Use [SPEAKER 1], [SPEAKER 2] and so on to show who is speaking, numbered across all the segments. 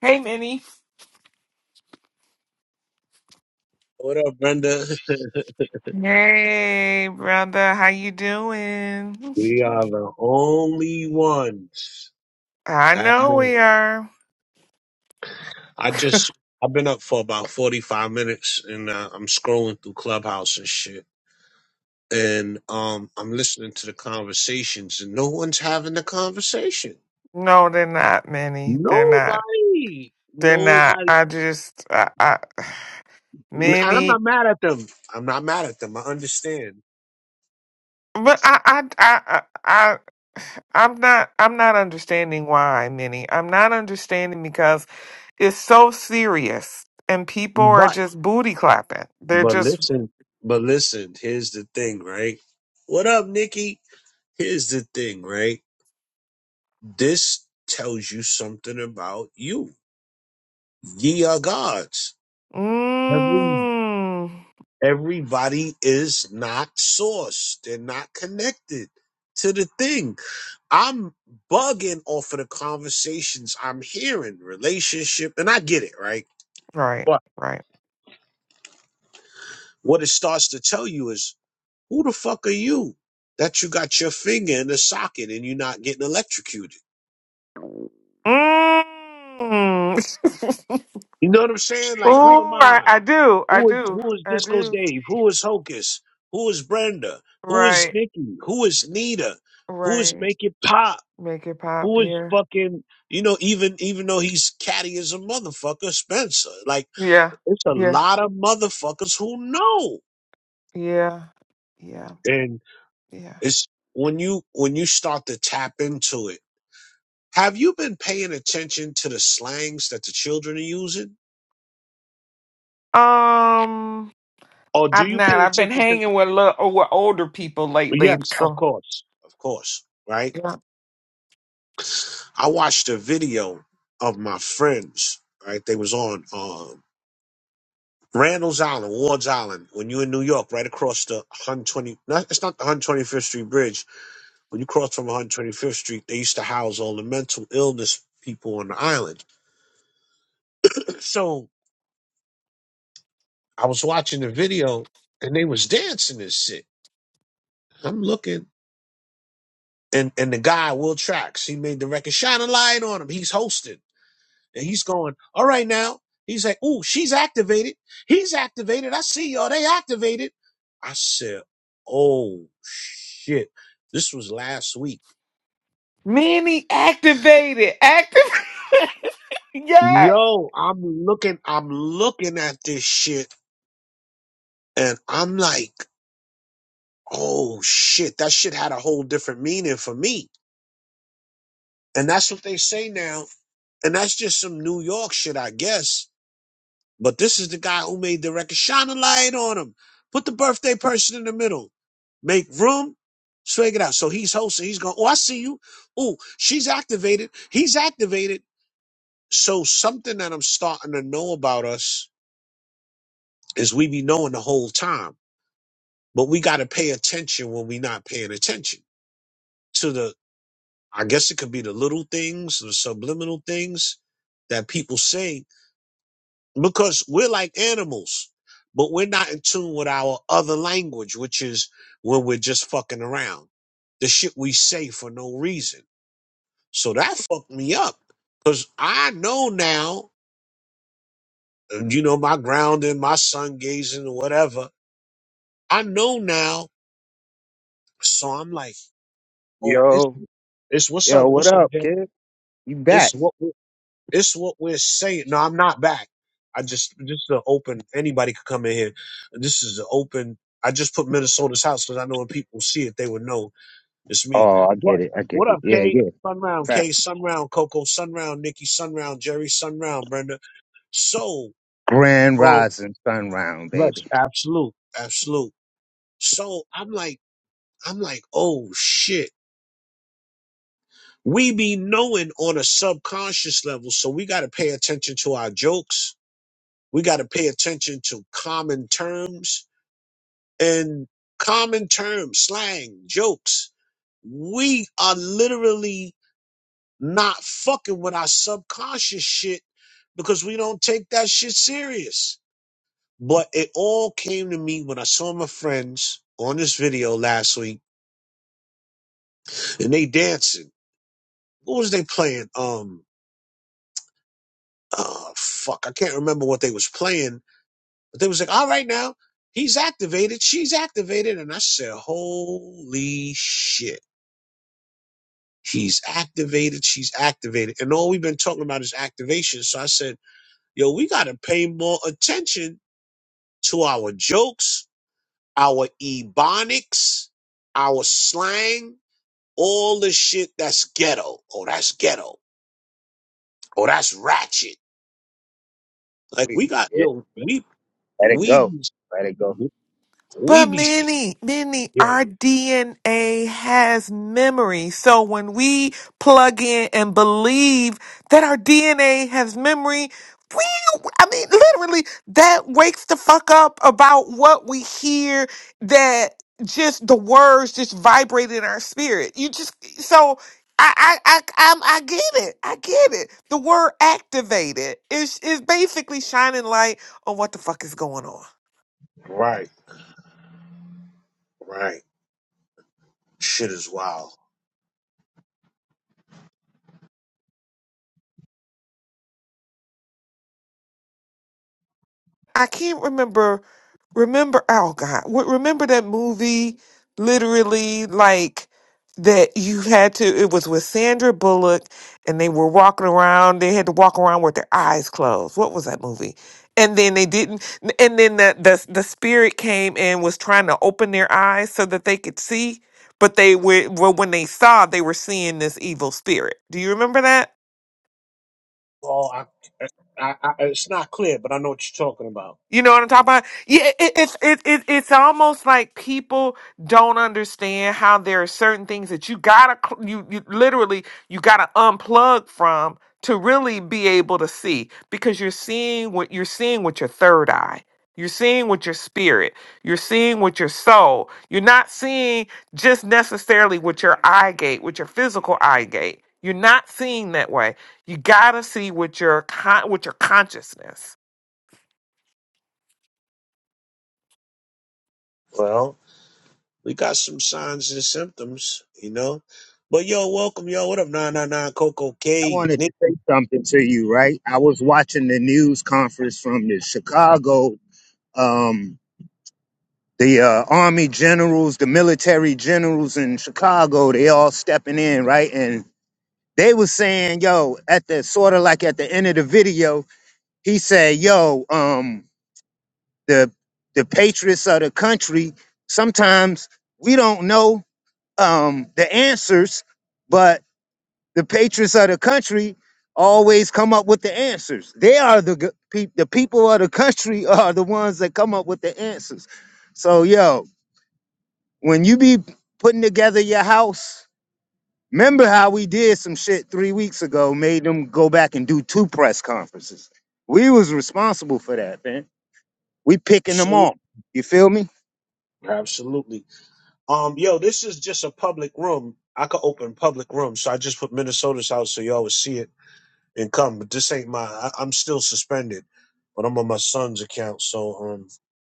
[SPEAKER 1] Hey, Minnie.
[SPEAKER 2] What up, Brenda?
[SPEAKER 1] Hey, brother. How you doing?
[SPEAKER 2] We are the only ones
[SPEAKER 1] I
[SPEAKER 2] that
[SPEAKER 1] know
[SPEAKER 2] know.
[SPEAKER 1] we are.
[SPEAKER 2] I just I've been up for about forty five minutes, and uh, I'm scrolling through Clubhouse and shit, and um, I'm listening to the conversations, and no one's having the conversation.
[SPEAKER 1] No, they're not, Minnie. They're not.
[SPEAKER 2] Nobody,
[SPEAKER 1] They're not.
[SPEAKER 2] nobody,
[SPEAKER 1] I just, I, I
[SPEAKER 2] and I'm
[SPEAKER 1] Minnie.
[SPEAKER 2] not mad at them. I'm not mad at them. I understand,
[SPEAKER 1] But I, I, I, I, I, I'm not. I'm not understanding why, Minnie. I'm not understanding because it's so serious, and people are
[SPEAKER 2] but
[SPEAKER 1] just booty clapping. They're
[SPEAKER 2] but
[SPEAKER 1] just,
[SPEAKER 2] listen, but listen. Here's the thing, right? What up, Nikki? Here's the thing, right? This tells you something about you. Ye are gods. Every,
[SPEAKER 1] mm,
[SPEAKER 2] everybody is not sourced. They're not connected to the thing. I'm bugging off of the conversations I'm hearing, relationship, and I get it, right?
[SPEAKER 1] right,
[SPEAKER 2] But
[SPEAKER 1] right.
[SPEAKER 2] what it starts to tell you is who the fuck are you that you got your finger in the socket and you're not getting electrocuted?
[SPEAKER 1] Mm.
[SPEAKER 2] You know what I'm saying? Like, who am
[SPEAKER 1] Oh, I,
[SPEAKER 2] I?
[SPEAKER 1] I do. I
[SPEAKER 2] Who is
[SPEAKER 1] do.
[SPEAKER 2] who is
[SPEAKER 1] I
[SPEAKER 2] Disco
[SPEAKER 1] do.
[SPEAKER 2] Dave? Who is Hocus? Who is Brenda? Who is
[SPEAKER 1] Right.
[SPEAKER 2] Nikki? Who is Nita? Who is
[SPEAKER 1] Right.
[SPEAKER 2] Make It Pop?
[SPEAKER 1] Make it pop.
[SPEAKER 2] Who is
[SPEAKER 1] Yeah.
[SPEAKER 2] fucking you know even even though he's catty as a motherfucker, Spencer. Like
[SPEAKER 1] Yeah.
[SPEAKER 2] it's a
[SPEAKER 1] Yeah.
[SPEAKER 2] lot of motherfuckers who know,
[SPEAKER 1] Yeah. Yeah.
[SPEAKER 2] and
[SPEAKER 1] Yeah.
[SPEAKER 2] it's when you when you start to tap into it. Have you been paying attention to the slangs that the children are using,
[SPEAKER 1] Um,
[SPEAKER 2] or do
[SPEAKER 1] I've
[SPEAKER 2] you
[SPEAKER 1] not.
[SPEAKER 2] pay
[SPEAKER 1] I've been
[SPEAKER 2] attention to?
[SPEAKER 1] hanging with little, oh, with older people lately.
[SPEAKER 2] Yes, of
[SPEAKER 1] So,
[SPEAKER 2] course, of course, right
[SPEAKER 1] yeah.
[SPEAKER 2] I watched a video of my friends, right? They was on um Randall's Island, Ward's Island, when you in New York, right across the 120, no, it's not the 125th Street Bridge. When you cross from 125th Street, they used to house all the mental illness people on the island. So I was watching the video and they was dancing this shit. I'm looking. And and the guy, Will Trax, he made the record, shine a light on him. He's hosting. And he's going, all right now. He's like, ooh, she's activated. He's activated. I see y'all. They activated. I said, oh shit. This was last week.
[SPEAKER 1] Many activated. Active. yes.
[SPEAKER 2] Yo, I'm looking, I'm looking at this shit and I'm like, oh shit, that shit had a whole different meaning for me. And that's what they say now. And that's just some New York shit, I guess. But this is the guy who made the record. Shine a light on him. Put the birthday person in the middle. Make room. Swag it out. So he's hosting. He's going, oh, I see you. Oh, she's activated. He's activated. So something that I'm starting to know about us is we be knowing the whole time, but we got to pay attention when we not paying attention to the, I guess it could be the little things, the subliminal things that people say because we're like animals, but we're not in tune with our other language, which is when we're just fucking around. The shit we say for no reason. So that fucked me up because I know now, you know, my grounding, my sun gazing, or whatever. I know now. So I'm like, oh, it's,
[SPEAKER 3] Yo,
[SPEAKER 2] it's what's
[SPEAKER 3] yo,
[SPEAKER 2] up?
[SPEAKER 3] what
[SPEAKER 2] What's up,
[SPEAKER 3] up,
[SPEAKER 2] Jay?
[SPEAKER 3] kid? You
[SPEAKER 2] It's
[SPEAKER 3] back?
[SPEAKER 2] what. It's what we're saying. No, I'm not back. I just this is an open. Anybody could come in here. This is an open. I just put Minnesota's house because I know when people see it, they would know it's me.
[SPEAKER 3] Oh, I get
[SPEAKER 2] But
[SPEAKER 3] it. I get
[SPEAKER 2] what
[SPEAKER 3] it.
[SPEAKER 2] up,
[SPEAKER 3] Yeah,
[SPEAKER 2] Kate?
[SPEAKER 3] yeah.
[SPEAKER 2] Sunround,
[SPEAKER 3] Back.
[SPEAKER 2] Kate. Sunround, Coco. Sunround, Nikki. Sunround, Jerry. Sunround, Brenda. So,
[SPEAKER 3] Grand
[SPEAKER 2] um,
[SPEAKER 3] rising sun round,
[SPEAKER 2] yes,
[SPEAKER 3] baby.
[SPEAKER 2] absolute, absolute. So I'm like, I'm like, oh shit. We be knowing on a subconscious level, so we got to pay attention to our jokes We got to pay attention to common terms and common terms, slang, jokes. We are literally not fucking with our subconscious shit because we don't take that shit serious. But it all came to me when I saw my friends on this video last week and they dancing. What was they playing? Um, oh fuck, I can't remember what they was playing But they was like, all right now, he's activated, she's activated. And I said, holy shit. He's activated, she's activated. And all we've been talking about is activation. So I said, yo, we got to pay more attention to our jokes, our ebonics, our slang, all the shit that's ghetto. Oh, that's ghetto. Oh, that's ratchet. Like we got,
[SPEAKER 3] Yeah,
[SPEAKER 2] yo, we,
[SPEAKER 3] let it
[SPEAKER 2] we,
[SPEAKER 3] go.
[SPEAKER 2] be-
[SPEAKER 3] Let it go.
[SPEAKER 2] we
[SPEAKER 1] But
[SPEAKER 2] be,
[SPEAKER 1] many, many,
[SPEAKER 2] yeah,
[SPEAKER 1] our DNA has memory. So when we plug in and believe that our DNA has memory, we, I mean, literally, that wakes the fuck up about what we hear that just the words just vibrate in our spirit. You just, so I, I, I, I'm, I get it. I get it. The word activated is, is basically shining light on what the fuck is going on.
[SPEAKER 2] right, right. Shit is wild.
[SPEAKER 1] I can't remember. Remember, oh God, w- remember that movie? Literally, like that you had to. It was with Sandra Bullock, and they were walking around. They had to walk around with their eyes closed. What was that movie? And then they didn't. And then the the, the spirit came and was trying to open their eyes so that they could see. But they were well, when they saw, they were seeing this evil spirit. Do you remember that?
[SPEAKER 2] Oh, I, I, I, it's not clear, but I know what you're talking about.
[SPEAKER 1] You know what I'm talking about? Yeah, it, it, it's it, it, it's almost like people don't understand how there are certain things that you gotta cl- you you literally you gotta unplug from to really be able to see because you're seeing what you're seeing with your third eye. You're seeing with your spirit. You're seeing with your soul. You're not seeing just necessarily with your eye gate, with your physical eye gate. You're not seeing that way. You gotta see with your con- with your consciousness
[SPEAKER 2] Well, we got some signs and symptoms, you know. But yo, welcome, yo. What up, 999 Coco
[SPEAKER 3] I
[SPEAKER 2] K?
[SPEAKER 3] wanted to
[SPEAKER 2] Nick
[SPEAKER 3] say something to you, right? I was watching the news conference from the Chicago, um, the uh, army generals, the military generals in Chicago. They all stepping in, right? And they was saying, yo, at the sort of like at the end of the video, he said, yo, um. the the patriots of the country sometimes we don't know um the answers but the patriots of the country always come up with the answers they are the g- pe- the people of the country are the ones that come up with the answers so yo when you be putting together your house remember how we did some shit 3 weeks ago made them go back and do two press conferences we was responsible for that man we picking them
[SPEAKER 2] Sue?
[SPEAKER 3] off you feel me
[SPEAKER 2] Absolutely. Um, yo, this is just a public room. I could open public rooms, so I just put Minnesota's house so y'all would see it and come. But this ain't my. I, I'm still suspended, but I'm on my son's account, so um,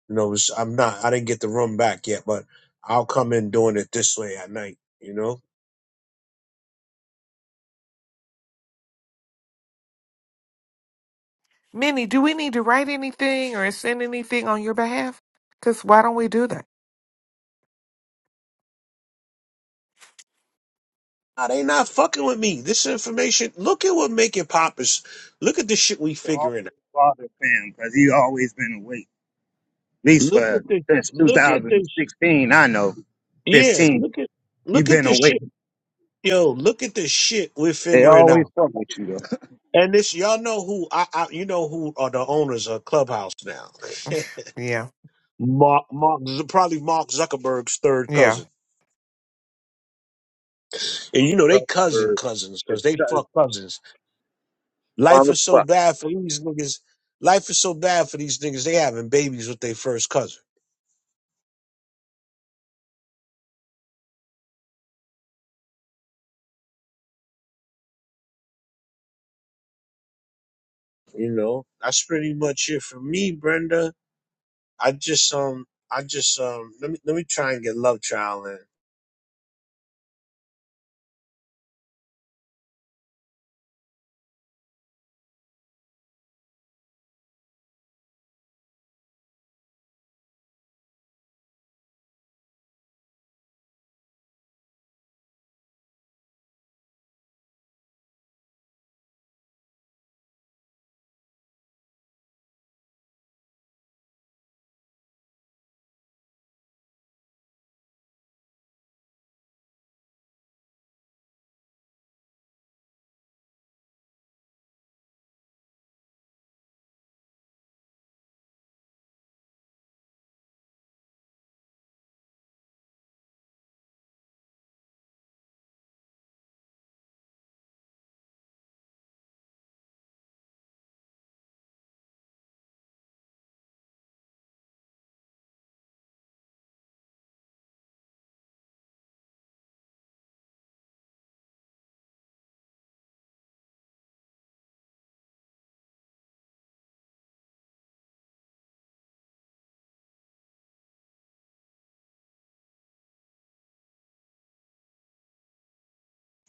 [SPEAKER 2] You know, it's- I'm not. I didn't get the room back yet, but I'll come in doing it this way at night. You know,
[SPEAKER 1] Minnie, do we need to write anything or send anything on your behalf? Because why don't we do that?
[SPEAKER 2] nah, they not fucking with me. This information. Look at what make it pop is. Look at the shit we
[SPEAKER 3] always
[SPEAKER 2] figuring out.
[SPEAKER 3] bothered Pam because he always been awake. At least
[SPEAKER 2] Look
[SPEAKER 3] for
[SPEAKER 2] at this.
[SPEAKER 3] since
[SPEAKER 2] Look at this.
[SPEAKER 3] 2016, I know.
[SPEAKER 2] Yeah.
[SPEAKER 3] 15,
[SPEAKER 2] Look at.
[SPEAKER 3] you
[SPEAKER 2] Look at
[SPEAKER 3] been
[SPEAKER 2] this
[SPEAKER 3] awake.
[SPEAKER 2] shit. Yo. Look at this shit we're
[SPEAKER 3] They
[SPEAKER 2] figuring
[SPEAKER 3] always
[SPEAKER 2] out.
[SPEAKER 3] fuck with you though.
[SPEAKER 2] And this, y'all know who I, I you know who are the owners of Clubhouse now.
[SPEAKER 1] Yeah,
[SPEAKER 2] Mark, Mark, probably Mark Zuckerberg's third
[SPEAKER 1] yeah.
[SPEAKER 2] cousin, and
[SPEAKER 3] I'm
[SPEAKER 2] you know they cousin
[SPEAKER 3] Zuckerberg
[SPEAKER 2] cousins because they
[SPEAKER 3] because
[SPEAKER 2] fuck cousins.
[SPEAKER 3] well,
[SPEAKER 2] Life is so bad for these niggas. Life is so bad for these niggas. They having babies with their first cousin. You know, that's pretty much it for me, Brenda. I just um, I just um, let me let me try and get Love Child in.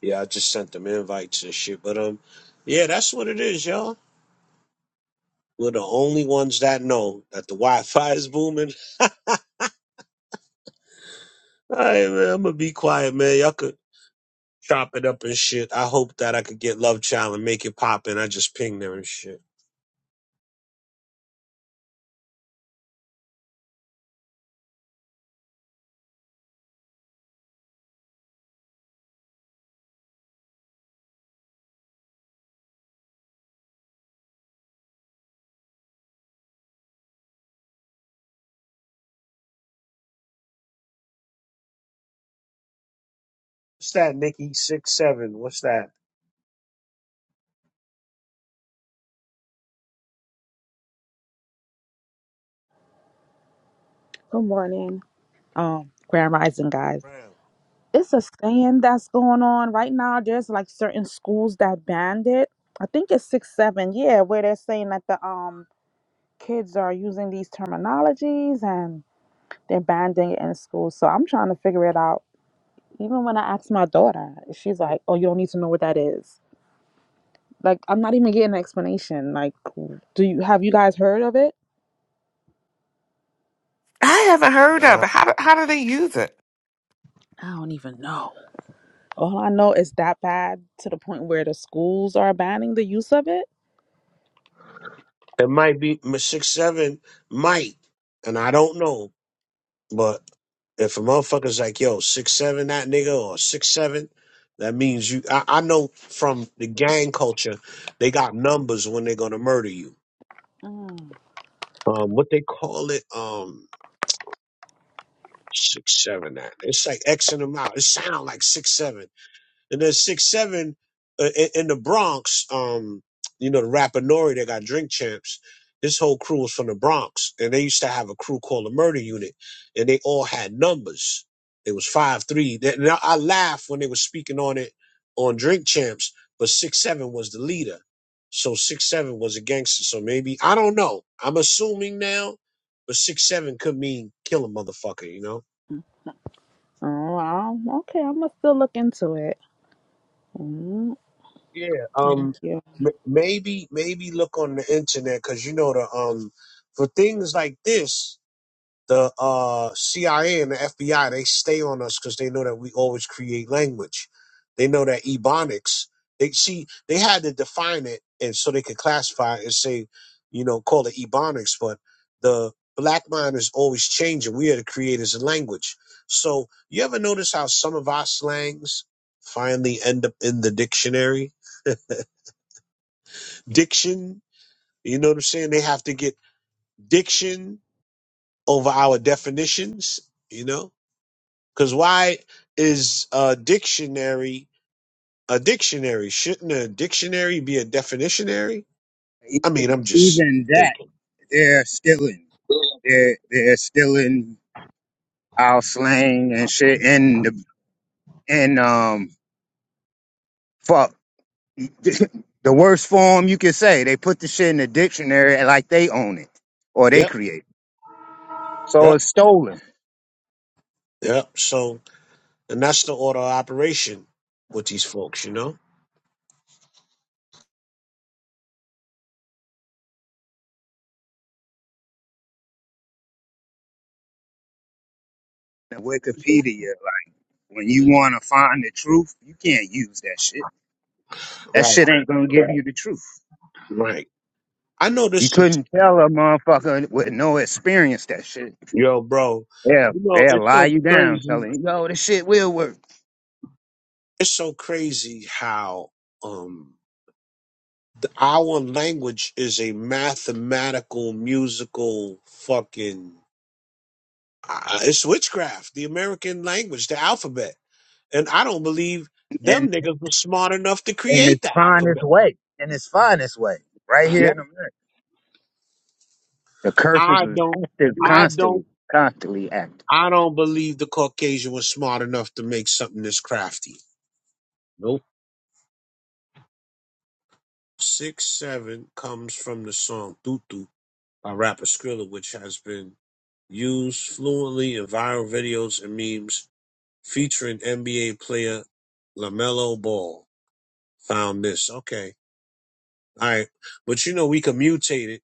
[SPEAKER 2] Yeah, I just sent them invites and shit. But um, yeah, that's what it is, y'all. We're the only ones that know that the Wi-Fi is booming. All right, man, I'm gonna be quiet, man. Y'all could chop it up and shit. I hope that I could get Love Child and make it pop, and I just pinged them and shit. What's that, Nikki? Six seven. What's that?
[SPEAKER 4] Good morning, um, Grand Rising guys.
[SPEAKER 2] Brown.
[SPEAKER 4] It's a saying that's going on right now. There's like certain schools that banned it. I think it's six seven, yeah, where they're saying that the um kids are using these terminologies and they're banning it in school. So I'm trying to figure it out. Even when I asked my daughter, she's like, "Oh, you don't need to know what that is." Like I'm not even getting an explanation. Like, do you have you guys heard of it?
[SPEAKER 1] I haven't heard of
[SPEAKER 2] Nah,
[SPEAKER 1] it. How do, how do they use it?
[SPEAKER 4] I don't even know. All I know is that bad to the point where the schools are banning the use of it.
[SPEAKER 2] it might be m- six seven. Might, and I don't know. But if a motherfucker's like, yo, six seven, that nigga, or six seven, that means you. I, I know from the gang culture, they got numbers when they're gonna murder you.
[SPEAKER 4] Mm.
[SPEAKER 2] Um, what they call it? Um, six seven. That it's like X and amount. It sound like six seven. And then six seven uh, in, in the Bronx, um, you know, the rapper Nori that got Drink Champs. His whole crew was from the Bronx, and they used to have a crew called the Murder Unit, and they all had numbers. It was five three. That- Now I laugh when they were speaking on it on Drink Champs, but six seven was the leader, so six seven was a gangster. So maybe I don't know. I'm assuming now, but six seven could mean kill a motherfucker, you know.
[SPEAKER 4] Oh, wow. Okay, I'm gonna still look into it. Mm,
[SPEAKER 2] Yeah.
[SPEAKER 4] thank
[SPEAKER 2] Um.
[SPEAKER 4] you.
[SPEAKER 2] m- Maybe maybe look on the internet because you know the um for things like this, the uh CIA and the FBI they stay on us because they know that we always create language. They know that ebonics. They see they had to define it and so they could classify it and say, you know, call it ebonics. But the black mind is always changing. We are the creators of language. So you ever notice how some of our slangs finally end up in the dictionary? diction. You know what I'm saying? They have to get diction over our definitions, you know? Because why is a dictionary a dictionary? Shouldn't a dictionary be a definitionary? I
[SPEAKER 3] even,
[SPEAKER 2] mean, I'm just
[SPEAKER 3] even that
[SPEAKER 2] thinking.
[SPEAKER 3] they're still in. They're they're still in our slang and shit and the and um fuck the worst form you could say. They put the shit in the dictionary like they own it or they
[SPEAKER 2] Yep,
[SPEAKER 3] create. it. So
[SPEAKER 2] yep,
[SPEAKER 3] it's stolen.
[SPEAKER 2] yep. So, and that's the order of operation with these folks, you know?
[SPEAKER 3] Wikipedia When you want to find the truth, you can't use that shit. That
[SPEAKER 2] Right,
[SPEAKER 3] shit ain't gonna give you the truth.
[SPEAKER 2] right. I know
[SPEAKER 3] You
[SPEAKER 2] this is,
[SPEAKER 3] couldn't tell a motherfucker with no experience that shit.
[SPEAKER 2] yo, bro,
[SPEAKER 3] Yeah,
[SPEAKER 2] you know,
[SPEAKER 3] they'll
[SPEAKER 2] it's
[SPEAKER 3] lie
[SPEAKER 2] so
[SPEAKER 3] you down,
[SPEAKER 2] crazy.
[SPEAKER 3] telling you, "Yo, this shit will work,"
[SPEAKER 2] It's so crazy how, um, th- Our language is a mathematical, musical fucking. Uh, it's witchcraft. The American language, the alphabet, and I don't believe
[SPEAKER 3] and
[SPEAKER 2] them niggas were smart enough to
[SPEAKER 3] and
[SPEAKER 2] create
[SPEAKER 3] it's
[SPEAKER 2] the
[SPEAKER 3] finest
[SPEAKER 2] alphabet.
[SPEAKER 3] way, and it's finest way, right here
[SPEAKER 2] Yep.
[SPEAKER 3] in America. The curses
[SPEAKER 2] I
[SPEAKER 3] is
[SPEAKER 2] don't.
[SPEAKER 3] active,
[SPEAKER 2] I don't.
[SPEAKER 3] constantly, constantly active.
[SPEAKER 2] I don't believe the Caucasian was smart enough to make something this crafty. Nope. Six seven comes from the song "Tutu" by rapper Skrilla, which has been used fluently in viral videos and memes featuring NBA player LaMelo Ball. Found this. Okay. All right. But you know, we can mutate it.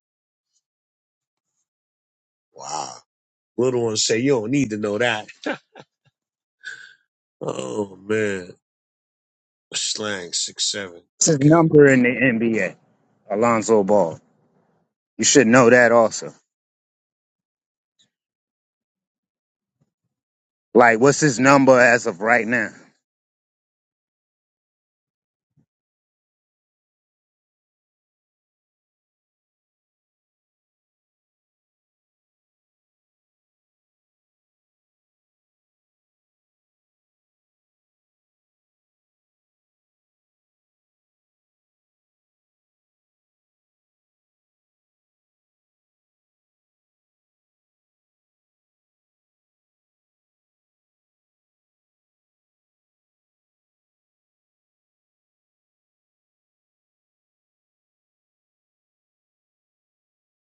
[SPEAKER 2] Wow. Little ones say, you don't need to know that. Oh, man. Slang, six, seven.
[SPEAKER 3] It's his
[SPEAKER 2] Okay.
[SPEAKER 3] number in the NBA, Alonzo Ball. You should know that also. Like, what's his number as of right now?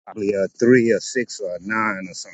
[SPEAKER 3] Probably a three, or six, or a nine, or something.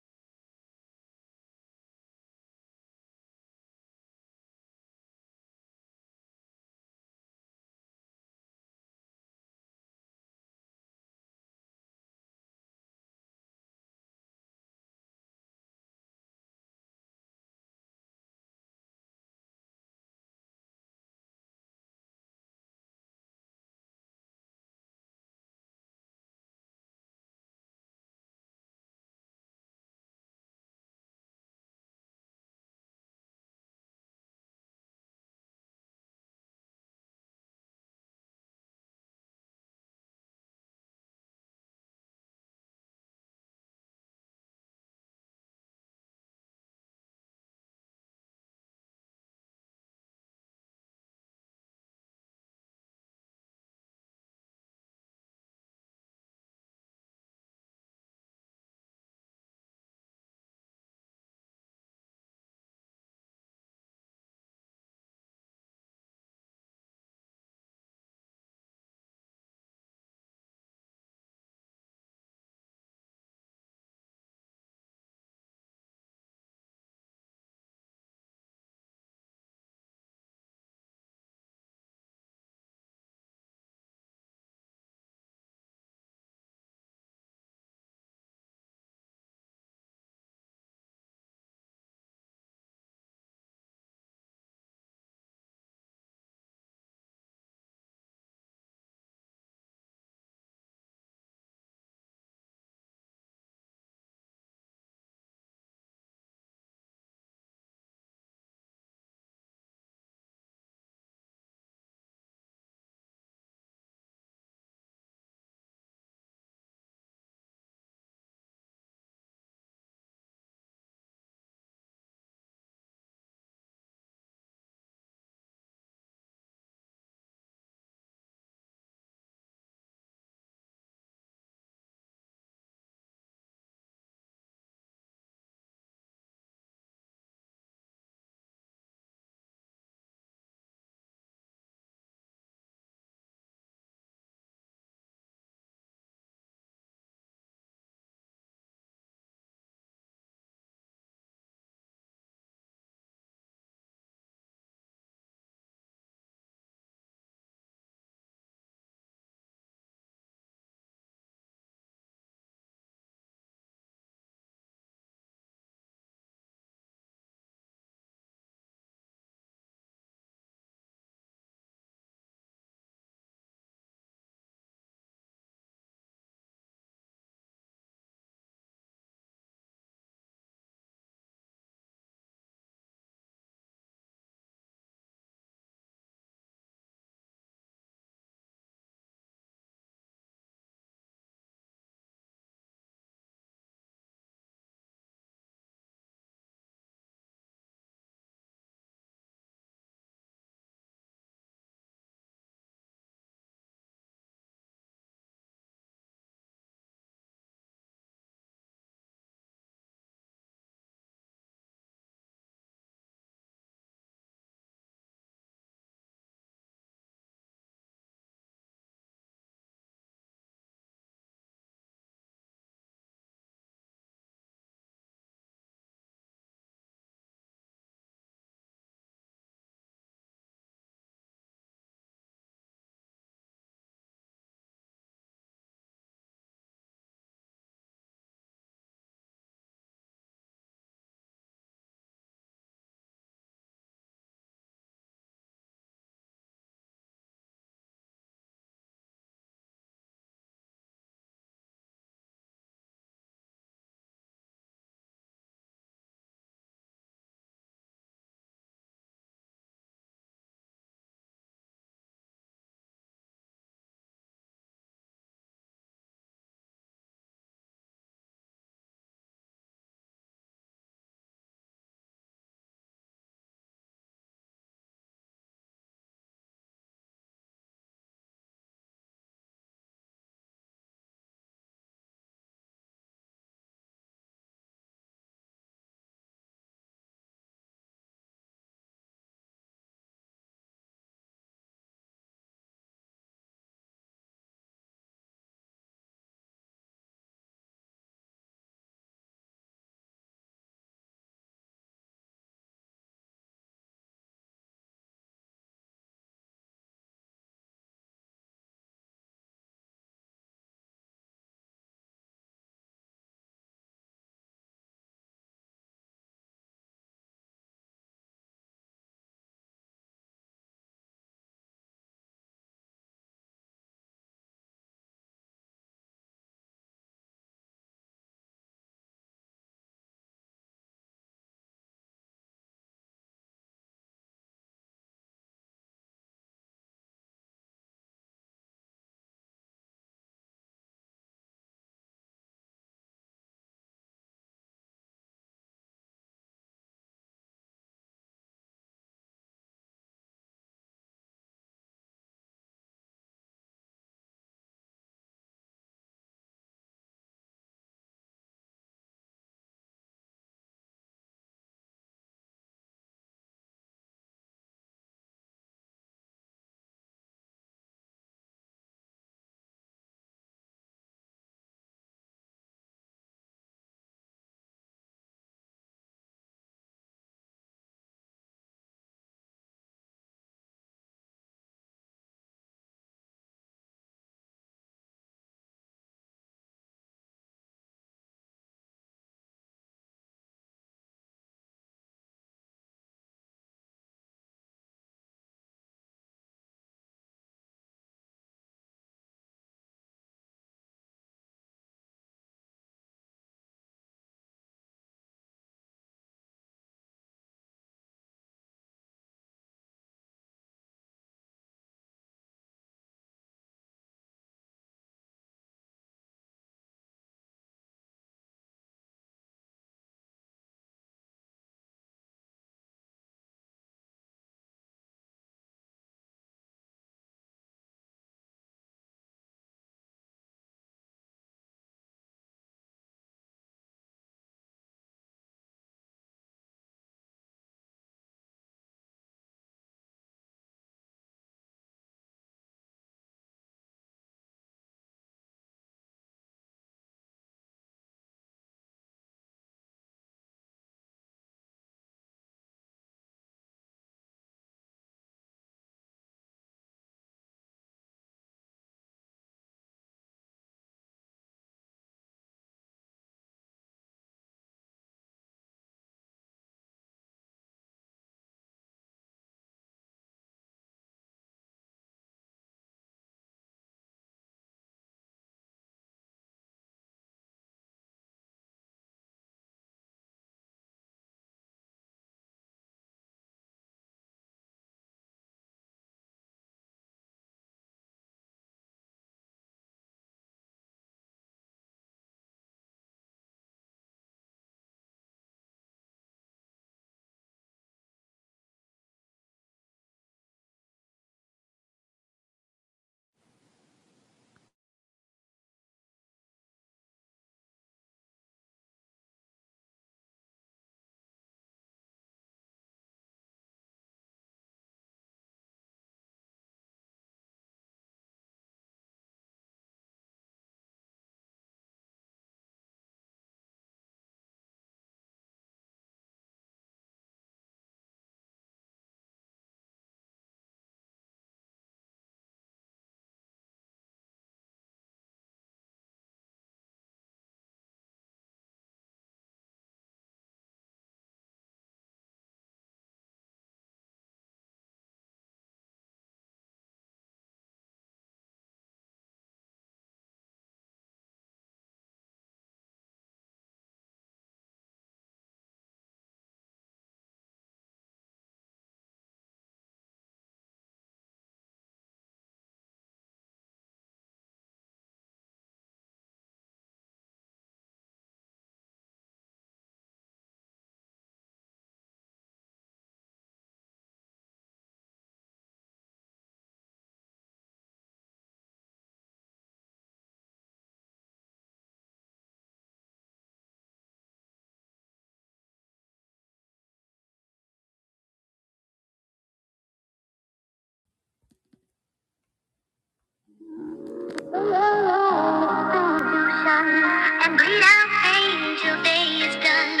[SPEAKER 5] and bleed out pain day is done.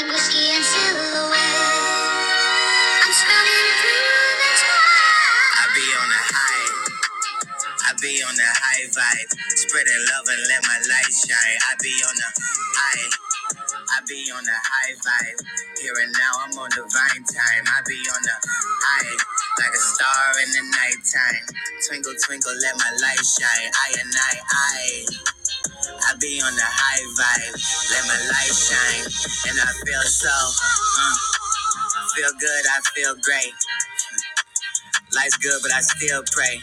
[SPEAKER 5] In whiskey and silhouette, I'm smelling through the twilight. I be on a high, I be on a high vibe, spreading love and let my light shine. I be on a high, I be on the high vibe. Here and now I'm on divine time. I be on the high like a star in the nighttime. Twinkle, twinkle, let my light shine. I and I, I. I be on the high vibe. Let my light shine. And I feel so, uh, feel good, I feel great. Life's good, but I still pray.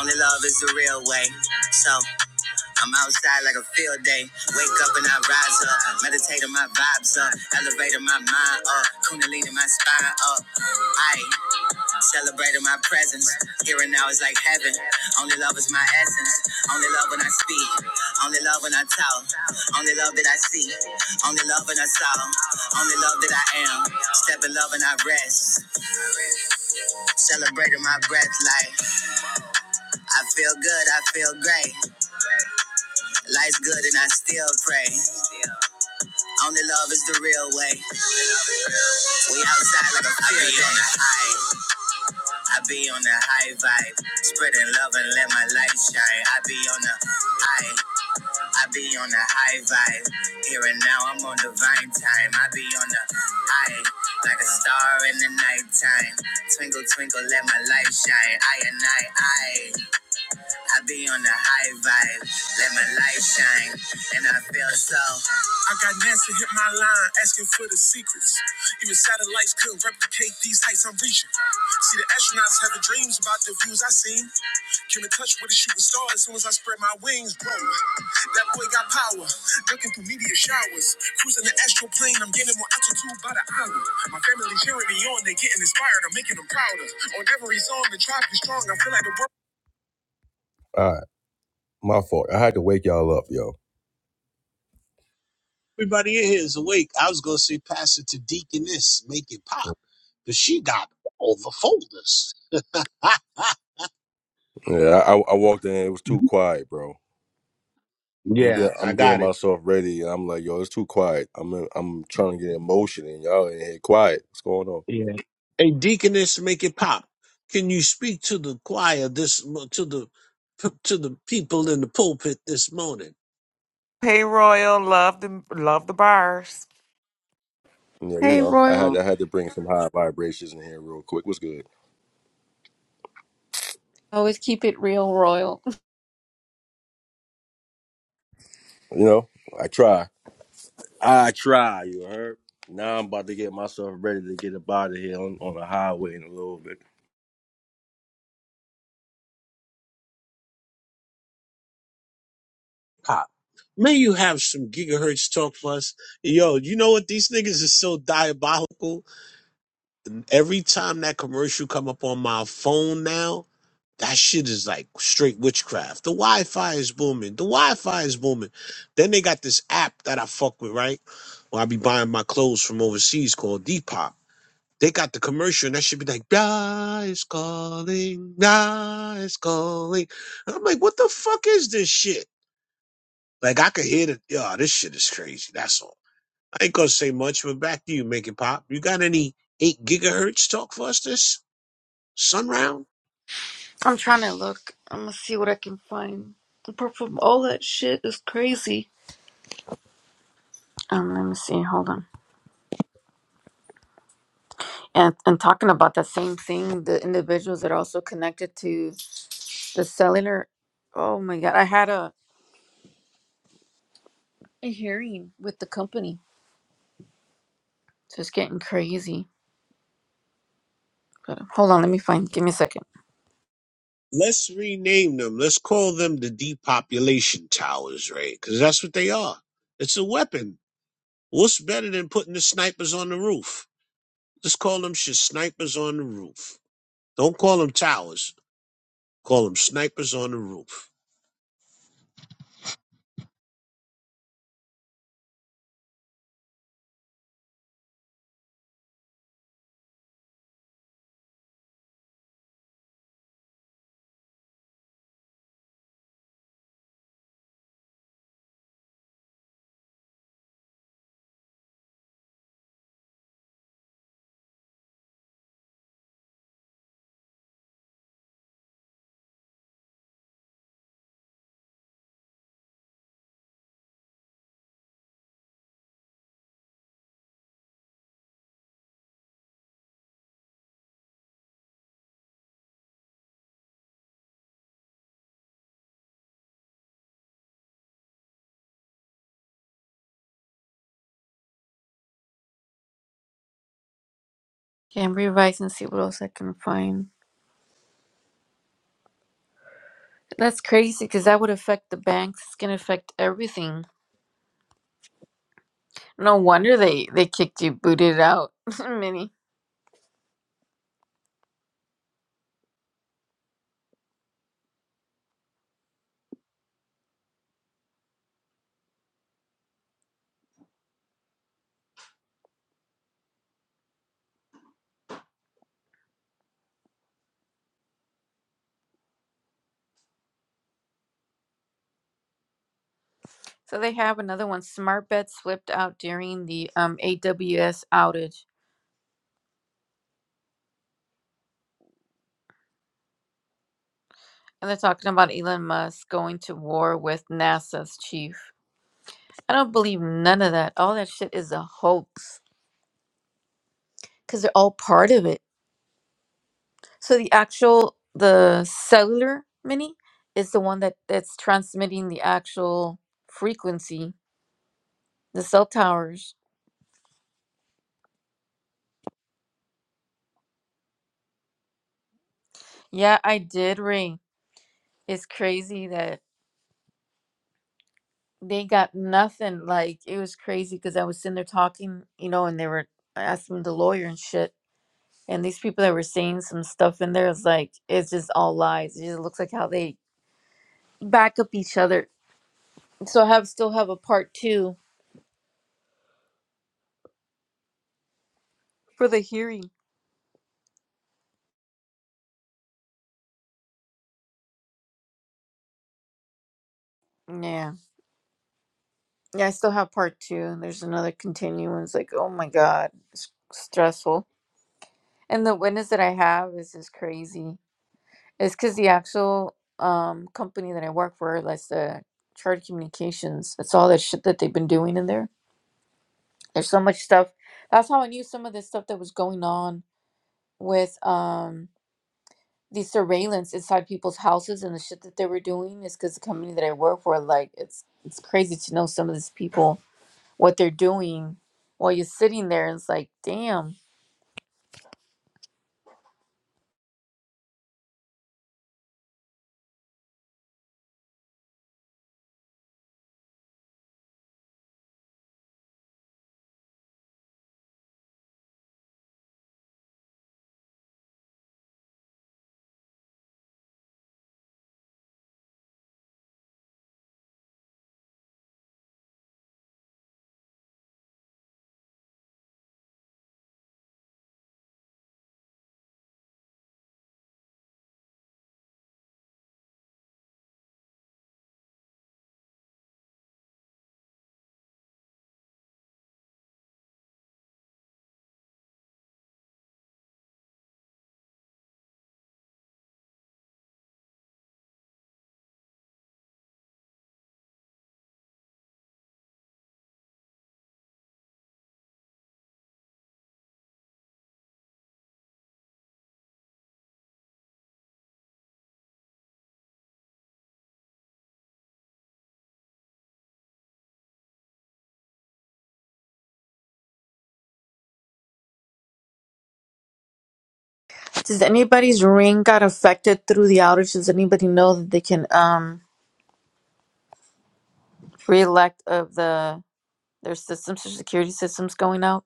[SPEAKER 5] Only love is the real way. So I'm outside like a field day. Wake up and I rise up. Meditating my vibes up. Elevating my mind up. Kundalini my spine up. I celebrating my presence. Here and now is like heaven. Only love is my essence. Only love when I speak. Only love when I talk. Only love that I see. Only love when I saw. Only love that I am. Step in love and I rest. Celebrating my breath like I feel good. I feel great. Life's good and I still pray. Only love is the real way. We outside like a fire. I be on the high. I be on the high vibe. Spreading love and let my light shine. I be on the high. I be on the high vibe. Here and now I'm on divine time. I be on the high. Like a star in the nighttime. Twinkle, twinkle, let my light shine. I and I, I. I be on the high vibe. Let my light shine. And I feel so. All right. My fault. I had to wake y'all up, yo.
[SPEAKER 2] Everybody in here is awake. I was gonna say pass it to Deaconess, make it pop, but she got all the folders.
[SPEAKER 5] Yeah, I, I walked in. It was too quiet, bro. I'm
[SPEAKER 2] Yeah,
[SPEAKER 5] getting,
[SPEAKER 2] I
[SPEAKER 5] I'm getting
[SPEAKER 2] got it.
[SPEAKER 5] myself ready, and I'm like, yo, it's too quiet. I'm in, I'm trying to get emotion, and y'all in here quiet. What's going on?
[SPEAKER 2] Yeah. Hey, deaconess, make it pop. Can you speak to the choir this mo- to the to the people in the pulpit this morning?
[SPEAKER 1] Hey, Royal, love the love the bars.
[SPEAKER 5] Yeah, you
[SPEAKER 6] Hey,
[SPEAKER 5] know, I had
[SPEAKER 6] Royal.
[SPEAKER 5] I had to bring some high vibrations in here real quick. What's good?
[SPEAKER 6] Always keep it real, Royal.
[SPEAKER 5] You know, I try. I try. You heard? Now I'm about to get myself ready to get up out of here on, on the highway in a little bit.
[SPEAKER 2] Pop. May you have some gigahertz talk for us. Yo, you know what? These niggas is so diabolical. Every time that commercial come up on my phone now, that shit is like straight witchcraft. The Wi-Fi is booming. The Wi-Fi is booming. Then they got this app that I fuck with, right? Where I be buying my clothes from overseas called Depop They got the commercial, and that should be like, "Now is calling, now is calling." And I'm like, "What the fuck is this shit?" Like, I could hear the, yo, this shit is crazy. That's all. I ain't gonna say much, but back to you, make it pop. You got any eight gigahertz talk for us this sunround?
[SPEAKER 6] I'm trying to look. I'm gonna see what I can find. Apart from all that shit is crazy. Um, let me see. Hold on. And and talking about that same thing, the individuals that are also connected to the cellular. Oh my god, I had a a hearing with the company. So it's getting crazy. But uh, hold on, let me find. Give me a second.
[SPEAKER 2] Let's rename them. Let's call them the depopulation towers, right? Because that's what they are. It's a weapon. What's better than putting the snipers on the roof? Let's call them shit snipers on the roof. Don't call them towers. Call them snipers on the roof.
[SPEAKER 6] Okay, I'm revising and see what else I can find. That's crazy because that would affect the banks. It's gonna affect everything. No wonder they they kicked you booted out, Minnie. So they have another one. Smart bets slipped out during the um, AWS outage, and they're talking about Elon Musk going to war with NASA's chief. I don't believe none of that. All that shit is a hoax because they're all part of it. So the actual the cellular mini is the one that that's transmitting the actual frequency. The cell towers. Yeah, I did ring. It's crazy that they got nothing. Like it was crazy because I was sitting there talking, you know, and they were asking the lawyer and shit. And these people that were saying some stuff in there, it's like it's just all lies. It just looks like how they back up each other. So I have still have a part two for the hearing. Yeah, yeah, I still have part two. there's another continuance. Like, oh my god, it's stressful. And the witness that I have is just crazy. It's because the actual um company that I work for, that's the Charter Communications, that's all that shit that they've been doing in there. There's so much stuff. That's how I knew some of the stuff that was going on with um the surveillance inside people's houses and the shit that they were doing is because the company that I work for, like it's it's crazy to know some of these people what they're doing while you're sitting there. And it's like, damn. Does anybody's ring got affected through the outage? Does anybody know that they can um reelect of the There's systems, social security systems going out.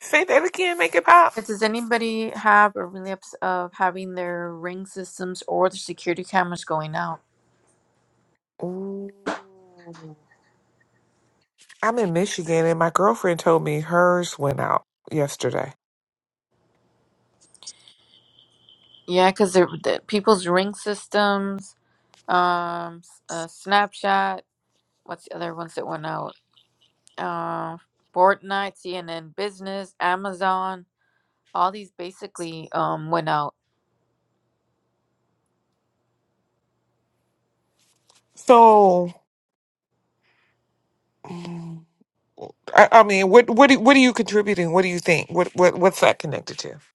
[SPEAKER 1] Say that again, make it pop.
[SPEAKER 6] Uh, Does anybody have a relapse of having their ring systems or their security cameras going out?
[SPEAKER 1] Ooh. I'm in Michigan, and my girlfriend told me hers went out yesterday.
[SPEAKER 6] Yeah, because the, people's ring systems, um, s- uh, Snapchat, what's the other ones that went out? Uh, Fortnite, CNN Business, Amazon, all these basically um, went out.
[SPEAKER 1] So, mm, I, I mean, what what do, what are you contributing? What do you think? What what what's that connected to?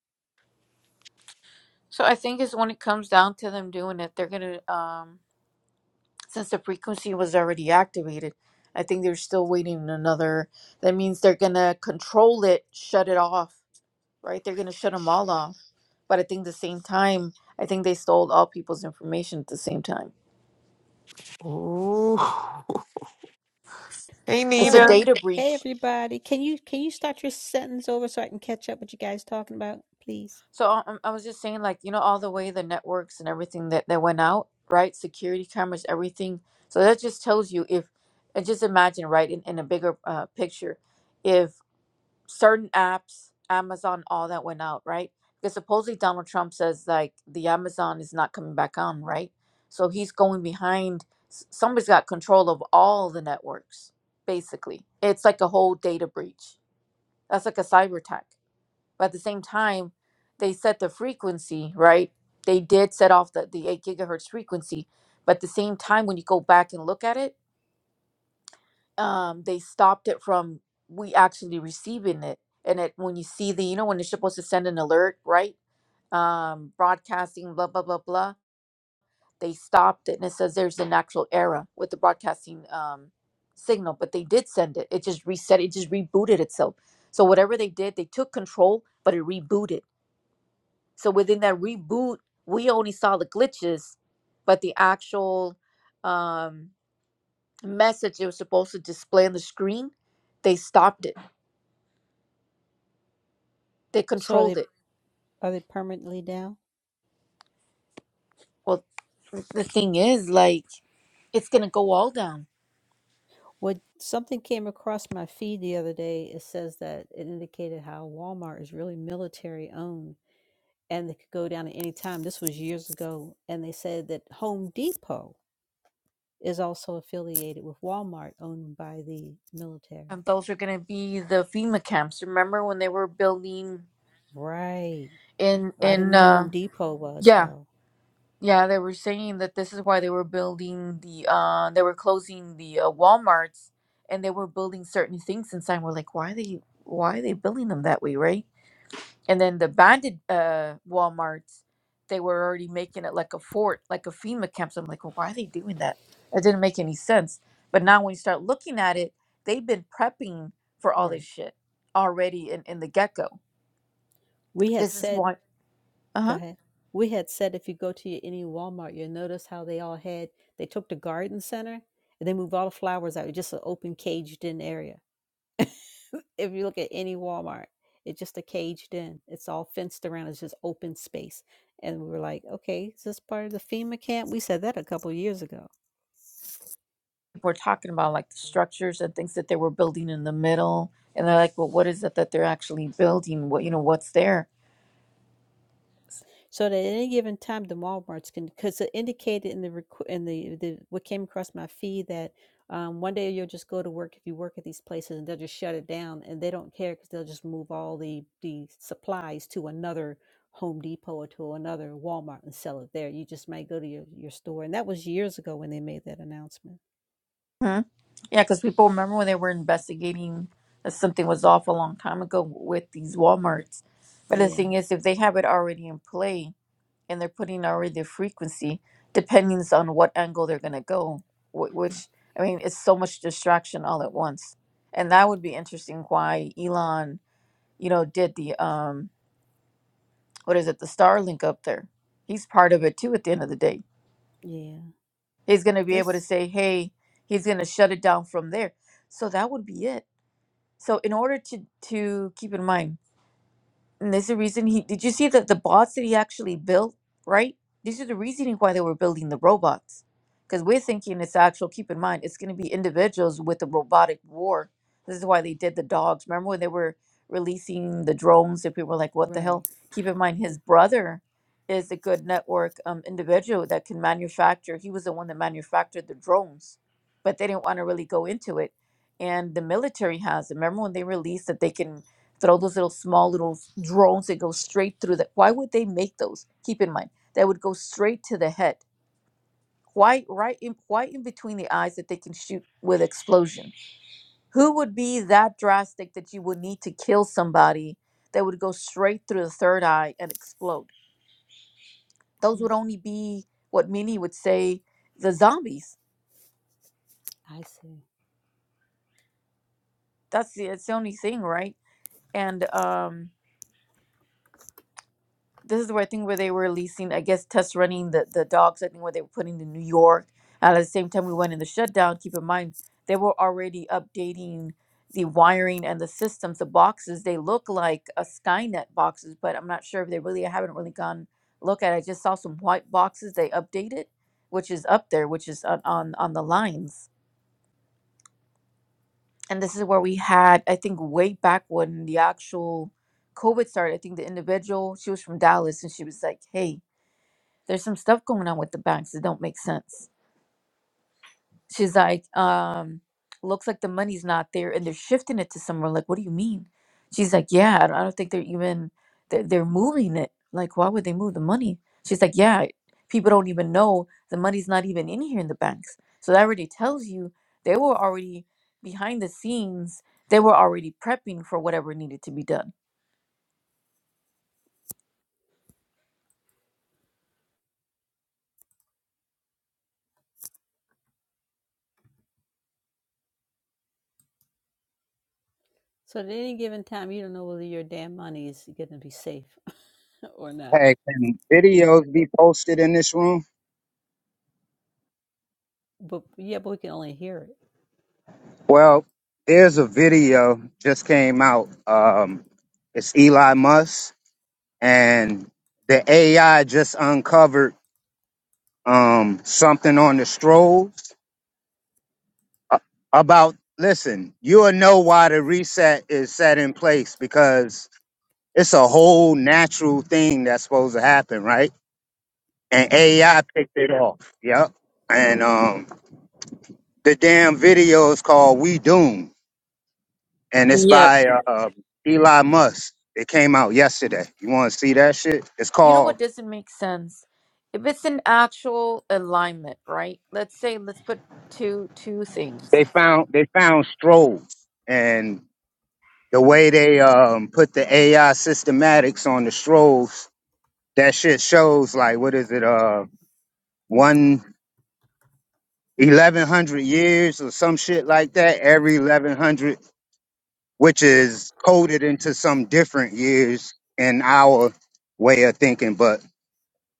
[SPEAKER 6] So I think it's when it comes down to them doing it, they're gonna um, since the frequency was already activated. I think they're still waiting another. That means they're gonna control it, shut it off, right? They're gonna shut them all off. But I think the same time, I think they stole all people's information at the same time.
[SPEAKER 1] Ooh. Hey,
[SPEAKER 6] It's a
[SPEAKER 1] Nita.
[SPEAKER 6] data breach. So I, I'm- I was just saying, like you know, all the way the networks and everything that that went out, right? Security cameras, everything. So that just tells you if, and just imagine, right, in, in a bigger uh, picture, if certain apps, Amazon, all that went out, right? Because supposedly Donald Trump says like the Amazon is not coming back on, right? So he's going behind. s- Somebody's got control of all the networks, basically. It's like a whole data breach. That's like a cyber attack. But at the same time, they set the frequency, right? They did set off the, the 8 gigahertz frequency. But at the same time, when you go back and look at it, um they stopped it from we actually receiving it and it when you see the you know when it's supposed to send an alert right um broadcasting blah blah blah blah they stopped it and it says there's an actual error with the broadcasting um signal but they did send it it just reset it just rebooted itself so whatever they did they took control but it rebooted so within that reboot we only saw the glitches but the actual um message it was supposed to display on the screen they stopped it They controlled it. Well, the thing is, like, it's gonna go all down, and those are gonna be the FEMA camps. Remember when they were building in in uh yeah yeah they were saying that this is why they were building the uh they were closing the uh, WalMarts and they were building certain things inside. We're like, why are they why are they building them that way, right? and then the banded uh walmarts they were already making it like a fort like a fema camp so i'm like well, why are they doing that that didn't make any sense but now when you start looking at it they've been prepping for all this shit already in, in the get-go this is why uh-huh we're talking about like the structures and things that they were building in the middle and they're like well what is it that they're actually building what you know what's there Hmm? Yeah, because people remember when they were investigating that something was off a long time ago with these Walmarts. But the thing is, if they have it already in play and they're putting already the frequency, depending on what angle they're going to go, wh- which, I mean, it's so much distraction all at once. And that would be interesting why Elon, you know, did the, um, what is it, the Starlink up there. He's part of it too at the end of the day. He's going to be able to say, hey, he's going to shut it down from there. So that would be it So in order to to keep in mind and there's a reason he did you see that the bots that he actually built, right? These are the reasoning why they were building the robots. Because we're thinking it's actual, keep in mind, it's going to be individuals with the robotic war. This is why they did the dogs. Remember when they were releasing the drones and people were like, what the hell? Keep in mind, his brother is a good network um, individual that can manufacture. He was the one that manufactured the drones, but they didn't want to really go into it. And the military has. it. Remember when they released that they can throw those little small little drones that go straight through the why would they make those keep in mind that would go straight to the head why right in why in between the eyes that they can shoot with explosion who would be that drastic that you would need to kill somebody that would go straight through the third eye and explode those would only be what many would say the zombies that's the, it's the only thing right and um this is where I think where they were releasing, I guess, test running the, the dogs, I think where they were putting in New York. And at the same time we went in the shutdown, keep in mind they were already updating the wiring and the systems, the boxes, they look like a Skynet boxes, but I'm not sure if they really I haven't really gone look at it. I just saw some white boxes they updated, which is up there, which is on, on on the lines. And this is where we had, I think way back when the actual COVID started, I think the individual, she was from Dallas and she was like, Hey, there's some stuff going on with the banks that don't make sense. She's like, um, looks like the money's not there and they're shifting it to somewhere. Like, what do you mean? She's like, yeah, I don't, I don't think they're even, they're, they're moving it. Like, why would they move the money? She's like, yeah, people don't even know the money's not even in here in the banks. So that already tells you they were already behind the scenes. They were already prepping for whatever needed to be done.
[SPEAKER 3] Hey, can videos be posted in this room? Well, there's a video just came out. Um, it's Eli Musk, and the AI just uncovered um, something on the strolls a- about. Listen, you'll know why the reset is set in place because it's a whole natural thing that's supposed to happen, right? And AI picked it off. Yep. And um, the damn video is called "We Doomed." and it's
[SPEAKER 6] Yep.
[SPEAKER 3] by uh, um, Eli Musk. It came out yesterday. You want to see that shit? It's
[SPEAKER 6] You know what
[SPEAKER 3] called.
[SPEAKER 6] doesn't make sense? If it's an actual alignment, right? Let's say let's put two two things.
[SPEAKER 3] They found they found strobes, and the way they um put the AI systematics on the strobes, that shit shows like what is it? Uh, one eleven hundred years or some shit like that. Every eleven hundred, which is coded into some different years in our way of thinking, but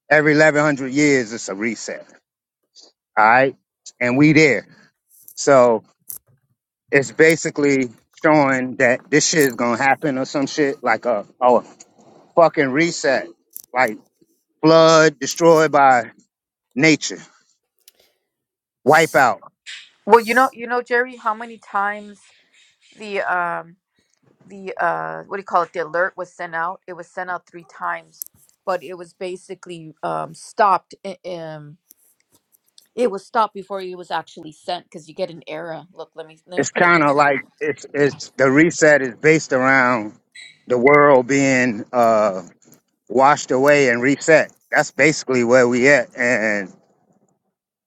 [SPEAKER 3] every eleven hundred years, it's a reset. All right. And we there. So it's basically showing that this shit is gonna happen or some shit like a, a fucking reset, like flood destroyed by nature, wipeout.
[SPEAKER 6] Well, you know, you know, Jerry, how many times the um the uh what do you call it? The alert was sent out. It was sent out three times, but it was basically um stopped. i- Um, it was stopped before it was actually sent because you get an error. Look, let me let me
[SPEAKER 3] It's
[SPEAKER 6] put it in the
[SPEAKER 3] kind of
[SPEAKER 6] chat.
[SPEAKER 3] like it's it's the reset is based around the world being uh washed away and reset. That's basically where we at, and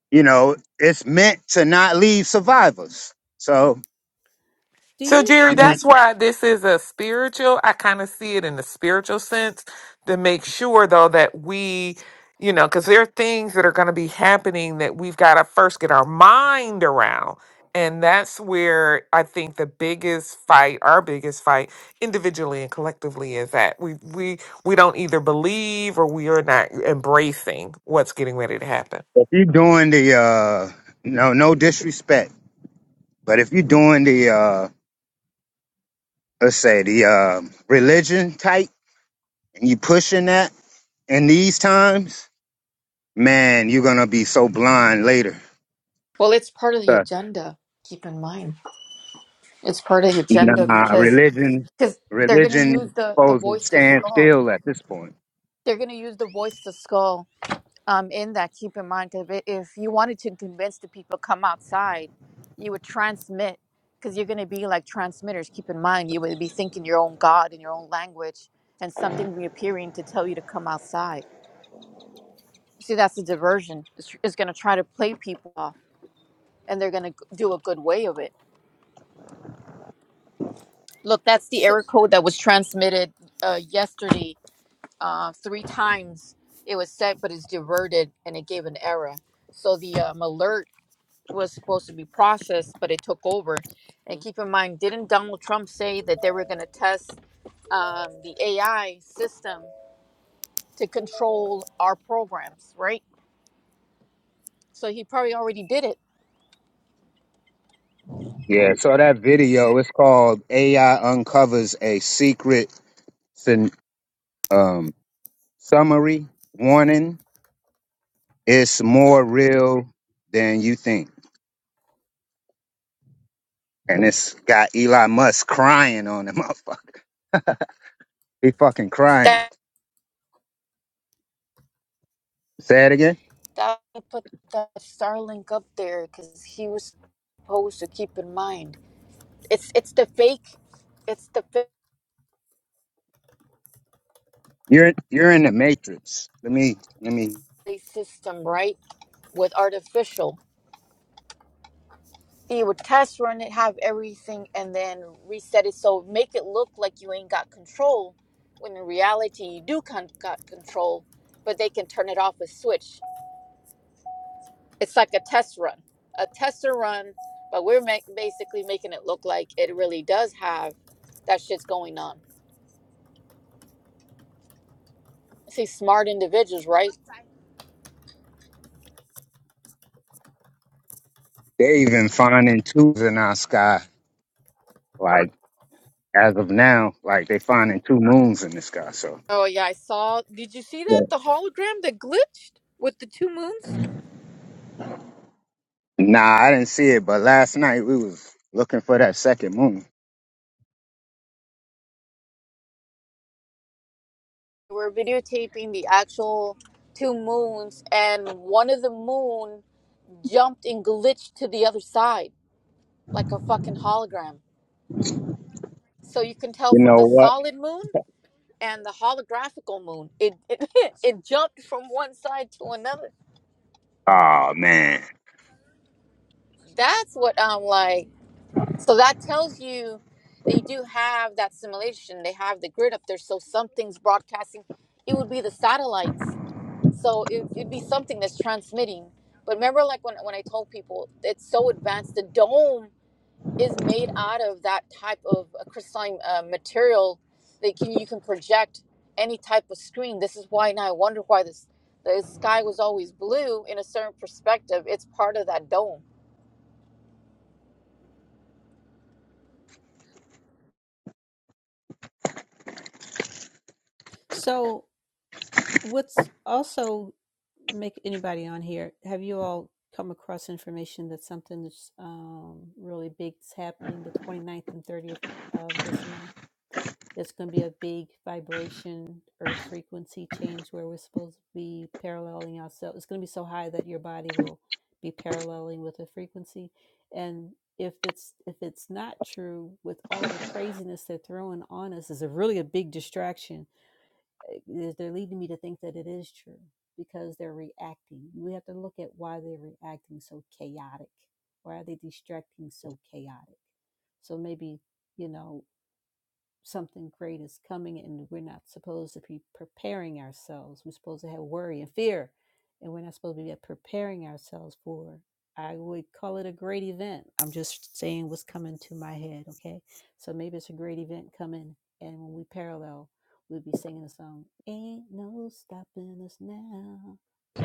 [SPEAKER 3] you know it's meant to not leave survivors. So
[SPEAKER 1] So,
[SPEAKER 3] I
[SPEAKER 1] Jerry,
[SPEAKER 3] mean.
[SPEAKER 1] that's why this is a spiritual. I kind of see it in the spiritual sense to make sure, though, that we, you know, because there are things that are going to be happening that we've got to first get our mind around. And that's where I think the biggest fight, our biggest fight, individually and collectively, is that we we we don't either believe or we are not embracing what's getting ready to happen.
[SPEAKER 3] If you're doing the uh no no disrespect, but if you're doing the uh let's say the uh religion type and you pushing that in these times, man, you're gonna be so blind later.
[SPEAKER 6] Well, it's part of the
[SPEAKER 3] Uh,
[SPEAKER 6] agenda. Keep in mind, it's part of the agenda
[SPEAKER 3] Nah,
[SPEAKER 6] because
[SPEAKER 3] religion
[SPEAKER 6] because they're going to
[SPEAKER 3] religion is
[SPEAKER 6] use the the
[SPEAKER 3] supposed to
[SPEAKER 6] voice to
[SPEAKER 3] stand
[SPEAKER 6] skull.
[SPEAKER 3] still at this point.
[SPEAKER 6] They're going to use the voice to skull. Um, in that, keep in mind if it- if you wanted to convince the people come outside, you would transmit because you're going to be like transmitters. Keep in mind, you would be thinking your own god in your own language, and something reappearing to tell you to come outside. See, that's the diversion. It's, it's going to try to play people off, and they're going to do a good way of it. Look, that's the error code that was transmitted uh, yesterday uh, three times it was sent, but it's diverted and it gave an error. So the um, alert was supposed to be processed, but it took over. And keep in mind, didn't Donald Trump say that they were going to test um, the AI system to control our programs, right? So he probably already did it.
[SPEAKER 3] Yeah, so that video it's called AI uncovers a secret syn- um summary warning. It's more real than you think. And it's got Elon Musk crying on the motherfucker. He fucking crying.
[SPEAKER 6] That,
[SPEAKER 3] Say it again.
[SPEAKER 6] that he put that Starlink up there because he was supposed to keep in mind. It's it's the fake, it's the fake
[SPEAKER 3] You're you're in the matrix. Let me let me
[SPEAKER 6] system, right? With artificial. He would test run it, have everything, and then reset it. So make it look like you ain't got control, when in reality you do con- got control, but they can turn it off with switch. It's like a test run, a tester run, but we're ma- basically making it look like it really does have that shit's going on. See, smart individuals, right?
[SPEAKER 3] they even finding twos in our sky. Like as of now, like they finding two moons in the sky. So
[SPEAKER 6] Oh yeah, I saw. Did you see that
[SPEAKER 3] Yeah.
[SPEAKER 6] the hologram that glitched with the two moons?
[SPEAKER 3] nah, I didn't see it, but last night we was looking for that second moon.
[SPEAKER 6] We're videotaping the actual two moons, and one of the moon jumped and glitched to the other side like a fucking hologram. So you can tell
[SPEAKER 3] You
[SPEAKER 6] from the
[SPEAKER 3] know what?
[SPEAKER 6] solid moon and the holographical moon, it it, it jumped from one side to another.
[SPEAKER 3] Oh man.
[SPEAKER 6] That's what I'm like. So that tells you they do have that simulation. They have the grid up there, so something's broadcasting. It would be the satellites So it, it'd be something that's transmitting. But remember, like when, when I told people, it's so advanced. The dome is made out of that type of a crystalline uh, material that can you can project any type of screen. This is why now I wonder why this the sky was always blue in a certain perspective. It's part of that dome.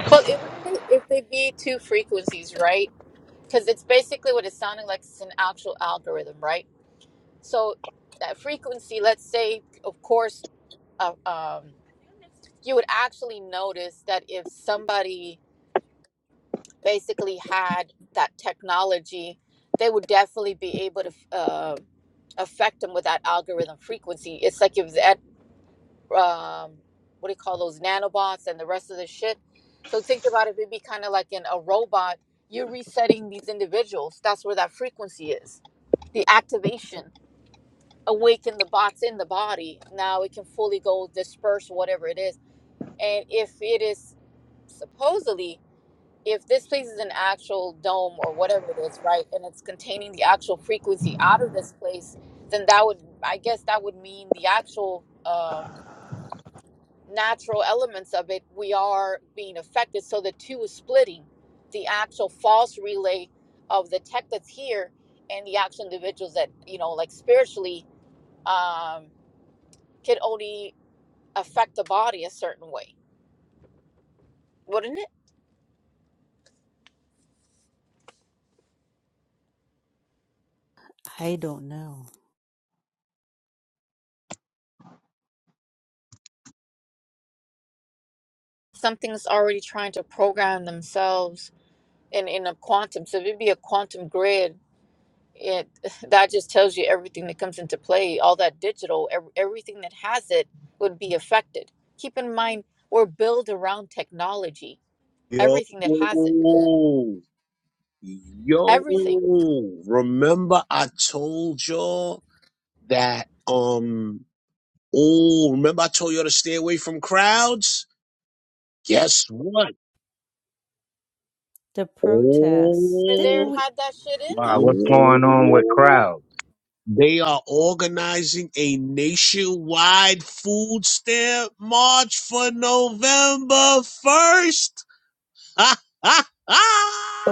[SPEAKER 6] Well, it wouldn't it if they be two frequencies, right? Because it's basically what it's sounding like. It's an actual algorithm, right? So that frequency, let's say, of course, uh, um, you would actually notice that if somebody basically had that technology, they would definitely be able to uh, affect them with that algorithm frequency. It's like if that, um, what do you call those nanobots and the rest of the shit. So think about it, it'd be kind of like in a robot, you're resetting these individuals. That's where that frequency is. The activation, awaken the bots in the body. Now it can fully go disperse whatever it is. And if it is supposedly if this place is an actual dome or whatever it is, right, and it's containing the actual frequency out of this place, then that would, I guess, that would mean the actual um, natural elements of it, we are being affected. So the two is splitting the actual false relay of the tech that's here and the actual individuals that, you know, like spiritually um, can only affect the body a certain way, wouldn't it? Something's already trying to program themselves in in a quantum. So if it be a quantum grid, it that just tells you everything that comes into play. All that digital, ev- everything that has it would be affected. Keep in mind, we're built around technology.
[SPEAKER 2] Yo,
[SPEAKER 6] Everything that has it, everything.
[SPEAKER 2] yo, remember I told y'all that, um, oh, remember I told y'all to stay away from crowds? Guess what?
[SPEAKER 6] Where There
[SPEAKER 2] Oh,
[SPEAKER 6] had that shit in
[SPEAKER 3] Wow,
[SPEAKER 6] them.
[SPEAKER 3] what's going on with
[SPEAKER 2] oh,
[SPEAKER 3] crowds?
[SPEAKER 2] they are organizing a nationwide food stamp march for November 1st.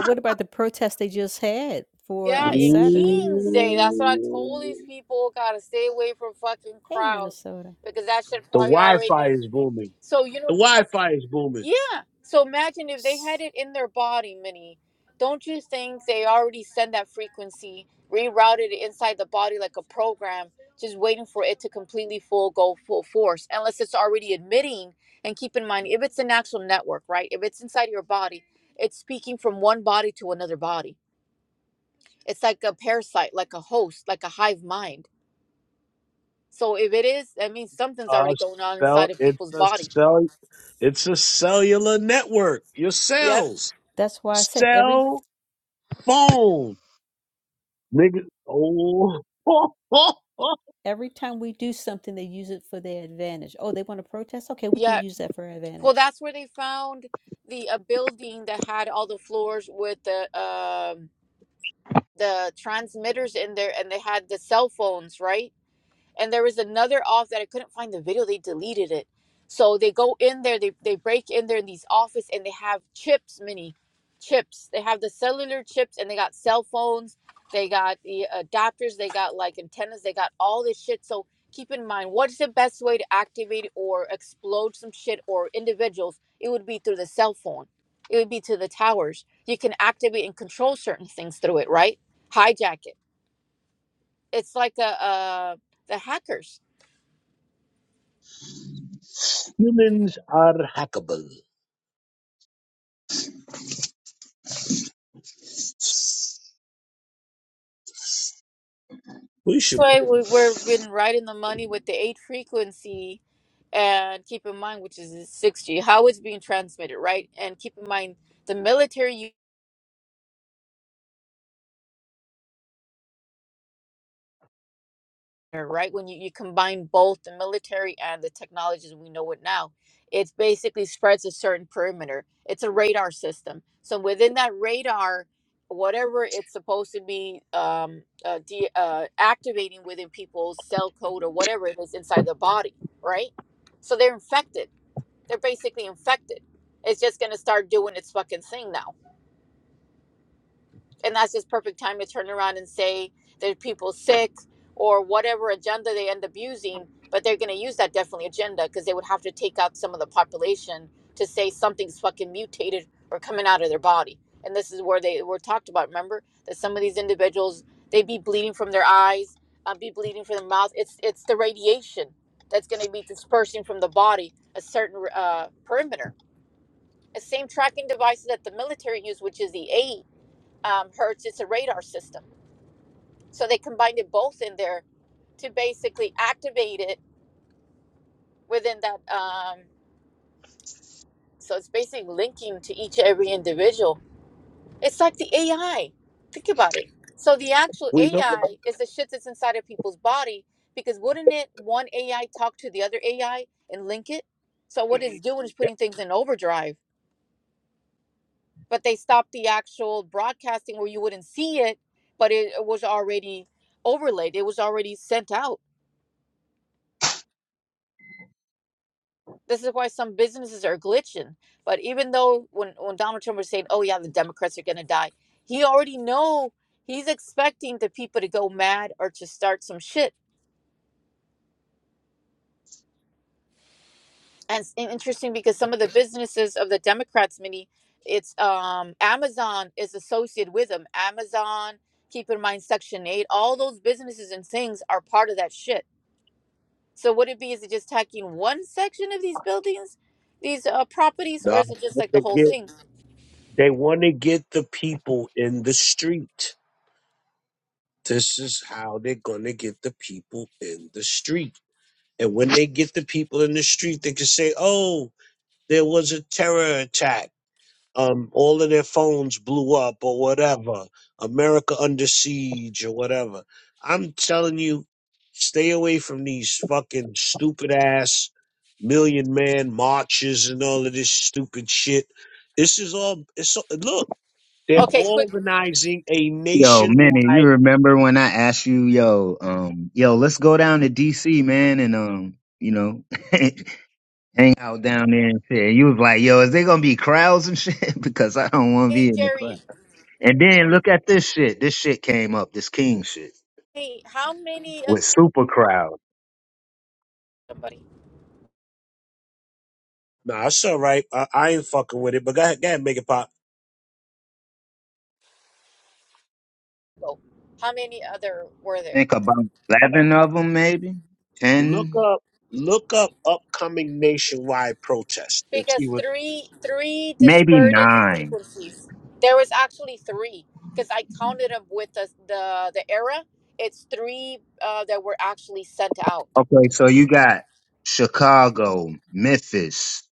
[SPEAKER 6] Yeah, in King's Day, that's what I told these
[SPEAKER 2] Ooh.
[SPEAKER 6] people. Gotta stay away from fucking crowds because that shit
[SPEAKER 2] The
[SPEAKER 6] probably
[SPEAKER 2] Wi-Fi
[SPEAKER 6] already.
[SPEAKER 2] is booming.
[SPEAKER 6] So you know
[SPEAKER 2] The Wi-Fi is booming.
[SPEAKER 6] Yeah. So imagine if they had it in their body, Minnie. Don't you think they already send that frequency, rerouted it inside the body like a program, just waiting for it to completely full go full force? Unless it's already admitting, and keep in mind, if it's an actual network, right? If it's inside your body, it's speaking from one body to another body. It's like a parasite, like a host, like a hive mind. So if it is, that means something's
[SPEAKER 2] Uh,
[SPEAKER 6] already going on
[SPEAKER 2] spell
[SPEAKER 6] inside of
[SPEAKER 2] it's
[SPEAKER 6] people's
[SPEAKER 2] a
[SPEAKER 6] body.
[SPEAKER 2] cell. It's a cellular network. Your
[SPEAKER 6] Yep.
[SPEAKER 2] cells, cell phone, nigga. Oh,
[SPEAKER 6] Yeah, Well, that's where they found the a building that had all the floors with the um the transmitters in there, and they had the cell phones, right? and there was another off that I couldn't find the video. They deleted it. So they go in there, they, they break in there in these office and they have chips, mini chips. They have the cellular chips and they got cell phones, they got the adapters, they got like antennas, they got all this shit. So keep in mind, what's the best way to activate or explode some shit or individuals? It would be through the cell phone. It would be to the towers. You can activate and control certain things through it, right? Hijack it. It's like a uh, the hackers
[SPEAKER 2] humans are hackable. We should.
[SPEAKER 6] Troy, we, we're been right in the money with the eight frequency, and keep in mind, which is six G, how it's being transmitted, right? And keep in mind the military, u- right? When you, you combine both the military and the technologies we know it now, it basically spreads a certain perimeter. It's a radar system. So within that radar, whatever it's supposed to be um, uh, de- uh, activating within people's cell code or whatever it is inside the body, right? So they're infected They're basically infected. It's just going to start doing its fucking thing now. And that's just perfect time to turn around and say that people sick or whatever agenda they end up using, but they're going to use that definitely agenda because they would have to take out some of the population to say something's fucking mutated or coming out of their body. And this is where they were talked about. Remember that some of these individuals they be bleeding from their eyes, uh, be bleeding from their mouth. It's it's the radiation that's going to be dispersing from the body a certain uh, perimeter. The same tracking device that the military use, which is the 8 um, hertz, it's a radar system. So they combined it both in there to basically activate it within that. Um, so it's basically linking to each every individual. It's like the AI. Think about it. So the actual
[SPEAKER 2] We know.
[SPEAKER 6] AI is the shit that's inside of people's body because wouldn't it one AI talk to the other AI and link it? So what it's doing is putting things in overdrive but they stopped the actual broadcasting where you wouldn't see it, but it, it was already overlaid. It was already sent out. This is why some businesses are glitching. But even though when, when Donald Trump was saying, oh, yeah, the Democrats are going to die, he already know he's expecting the people to go mad or to start some shit. And it's interesting because some of the businesses of the Democrats, many, it's um, Amazon is associated with them. Amazon, keep in mind Section 8, all those businesses and things are part of that shit So would it be, is it just tacking one section of these buildings, these uh, properties, or
[SPEAKER 2] Nah,
[SPEAKER 6] is it just like the
[SPEAKER 2] they
[SPEAKER 6] whole
[SPEAKER 2] get.
[SPEAKER 6] thing?
[SPEAKER 2] They want to get the people in the street. This is how they're gonna get the people in the street And when they get the people in the street, they can say, "Oh, there was a terror attack. Um, all of their phones blew up, or whatever. America under siege, or whatever." I'm telling you, stay away from these fucking stupid ass million man marches and all of this stupid shit. This is all. It's look, they're
[SPEAKER 6] Okay, quick.
[SPEAKER 2] organizing a
[SPEAKER 3] Yo, Minnie, you
[SPEAKER 2] nationwide.
[SPEAKER 3] remember when I asked you, yo, um, yo, let's go down to DC, man, and um, you know, hang out down there and shit. And you was like, yo, is there gonna be crowds and shit? because I don't wanna be
[SPEAKER 6] Hey,
[SPEAKER 3] in the
[SPEAKER 6] Jerry.
[SPEAKER 3] crowd. And then look at this shit. This shit came up, this king shit,
[SPEAKER 6] Hey, how many, uh,
[SPEAKER 3] with super crowds.
[SPEAKER 6] somebody
[SPEAKER 2] Nah, it's all right. I, I ain't fucking with it. But go ahead, go ahead, make it pop.
[SPEAKER 6] go, how many other were there?
[SPEAKER 3] Think about eleven of them, maybe
[SPEAKER 2] Look
[SPEAKER 3] ten,
[SPEAKER 2] up, look up upcoming nationwide protest and
[SPEAKER 6] Because
[SPEAKER 2] see what
[SPEAKER 6] three, three
[SPEAKER 3] maybe
[SPEAKER 6] dispersed
[SPEAKER 3] nine.
[SPEAKER 6] frequencies. There was actually three because I counted them with the, the, the era. It's three uh, that were actually sent out.
[SPEAKER 3] Okay, so you got Chicago, Memphis,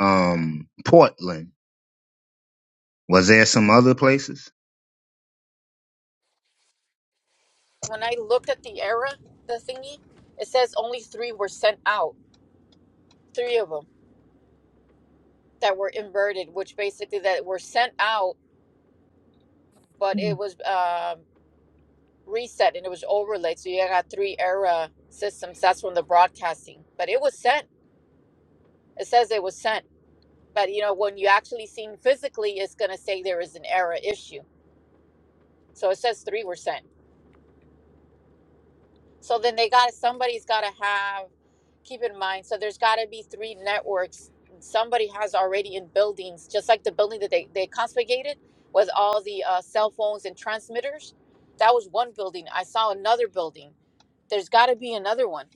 [SPEAKER 3] um, Portland. Was there some other places?
[SPEAKER 6] When I looked at the era, the thingy, it says only three were sent out. Three of them. that were inverted, which basically that were sent out, but
[SPEAKER 7] Mhm.
[SPEAKER 6] it was um, reset and it was overlaid. So you got three era systems. That's from the broadcasting, but it was sent. It says it was sent, but you know when you actually seen physically, it's gonna say there is an error issue. So it says three were sent. So then they got somebody's got to have keep in mind. So there's got to be three networks. Somebody has already in buildings, just like the building that they they confiscated with all the uh, cell phones and transmitters. That was one building. I saw another building. There's got to be another one.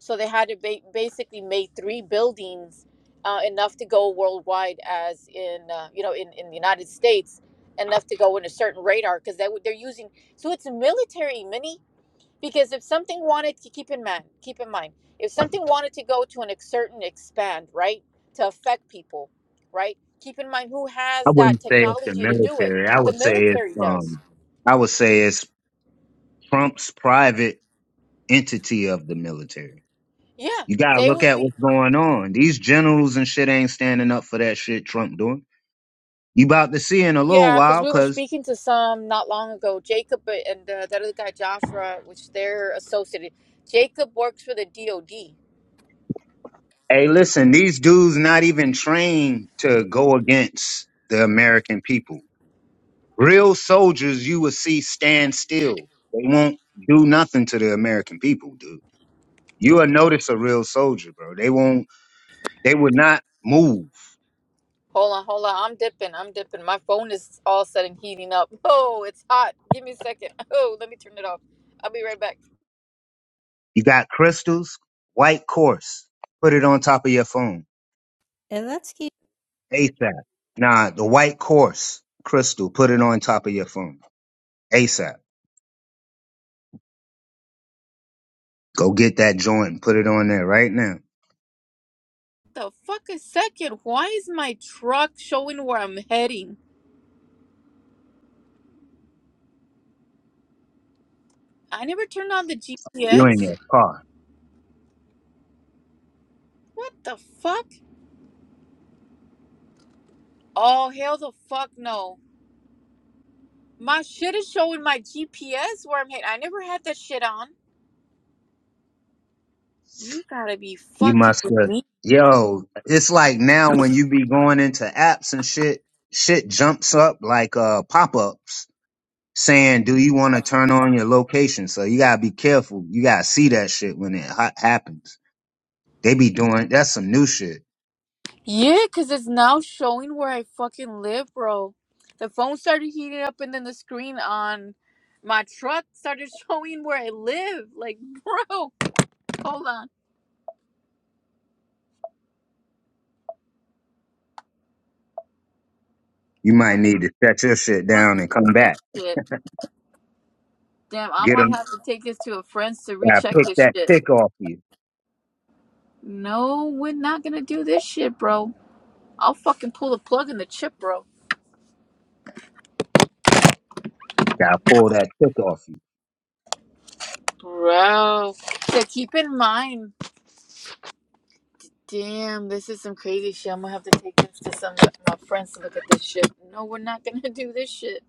[SPEAKER 6] So they had to ba- basically make three buildings uh, enough to go worldwide, as in uh, you know in in the United States, enough to go in a certain radar because they would- they're using. So it's military, mini because if something wanted to keep in mind keep in mind if something wanted to go to an ex- certain expand right to affect people right keep in mind who
[SPEAKER 3] I
[SPEAKER 6] has that
[SPEAKER 3] wouldn't say it's the
[SPEAKER 6] technology to do it
[SPEAKER 3] military. I
[SPEAKER 6] the
[SPEAKER 3] would say it's
[SPEAKER 6] military does
[SPEAKER 3] um I would say it's Trump's private entity of the military.
[SPEAKER 6] yeah
[SPEAKER 3] You gotta
[SPEAKER 6] they
[SPEAKER 3] look
[SPEAKER 6] would
[SPEAKER 3] at
[SPEAKER 6] be
[SPEAKER 3] what's going on. These generals and shit ain't standing up for that shit Trump doing. You about to see in a little
[SPEAKER 6] yeah because
[SPEAKER 3] while,
[SPEAKER 6] we were
[SPEAKER 3] cause
[SPEAKER 6] speaking to some not long ago jacob and uh, that other guy joshua which they're associated jacob works for the dod
[SPEAKER 3] hey, listen, these dudes not even trained to go against the American people. Real soldiers you would see stand still. They won't do nothing to the American people, dude. You will notice a real soldier, bro. They won't They would not move.
[SPEAKER 6] hold on hold on i'm dipping i'm dipping my phone is all of a sudden heating up oh it's hot give me a second oh let me turn it off i'll be right back
[SPEAKER 3] You got crystals, white course. Put it on top of your phone. ASAP. Nah, the white course crystal, put it on top of your phone. ASAP. Go get that joint and put it on there right now.
[SPEAKER 6] the fuck a second. Why is my truck showing where I'm heading? I never turned on the
[SPEAKER 3] You in
[SPEAKER 6] GPS.
[SPEAKER 3] your car.
[SPEAKER 6] What the fuck? Oh, hell the fuck no. My shit is showing my GPS where I'm heading. I never had that shit on. You gotta be
[SPEAKER 3] You
[SPEAKER 6] fucking
[SPEAKER 3] must
[SPEAKER 6] with
[SPEAKER 3] have
[SPEAKER 6] me.
[SPEAKER 3] yo, it's like now when you be going into apps and shit, shit jumps up like uh pop-ups saying, Do you want to turn on your location? So you gotta be careful. You gotta see that shit when it ha- happens. They be doing that's some new shit.
[SPEAKER 6] Yeah, because it's now showing where I fucking live, bro. The phone started heating up and then the screen on my truck started showing where I live. Like, bro, hold on.
[SPEAKER 3] You might
[SPEAKER 6] What the
[SPEAKER 3] need to shut your shit
[SPEAKER 6] fuck
[SPEAKER 3] down and
[SPEAKER 6] is
[SPEAKER 3] come back.
[SPEAKER 6] this shit? Damn, I
[SPEAKER 3] Get
[SPEAKER 6] might
[SPEAKER 3] them.
[SPEAKER 6] have to take this to a friend's to
[SPEAKER 3] Gotta
[SPEAKER 6] recheck
[SPEAKER 3] pick
[SPEAKER 6] this
[SPEAKER 3] that
[SPEAKER 6] shit.
[SPEAKER 3] tick off you.
[SPEAKER 6] No, we're not gonna do this shit, bro. I'll fucking pull the plug in the chip, bro.
[SPEAKER 3] Gotta pull that tick off you.
[SPEAKER 6] Bro. So keep in mind. Damn, this is some crazy shit. I'm gonna have to take this to some of my friends to look at this shit. No, we're not gonna do this shit.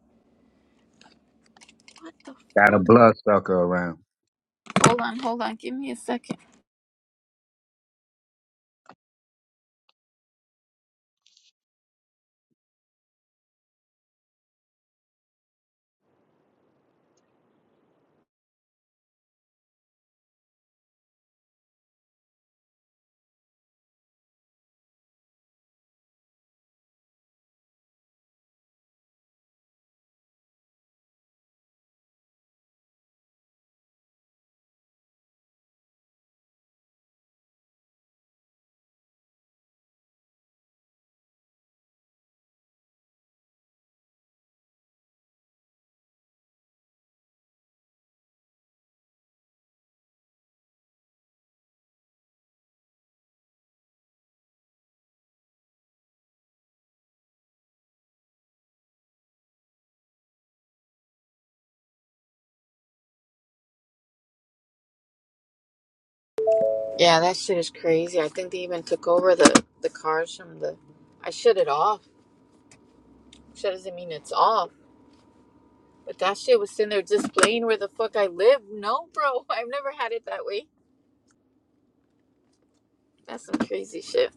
[SPEAKER 6] What the
[SPEAKER 3] Got a
[SPEAKER 6] fuck?
[SPEAKER 3] bloodsucker around.
[SPEAKER 6] Hold on, hold on. Give me a second. Yeah, that shit is crazy. I think they even took over the the cars from the. I shut it off. Shut doesn't mean it's off. But that shit was sitting there displaying where the fuck I live. No, bro, I've never had it that way. That's some crazy shit.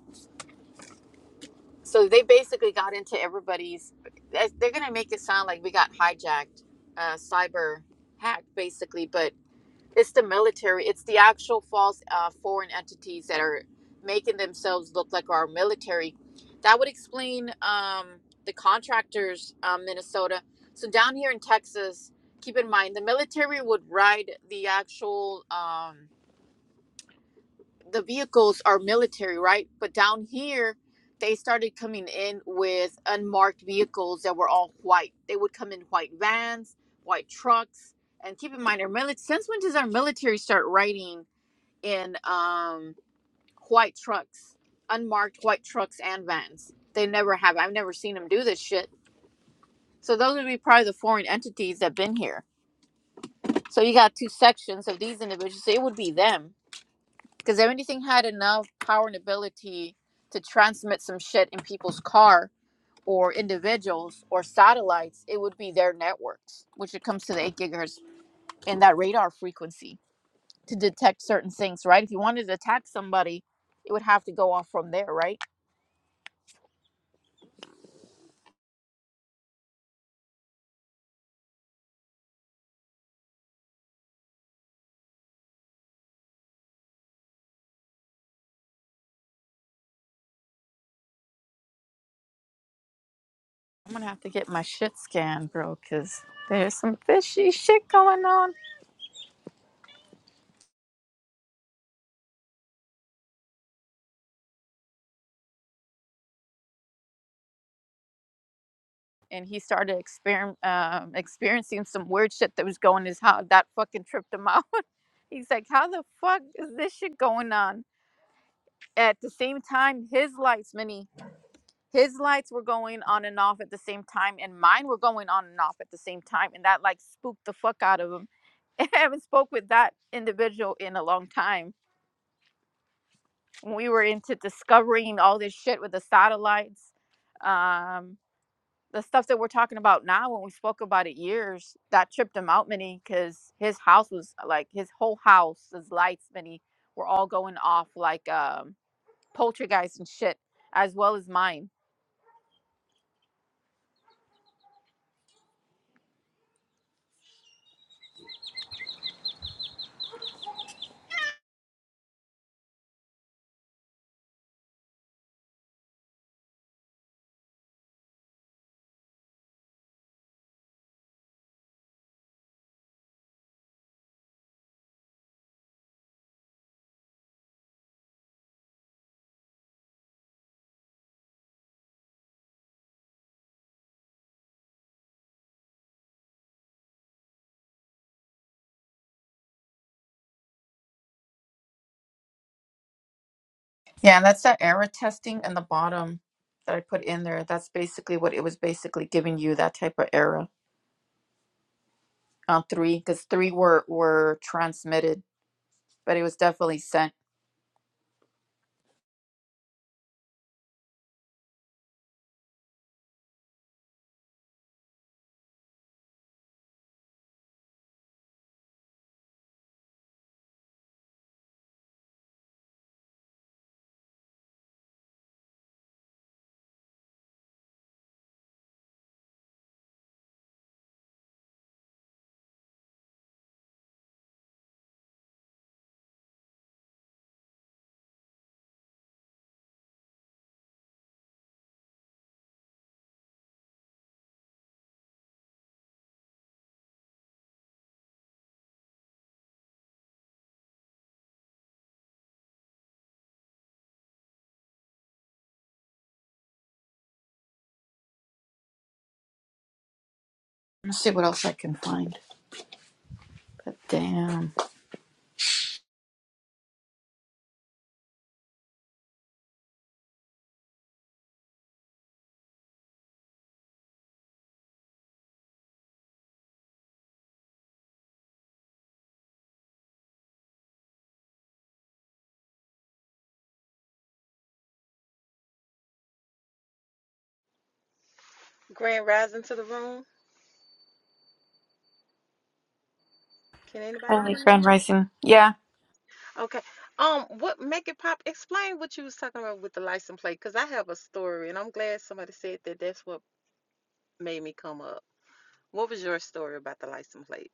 [SPEAKER 6] So they basically got into everybody's. They're gonna make it sound like we got hijacked, uh, cyber hacked, basically. But It's the military. It's the actual false uh, foreign entities that are making themselves look like our military. That would explain um, the contractors, um, Minnesota. So down here in Texas, keep in mind the military would ride the actual. Um, the vehicles are military, right? But down here, they started coming in with unmarked vehicles that were all white. They would come in white vans, white trucks, and keep in mind our military. Since when does our military start riding? in um white trucks, unmarked white trucks and vans. They never have. I've never seen them do this shit. So those would be probably the foreign entities that've been here. So you got two sections of these individuals. So it would be them because if anything had enough power and ability to transmit some shit in people's car or individuals or satellites, it would be their networks, which it comes to the eight gigahertz and that radar frequency to detect certain things. Right? If you wanted to attack somebody, it would have to go off from there, right? I'm gonna have to get my shit scanned, bro, because there's some fishy shit going on. And he started exper- um, experiencing some weird shit that was going his how that fucking tripped him out. He's like, how the fuck is this shit going on? At the same time, his lights, Minnie, his lights were going on and off at the same time, and mine were going on and off at the same time, and that like spooked the fuck out of him. I haven't spoke with that individual in a long time we were into discovering all this shit with the satellites um the stuff that we're talking about now when we spoke about it years that tripped him out many because his house was uh, like his whole house his lights many were all going off like um poltergeist and shit as well as mine Yeah, and that's that error testing in the bottom that I put in there. That's basically what it was basically giving you that type of error on three because three were were transmitted, but it was definitely sent. Let's see what else I can find. But damn.
[SPEAKER 8] Grand rising to the room. Can anybody
[SPEAKER 6] Holy
[SPEAKER 8] hear me?
[SPEAKER 6] grand rising. Yeah.
[SPEAKER 8] Okay. Um, what make it pop? Explain what you was talking about with the license plate, cause I have a story, and I'm glad somebody said that. That's what made me come up. What was your story about the license plate?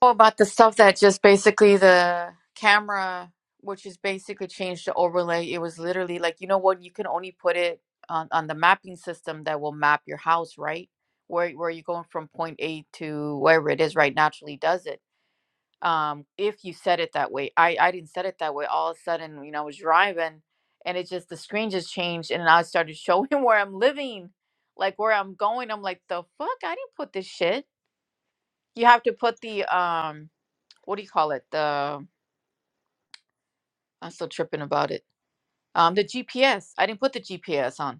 [SPEAKER 6] Oh, about the stuff that just basically the camera, which is basically changed to overlay. It was literally like, you know what? You can only put it on, on the mapping system that will map your house, right? Where, where you're going from point A to wherever it is, right? Naturally does it. um if you said it that way i i didn't set it that way all of a sudden you know i was driving and it just the screen just changed and i started showing where i'm living like where i'm going i'm like the fuck i didn't put this shit you have to put the um what do you call it the i'm still tripping about it um the gps i didn't put the gps on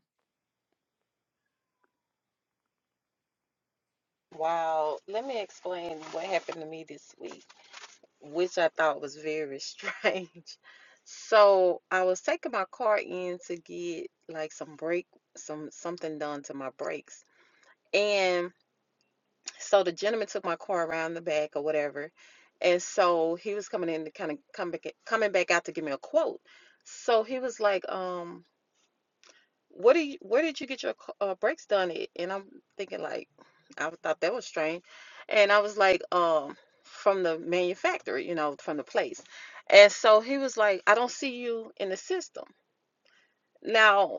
[SPEAKER 8] Wow. Let me explain what happened to me this week, which I thought was very strange. So I was taking my car in to get like some brake, some something done to my brakes, and So the gentleman took my car around the back or whatever. And so he was coming in to kind of come back coming back out to give me a quote. So he was like, um, what do you where did you get your c- uh, brakes done at? And I'm thinking like I thought that was strange. And I was like, um, from the manufacturer, you know, from the place. And so he was like, I don't see you in the system. Now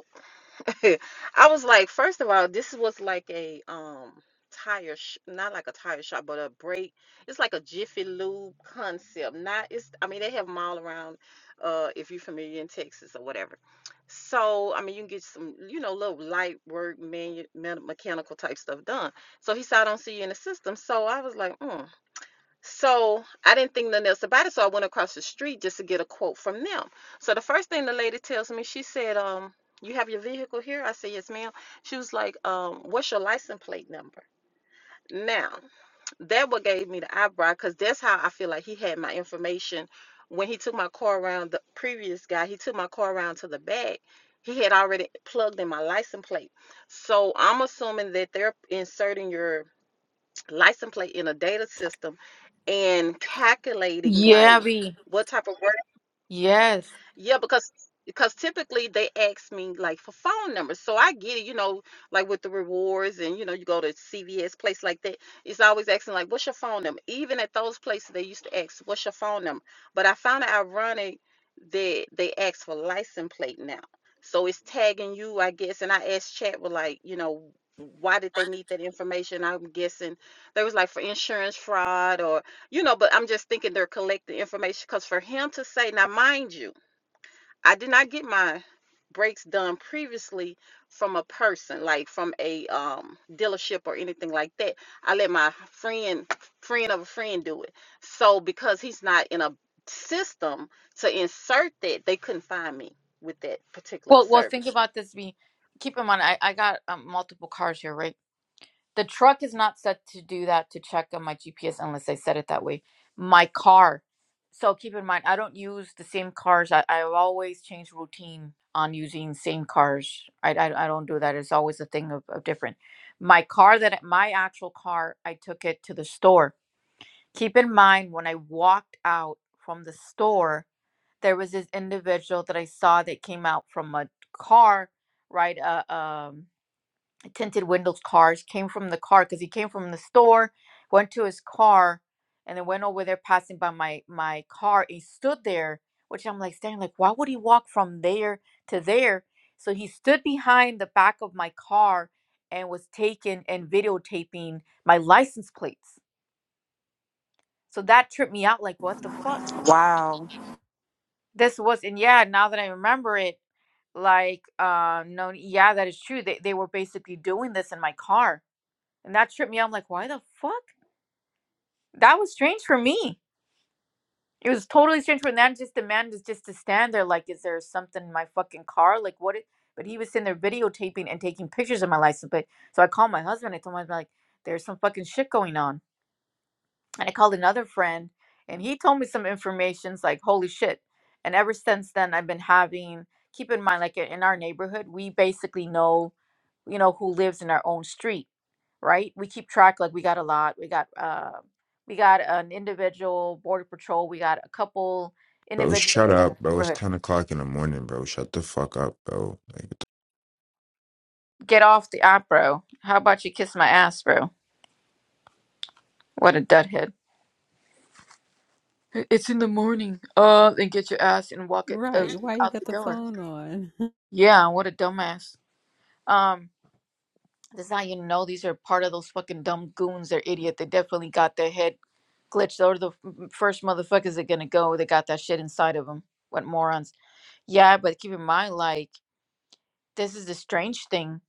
[SPEAKER 8] I was like, first of all, this was like a um tire sh not like a tire shop, but a break. It's like a Jiffy Lube concept. Not it's I mean they have them all around uh if you're familiar in Texas or whatever. So I mean you can get some, you know, little light work manu- me- mechanical type stuff done. So he said I don't see you in the system. So I was like, "Hmm." So I didn't think nothing else about it. So I went across the street just to get a quote from them. So the first thing the lady tells me, she said, um, you have your vehicle here? I said, yes, ma'am. She was like, um, what's your license plate number? Now, that what gave me the eyebrow because that's how I feel like he had my information. When he took my car around, the previous guy, he took my car around to the back. He had already plugged in my license plate. So I'm assuming that they're inserting your license plate in a data system and calculating
[SPEAKER 6] yeah
[SPEAKER 8] like
[SPEAKER 6] we
[SPEAKER 8] what type of work
[SPEAKER 6] yes
[SPEAKER 8] yeah, because because typically they ask me like for phone numbers. So I get it, you know, like with the rewards and you know, you go to CVS place like that, it's always asking like what's your phone number? Even at those places they used to ask what's your phone number. But I found it ironic that they ask for license plate now. So it's tagging you, I guess, and I asked chat with like, you know, why did they need that information? I'm guessing there was like for insurance fraud or you know, but I'm just thinking they're collecting information because for him to say, now mind you I did not get my brakes done previously from a person, like from a um, dealership or anything like that. I let my friend, friend of a friend, do it. So because he's not in a system to insert that, they couldn't find me with that particular
[SPEAKER 6] well well think
[SPEAKER 8] service.
[SPEAKER 6] about this we keep in mind i i got um, multiple cars here right The truck is not set to do that to check on my GPS unless I set it that way. My car. So keep in mind, I don't use the same cars. I, I always change routine on using same cars. I, I, I don't do that. It's always a thing of, of different. My car that my actual car, I took it to the store. Keep in mind when I walked out from the store, there was this individual that I saw that came out from a car, right? Uh, um tinted windows cars came from the car because he came from the store went to his car and then went over there passing by my my car He stood there which i'm like standing like why would he walk from there to there so he stood behind the back of my car and was taking and videotaping my license plates so that tripped me out like what the fuck
[SPEAKER 8] Wow.
[SPEAKER 6] this was and yeah now that i remember it like uh no yeah that is true they, they were basically doing this in my car and that tripped me out. I'm like, why the fuck? that was strange for me. It was totally strange for that just the man just just to stand there like, is there something in my fucking car? Like what? It, but he was sitting there videotaping and taking pictures of my license plate. So I called my husband. I told him I'm like, there's some fucking shit going on. And I called another friend, and he told me some information's like, holy shit. And ever since then, I've been having. Keep in mind, like in our neighborhood, we basically know, you know, who lives in our own street right? We keep track, like we got a lot. We got uh, we got an individual border patrol. We got a couple
[SPEAKER 9] Bro,
[SPEAKER 6] individuals that
[SPEAKER 9] shut
[SPEAKER 6] live in our
[SPEAKER 9] up, bro. It's
[SPEAKER 6] neighborhood.
[SPEAKER 9] 10 o'clock in the morning, bro. Shut the fuck up, bro. Like, what the
[SPEAKER 6] Get off the app, bro. How about you kiss my ass, bro? What a dudhead. "I- It's in the morning. Uh, then get your ass and walk it uh, out the door. Yeah, what a dumbass. Um, this is how you know these are part of those fucking dumb goons. They're idiot. They definitely got their head glitched. Those are the f- first motherfuckers that gonna go. They got that shit inside of them. What morons. Yeah, but keep in mind, like, this is the strange thing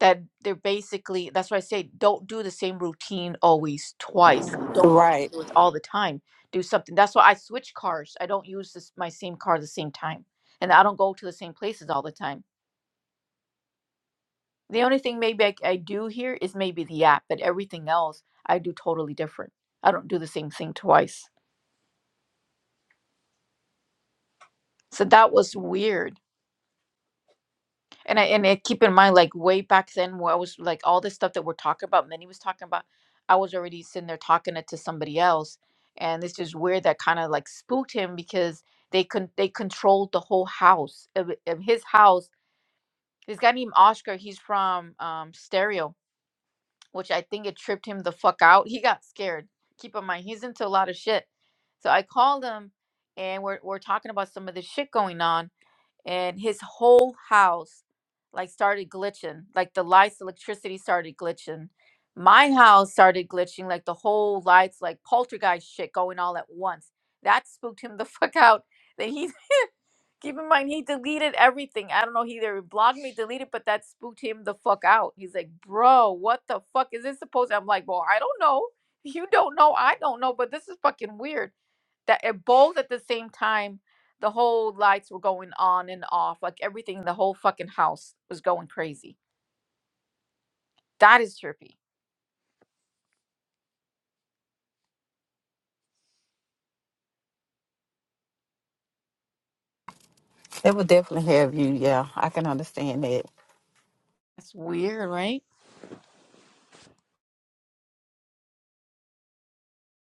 [SPEAKER 6] that they're basically, that's why I say don't do the same routine always twice. Don't always
[SPEAKER 8] Right.
[SPEAKER 6] do it all the time. Do something. That's why I switch cars. I don't use this, my same car the same time. And I don't go to the same places all the time. The only thing maybe I, I do here is maybe the app, but everything else I do totally different. I don't do the same thing twice. So that was weird And I and I keep in mind, like way back then, where I was like all this stuff that we're talking about, Minnie was talking about, I was already sitting there talking it to somebody else, and this is weird that kind of like spooked him because they con they controlled the whole house of, of his house. This guy named Oscar, he's from um Stereo, which I think it tripped him the fuck out. He got scared. Keep in mind, he's into a lot of shit. So I called him, and we're we're talking about some of this shit going on and his whole house like started glitching like the lights electricity started glitching my house started glitching like the whole lights like poltergeist shit going all at once that spooked him the fuck out then he keep in mind he deleted everything i don't know he either blocked me deleted but that spooked him the fuck out he's like bro what the fuck is this supposed i'm like well i don't know you don't know i don't know but this is fucking weird that it both at the same time the whole lights were going on and off, like everything, the whole fucking house was going crazy. That is trippy.
[SPEAKER 8] It would definitely have you. Yeah, I can understand that.
[SPEAKER 6] That's weird, right?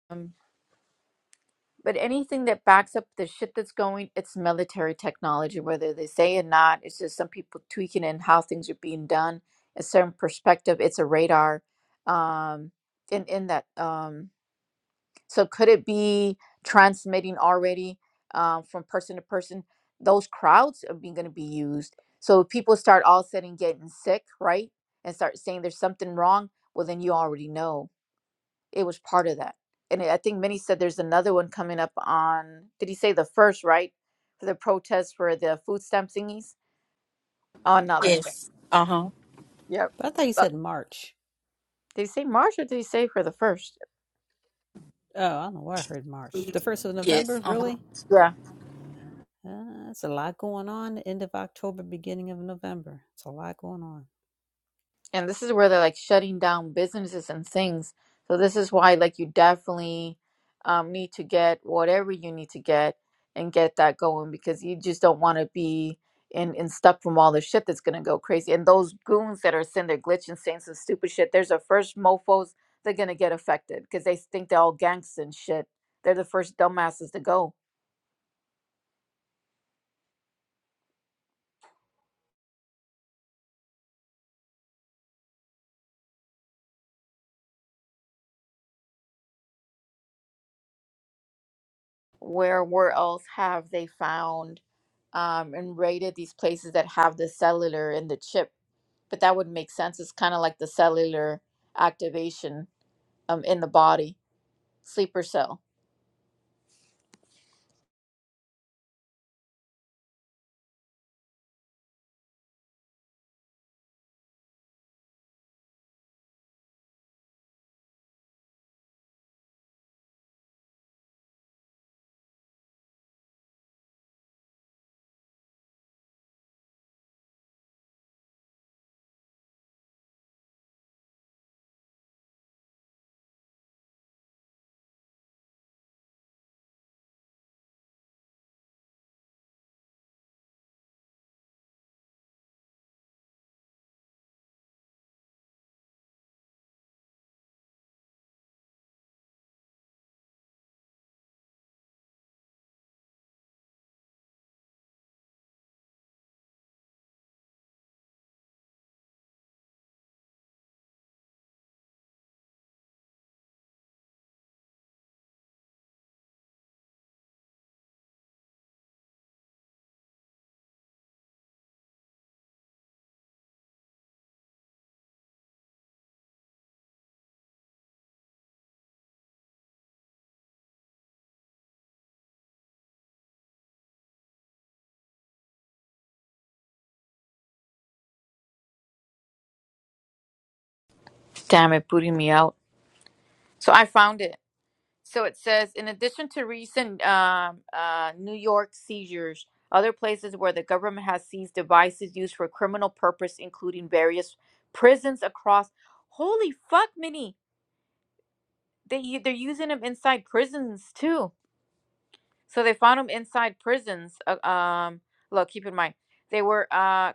[SPEAKER 6] Um, but anything that backs up the shit that's going, it's military technology, whether they say it or not. It's just some people tweaking in how things are being done, a certain perspective. It's a radar. Um, in in that um So could it be transmitting already um, from person to person? Those crowds are being going to be used. So if people start all of a sudden getting sick, right, and start saying there's something wrong, well then you already know it was part of that. And I think many said there's another one coming up on. Did he say the first right for the protest for the food stamp thingies? Oh no, that's it.
[SPEAKER 8] Yes. Uh huh.
[SPEAKER 6] Yep. Uh, did he say March or did he say for the first?
[SPEAKER 8] Yes. Uh huh.
[SPEAKER 6] Yeah. and this is where they're like shutting down businesses and things. So this is why like you definitely um, need to get whatever you need to get and get that going because you just don't want to be in in stuck from all the shit that's gonna go crazy. And those goons that are sitting there glitching, saying some stupid shit. There's the first mofos they're gonna get affected because they think they're all gangs and shit. They're the first dumbasses to go. Where where else have they found um, and raided these places that have the cellular and the chip? but that would make sense. It's kind of like the cellular activation um, in the body, sleeper cell. Damn it, booting me out. So I found it. So it says, in addition to recent um, uh, New York seizures, other places where the government has seized devices used for criminal purpose, including various prisons across. Holy fuck, Minnie! They they're using them inside prisons too. So they found them inside prisons. Uh, um, look, keep in mind they were. uh.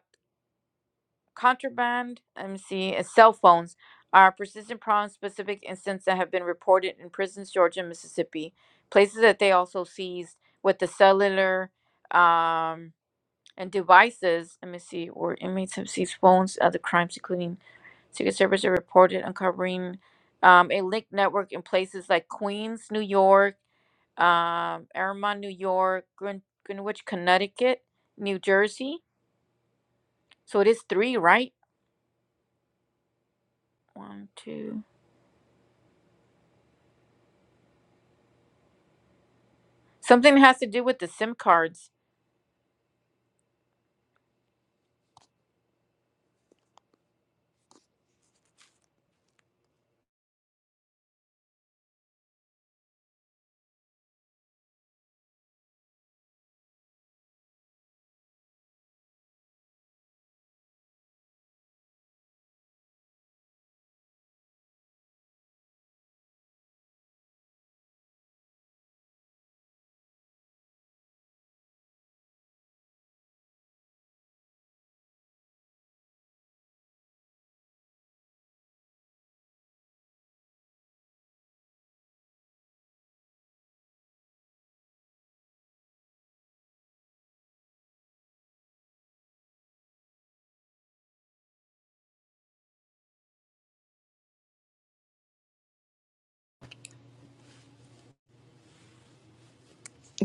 [SPEAKER 6] contraband, let me see, uh, cell phones are persistent problems. Specific incidents that have been reported in prisons, Georgia and Mississippi, places that they also seized with the cellular um, and devices. Let me see, where inmates have seized phones, other crimes, including Secret Service, are reported uncovering um, a linked network in places like Queens, New York, um, Aramon, New York, Gren- Greenwich, Connecticut, New Jersey. So it is three, right? One, two. Something that has to do with the SIM cards.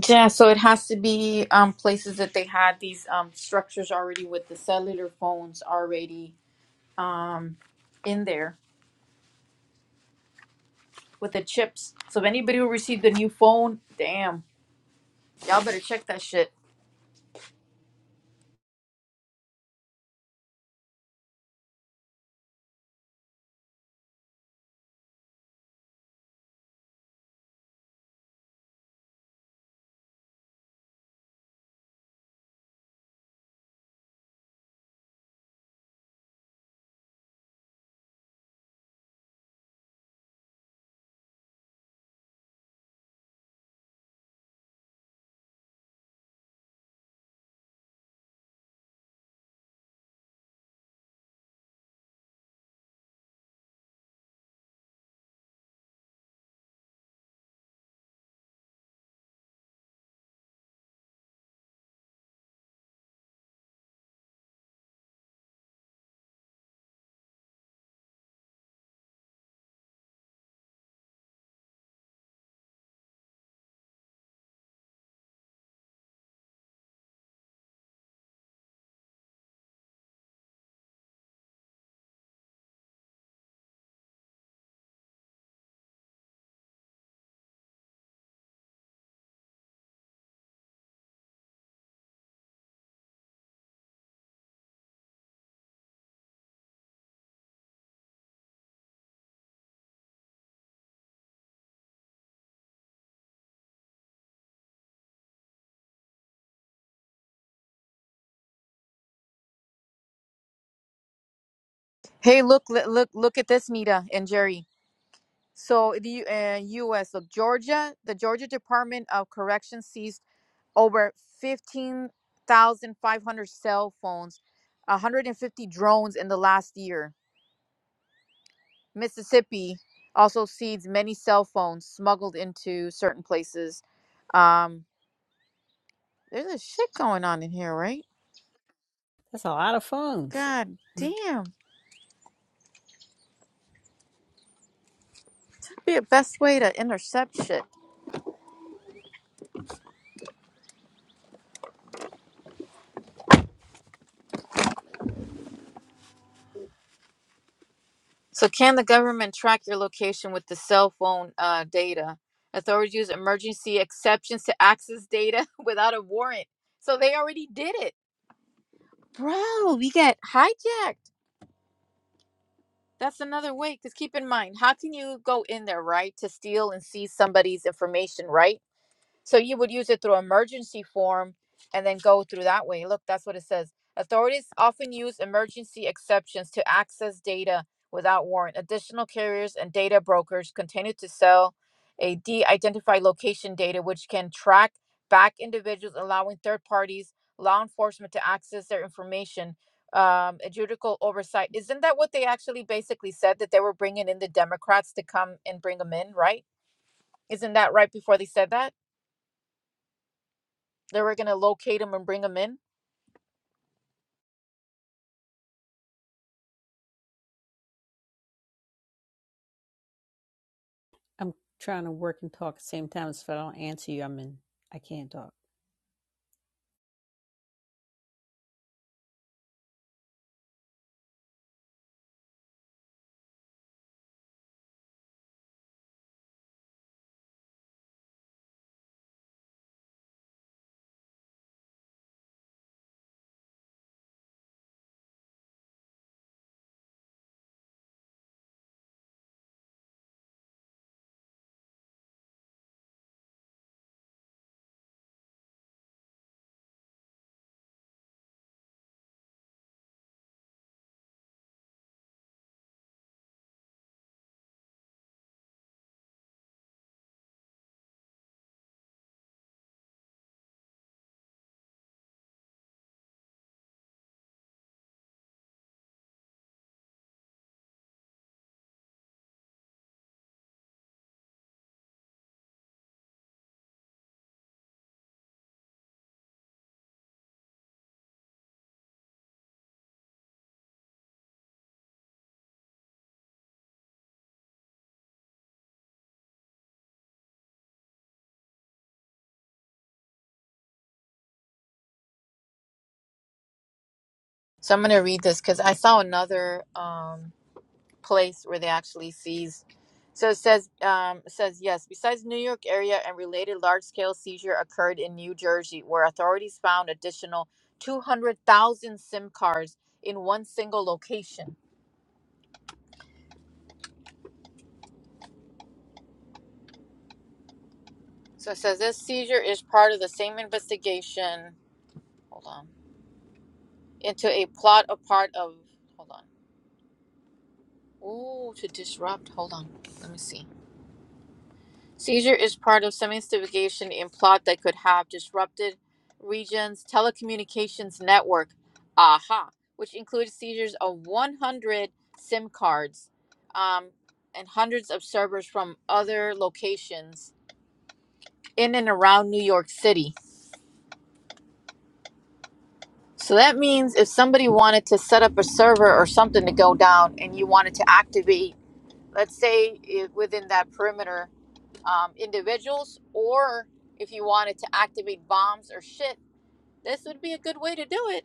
[SPEAKER 6] Yeah, so it has to be um, places that they had these um, structures already with the cellular phones already um, in there with the chips. So if anybody who received a new phone, damn, y'all better check that shit. Hey, look, li- look, look at this, Nita and Jerry. So the U- uh, U.S. Look, Georgia, the Georgia Department of Corrections seized over fifteen thousand five hundred cell phones, one hundred and fifty drones in the last year. Mississippi also seeds many cell phones smuggled into certain places. Um, there's a shit going on in here, right? God damn. Be the best way to intercept shit. So, can the government track your location with the cell phone uh, data? Authorities use emergency exceptions to access data without a warrant. So, they already did it. Bro, we got hijacked. That's another way. Because keep in mind, how can you go in there, right, to steal and seize somebody's information, right? So you would use it through emergency form and then go through that way. Look, that's what it says. Authorities often use emergency exceptions to access data without warrant. Additional carriers and data brokers continue to sell a de identified location data, which can track back individuals, allowing third parties, law enforcement to access their information. Um, judicial oversight. Isn't that what they actually basically said that they were bringing in the Democrats to come and bring them in, right? Isn't that right before they said that? They were gonna locate him and bring him in. So I'm gonna read this because I saw another um, place where they actually seized. So it says um, it says yes. Besides New York area and related large scale seizure occurred in New Jersey, where authorities found additional 200,000 SIM cards in one single location. So it says this seizure is part of the same investigation. Hold on. Into a plot, a part of. Hold on. Ooh, to disrupt. Hold on. Let me see. Seizure is part of semi-sophistication in plot that could have disrupted region's telecommunications network. Aha, which includes seizures of 100 SIM cards um, and hundreds of servers from other locations in and around New York City. So that means if somebody wanted to set up a server or something to go down and you wanted to activate, let's say it, within that perimeter um, individuals, or if you wanted to activate bombs or shit, this would be a good way to do it.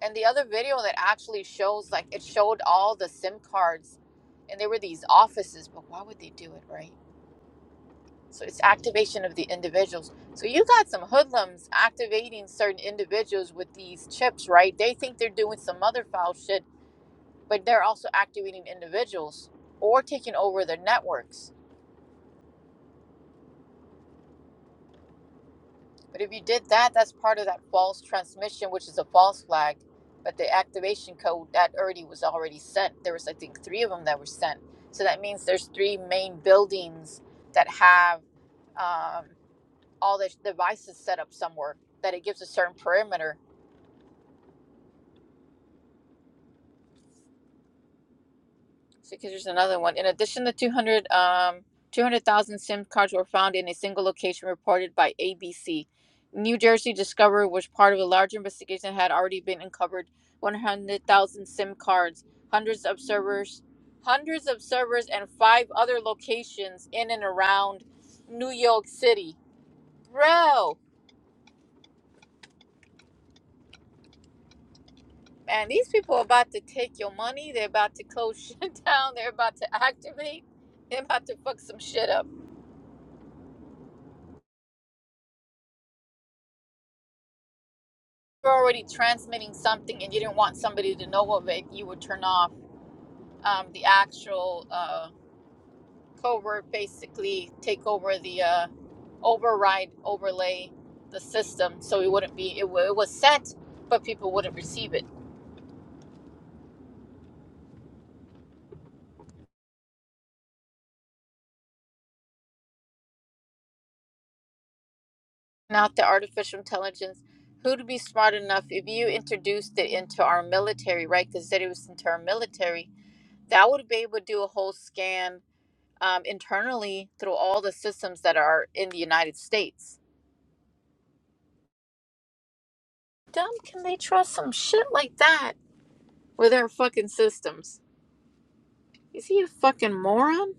[SPEAKER 6] And the other video that actually shows, like, it showed all the SIM cards, and there were these offices, but why would they do it, right? So it's activation of the individuals. So you got some hoodlums activating certain individuals with these chips, right? They think they're doing some other foul shit, but they're also activating individuals or taking over their networks But if you did that, that's part of that false transmission, which is a false flag. But the activation code that already was already sent. There was, I think, three of them that were sent. So that means there's three main buildings that have um, all the devices set up somewhere. That it gives a certain perimeter So because there's another one. In addition, the 200, um, 200,000 SIM cards were found in a single location reported by ABC. New Jersey Discovery was part of a larger investigation that had already been uncovered 100,000 SIM cards, hundreds of servers, hundreds of servers, and five other locations in and around New York City. Bro, man, these people are about to take your money. They're about to close shit down. They're about to activate. They're about to fuck some shit up. you're already transmitting something and you didn't want somebody to know of it, you would turn off um, the actual uh, covert, basically take over the uh, override, overlay the system. So it wouldn't be, it, w- it was sent, but people wouldn't receive it. Not the artificial intelligence. Who'd be smart enough if you introduced it into our military, right? Because that it was into our military, that would be able to do a whole scan um, internally through all the systems that are in the United States dumb can they trust some shit like that with our fucking systems? Is he a fucking moron?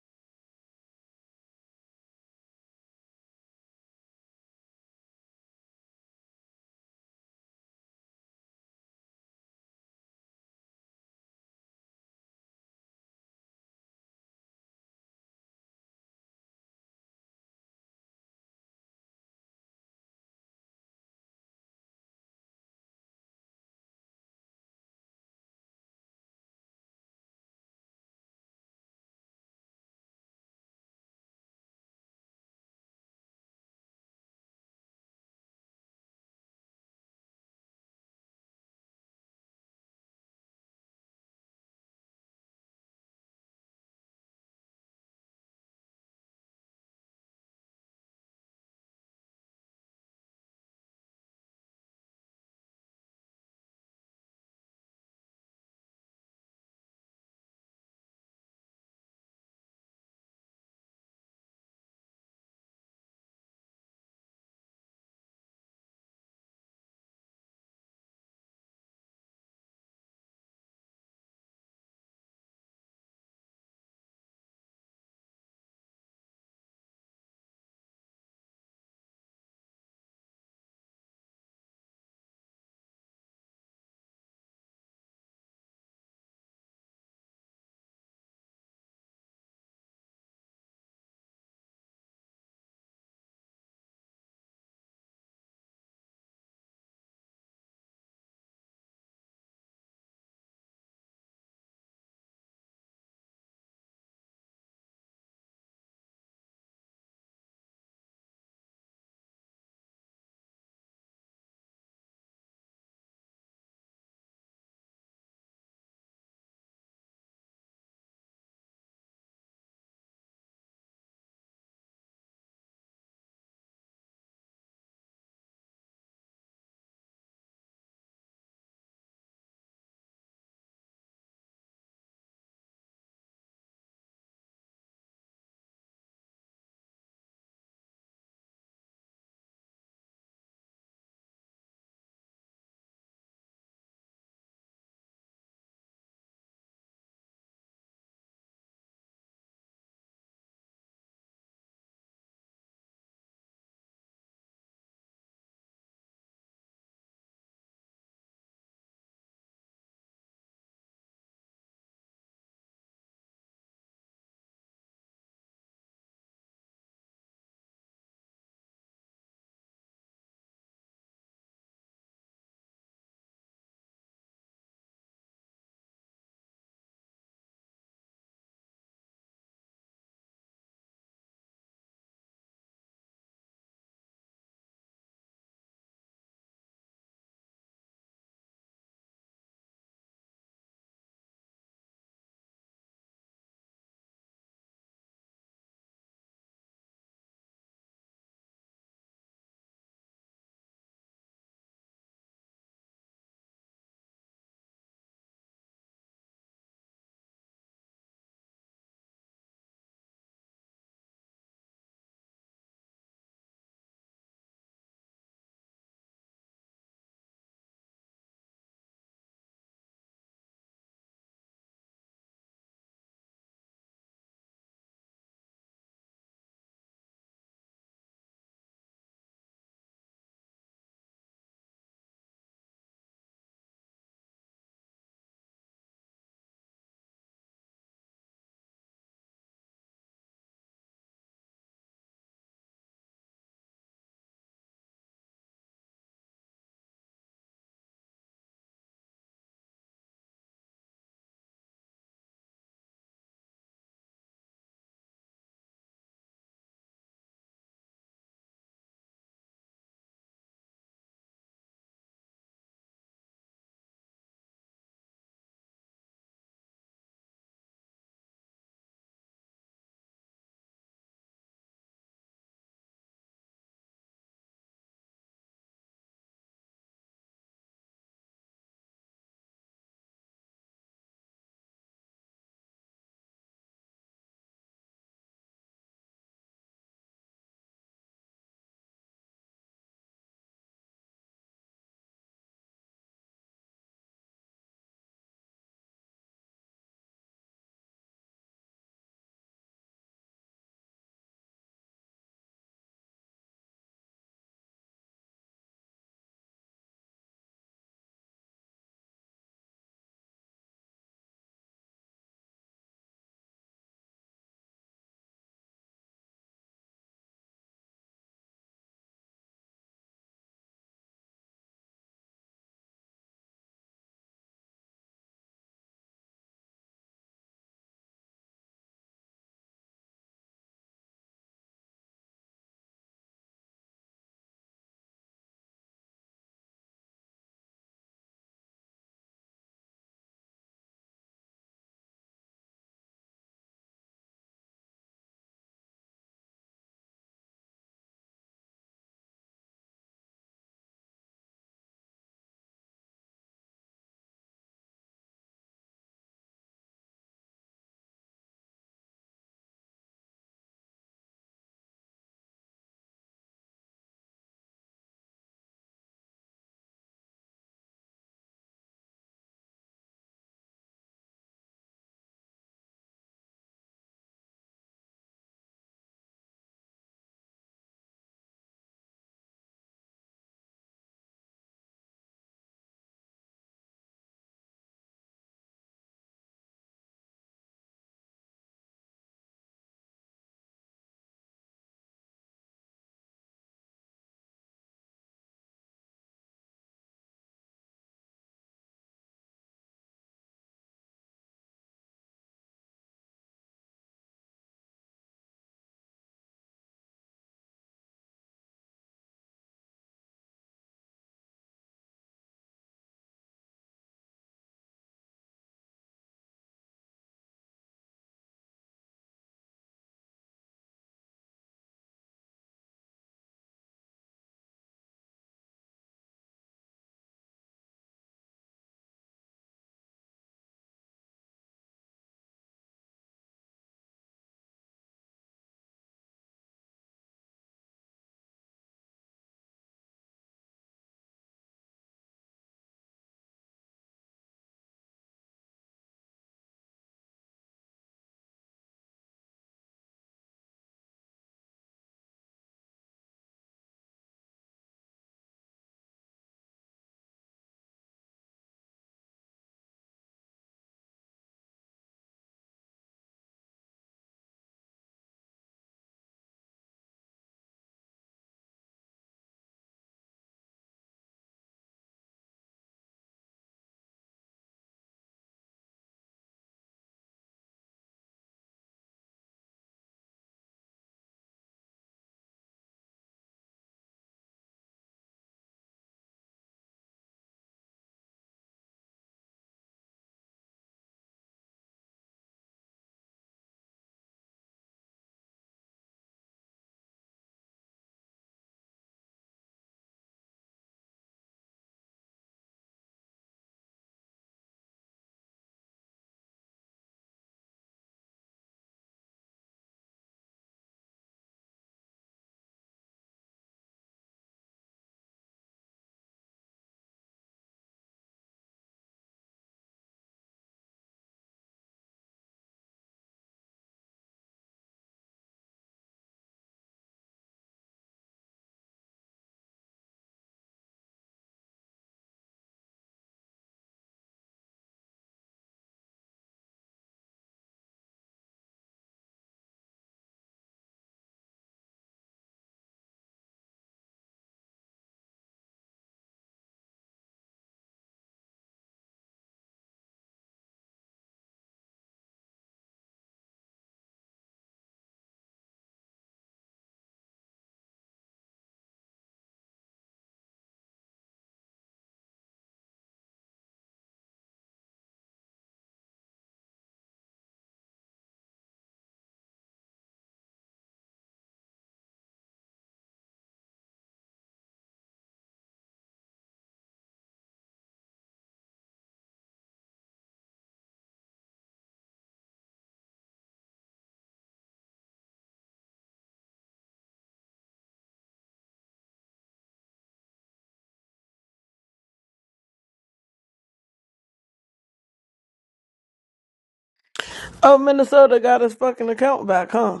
[SPEAKER 10] Oh, Minnesota got his fucking account back, huh?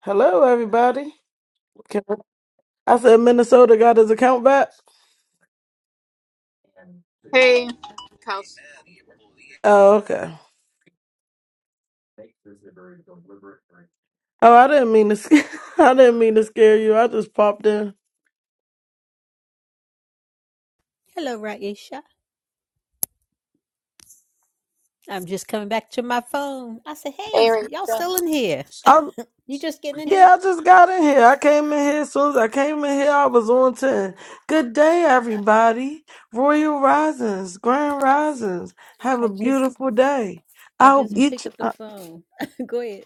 [SPEAKER 10] Hello, everybody. Can- I said Minnesota got his account back.
[SPEAKER 6] Hey, Kels.
[SPEAKER 10] Oh, okay. Oh, I didn't mean to. sc- I didn't mean to scare you. I just popped in.
[SPEAKER 6] Hey, Rachel.
[SPEAKER 10] I yeah, I just got in here. I came in here as soon as I came in here. I was on ten. Good day, everybody. Royal Risings, Grand Risings. Have a beautiful day. I hope each. uh,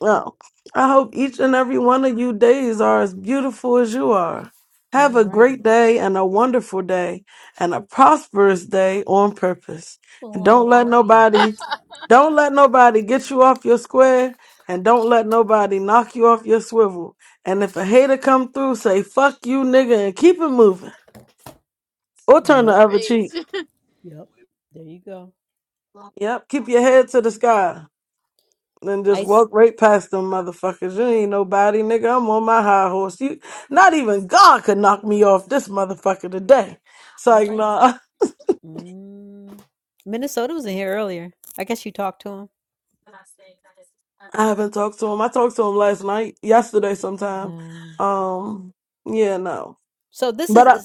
[SPEAKER 10] Well, I hope each and every one of you days are as beautiful as you are. Have a great day and a wonderful day and a prosperous day on purpose. And don't let nobody, don't let nobody get you off your square and don't let nobody knock you off your swivel. And if a hater come through, say fuck you nigga and keep it moving or turn the other cheek.
[SPEAKER 6] Rachel.
[SPEAKER 10] Yep. Keep your head to the sky. Then just walk right past them motherfuckers. You ain't nobody, nigga. I'm on my high horse. You, not even God could knock me off this motherfucker today. It's like, nah, I haven't talked to him. I talked to him last night, yesterday sometime. Um, yeah, no. But I,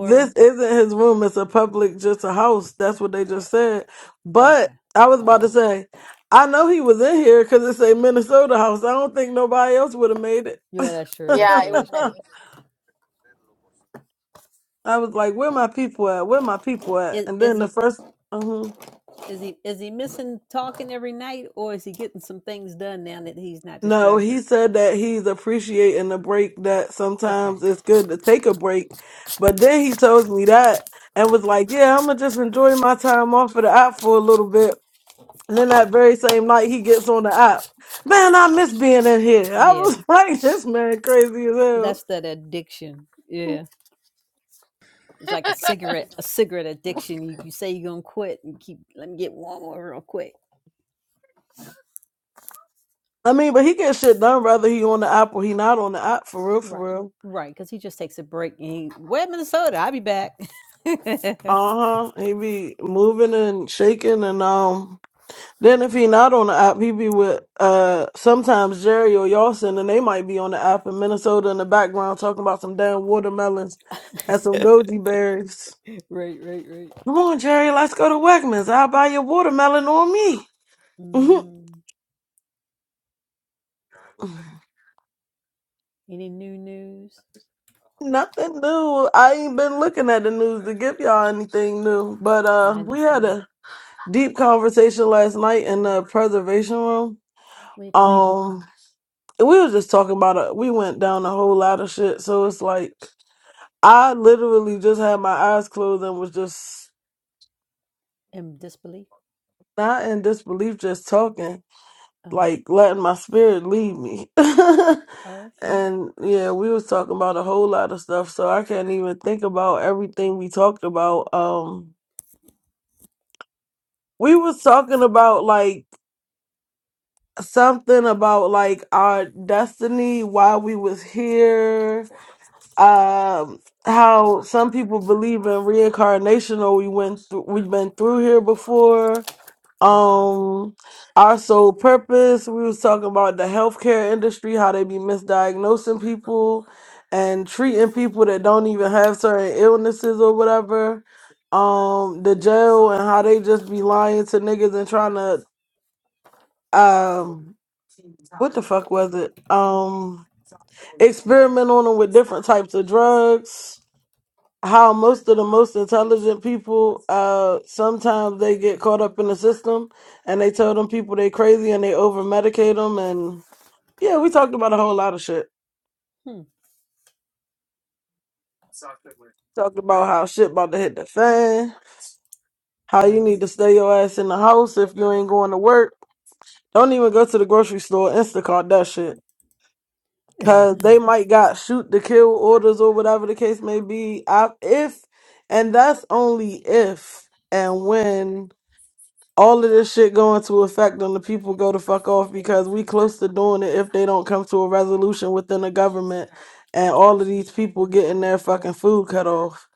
[SPEAKER 10] this isn't his room. It's a public, just a house. That's what they just said. But I was about to say, I know he was in here because it's a Minnesota house. I don't think nobody else would have made it.
[SPEAKER 6] Yeah, it was many.
[SPEAKER 10] I was like, "Where my people at? Where my people at?" And then the 1st no, he said that he's appreciating the break. That sometimes it's good to take a break, but then he told me that and was like, "Yeah, I'm gonna just enjoy my time off of the app for a little bit." And then that very same night, he gets on the app. Man, I miss being in here. I was like, "This man crazy as hell." I mean, but he gets shit done whether he on the app or he not on the app for real, for real. Uh huh. He be moving and shaking and um. Then if he not on the app, he be with uh sometimes Jerry or Yawson, and they might be on the app in Minnesota in the background talking about some damn watermelons and some goji berries. Come on, Jerry, let's go to Wegmans. I'll buy your watermelon on me. Mhm. Nothing new. I ain't been looking at the news to give y'all anything new. But uh we had a deep conversation last night in the preservation room. Um we were just talking about it. We went down a whole lot of shit. So it's like I literally just had my eyes closed and was just not in disbelief, just talking, like letting my spirit lead me. and yeah, we was talking about a whole lot of stuff, so I can't even think about everything we talked about. Um, we was talking about like something about like our destiny, why we was here, um, how some people believe in reincarnation or we went through, we've been through here before Um, our sole purpose, we was talking about the healthcare industry, how they be misdiagnosing people and treating people that don't even have certain illnesses or whatever. Um, the jail and how they just be lying to niggas and trying to um what the fuck was it? Um experiment on them with different types of drugs how most of the most intelligent people uh sometimes they get caught up in the system and they tell them people they crazy and they over medicate them and yeah we talked about a whole lot of shit talked about how shit about to hit the fan how you need to stay your ass in the house if you ain't going to work don't even go to the grocery store instacart that shit because they might got shoot to kill orders or whatever the case may be I, if and that's only if and when all of this shit going to affect on the people go to fuck off because we close to doing it if they don't come to a resolution within the government and all of these people getting their fucking food cut off.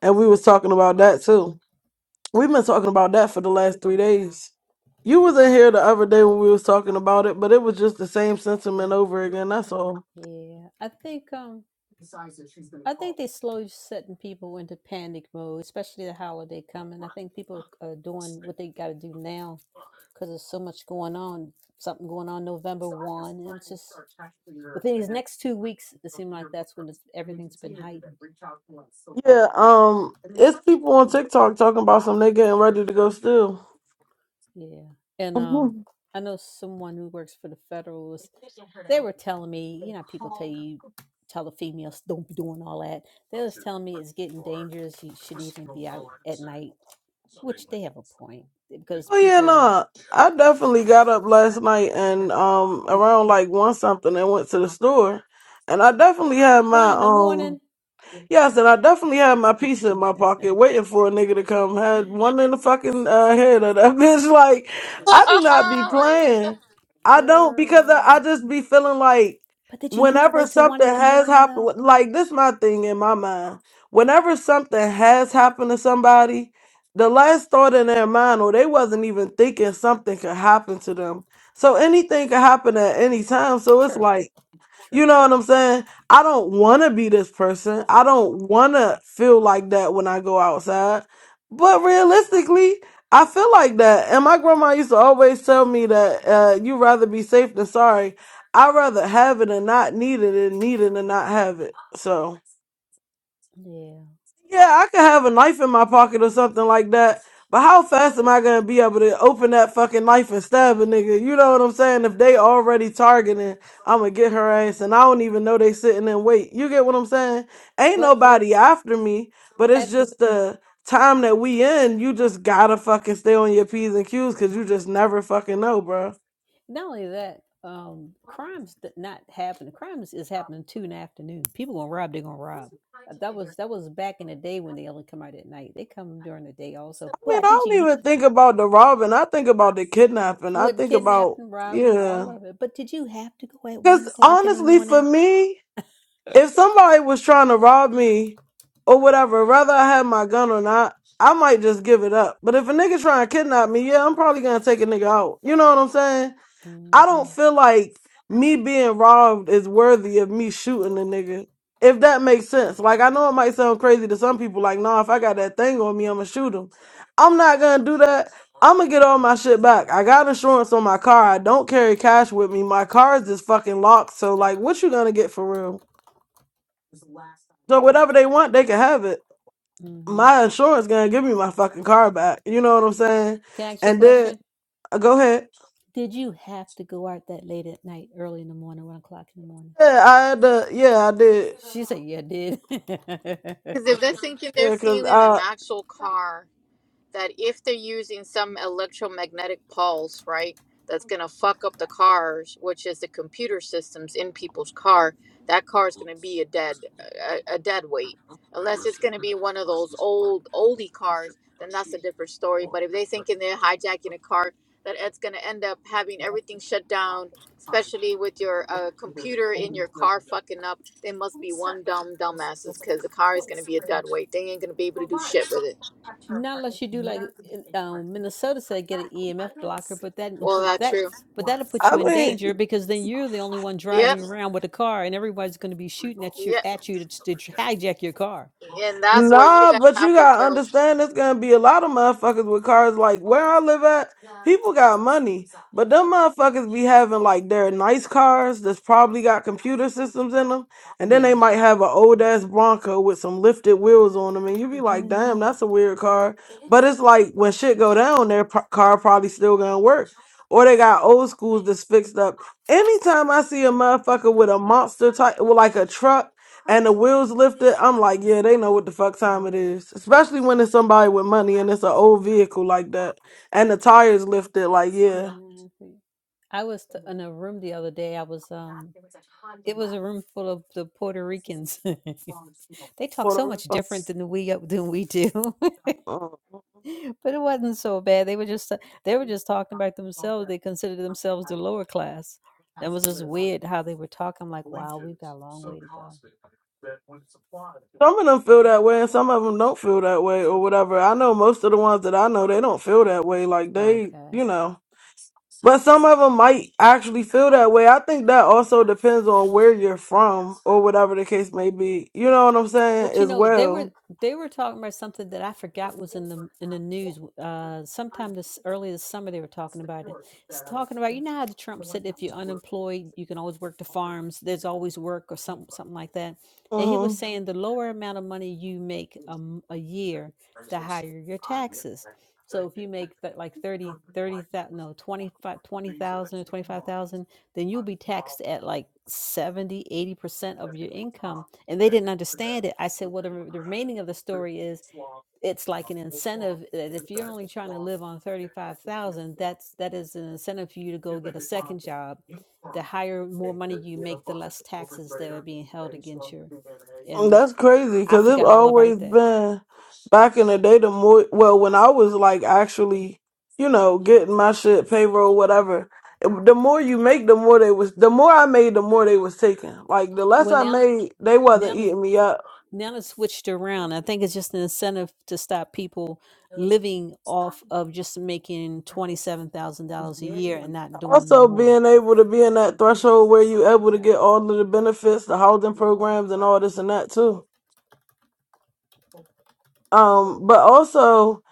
[SPEAKER 10] And we was talking about that too. We've been talking about that for the last three days. You was in here the other day when we was talking about it, but it was just the same sentiment over again, that's all. Yeah, um, it's people on TikTok talking about some they getting ready to go still. Oh yeah, no. I definitely got up last night and um around like one something and went to the store. And I definitely had my um Yes, and I definitely had my piece in my pocket waiting for a nigga to come. Had one in the fucking uh, head of that bitch. Like, I do not be playing. I don't because I, I just be feeling like whenever something has happened, like this my thing in my mind. Whenever something has happened to somebody, the last thought in their mind, or they wasn't even thinking something could happen to them. So anything could happen at any time. So it's like you know what I'm saying? I don't want to be this person. I don't want to feel like that when I go outside. But realistically, I feel like that. And my grandma used to always tell me that uh, you rather be safe than sorry. I'd rather have it and not need it and need it and not have it. So. Yeah, I could have a knife in my pocket or something like that. But how fast am I gonna be able to open that fucking knife and stab a nigga? You know what I'm saying? If they already targeting, I'ma get her ass, and I don't even know they sitting and wait. You get what I'm saying? Ain't nobody after me, but it's just the time that we in. You just gotta fucking stay on your p's and q's, cause you just never fucking know, bro. I mean, I don't even think about the robbing. I think about the kidnapping. I think about yeah, cause honestly, for me. if somebody was trying to rob me or whatever, whether I had my gun or not, I might just give it up. But if a nigga trying to kidnap me, yeah, I'm probably gonna take a nigga out. You know what I'm saying? I don't feel like me being robbed is worthy of me shooting a nigga. If that makes sense. Like I know it might sound crazy to some people, like, nah, if I got that thing on me, I'ma shoot him. I'm not gonna do that. I'm gonna get all my shit back. I got insurance on my car. I don't carry cash with me. My car's just fucking locked. So like what you gonna get for real? So whatever they want, they can have it. My insurance gonna give me my fucking car back. You know what I'm saying? And then uh, go ahead. Yeah, I had to. Yeah, I did.
[SPEAKER 6] Because if they're thinking they're
[SPEAKER 10] Yeah, cause
[SPEAKER 6] stealing an
[SPEAKER 10] I.
[SPEAKER 6] actual car, that if they're using some electromagnetic pulse, right, that's going to fuck up the cars, which is the computer systems in people's car, that car is going to be a dead a, a dead weight. Unless it's going to be one of those old oldie cars, then that's a different story. But if they thinking they're hijacking a car, that it's going to end up having everything shut down, especially with your uh, computer in your car fucking up. They must be one dumb dumbasses because the car is going to be a dead weight. They ain't going to be able to do shit with it. Well, that true.
[SPEAKER 10] I mean,
[SPEAKER 6] Yep. Yep. And that's where you're
[SPEAKER 10] Nah,
[SPEAKER 6] gonna
[SPEAKER 10] but
[SPEAKER 6] have
[SPEAKER 10] you
[SPEAKER 6] to
[SPEAKER 10] gotta
[SPEAKER 6] build.
[SPEAKER 10] understand there's gonna be a lot of motherfuckers with cars like where I live at, people got money. But them motherfuckers be having like their nice cars that's probably got computer systems in them, and then they might have an old ass Bronco with some lifted wheels on them, and you be like, damn, that's a weird car. But it's like when shit go down, their pro- car probably still gonna work. Or they got old schools that's fixed up. Anytime I see a motherfucker with a monster type, with like a truck and the wheels lifted, I'm like, yeah, they know what the fuck time it is. Especially when it's somebody with money and it's an old vehicle like that, and the tires lifted, like, yeah. For the rest us, uh, Some of them feel that way, and some of them don't feel that way, or whatever. I know most of the ones that I know, they don't feel that way. Like they, you know, but some of them might actually feel that way. I think that also depends on where you're from, or whatever the case may be. You know what I'm saying? As well. Mm-hmm. Um, That's crazy because it's always been back in the day. The more well, when I was like actually, you know, getting my shit payroll, whatever. it- The more you make, the more they was. The more I made, the more they was taking. Like the less I made, they wasn't eating me up. Also, being able to be in that threshold where you able to get all of the benefits, the housing programs, and all this and that too. Um, but also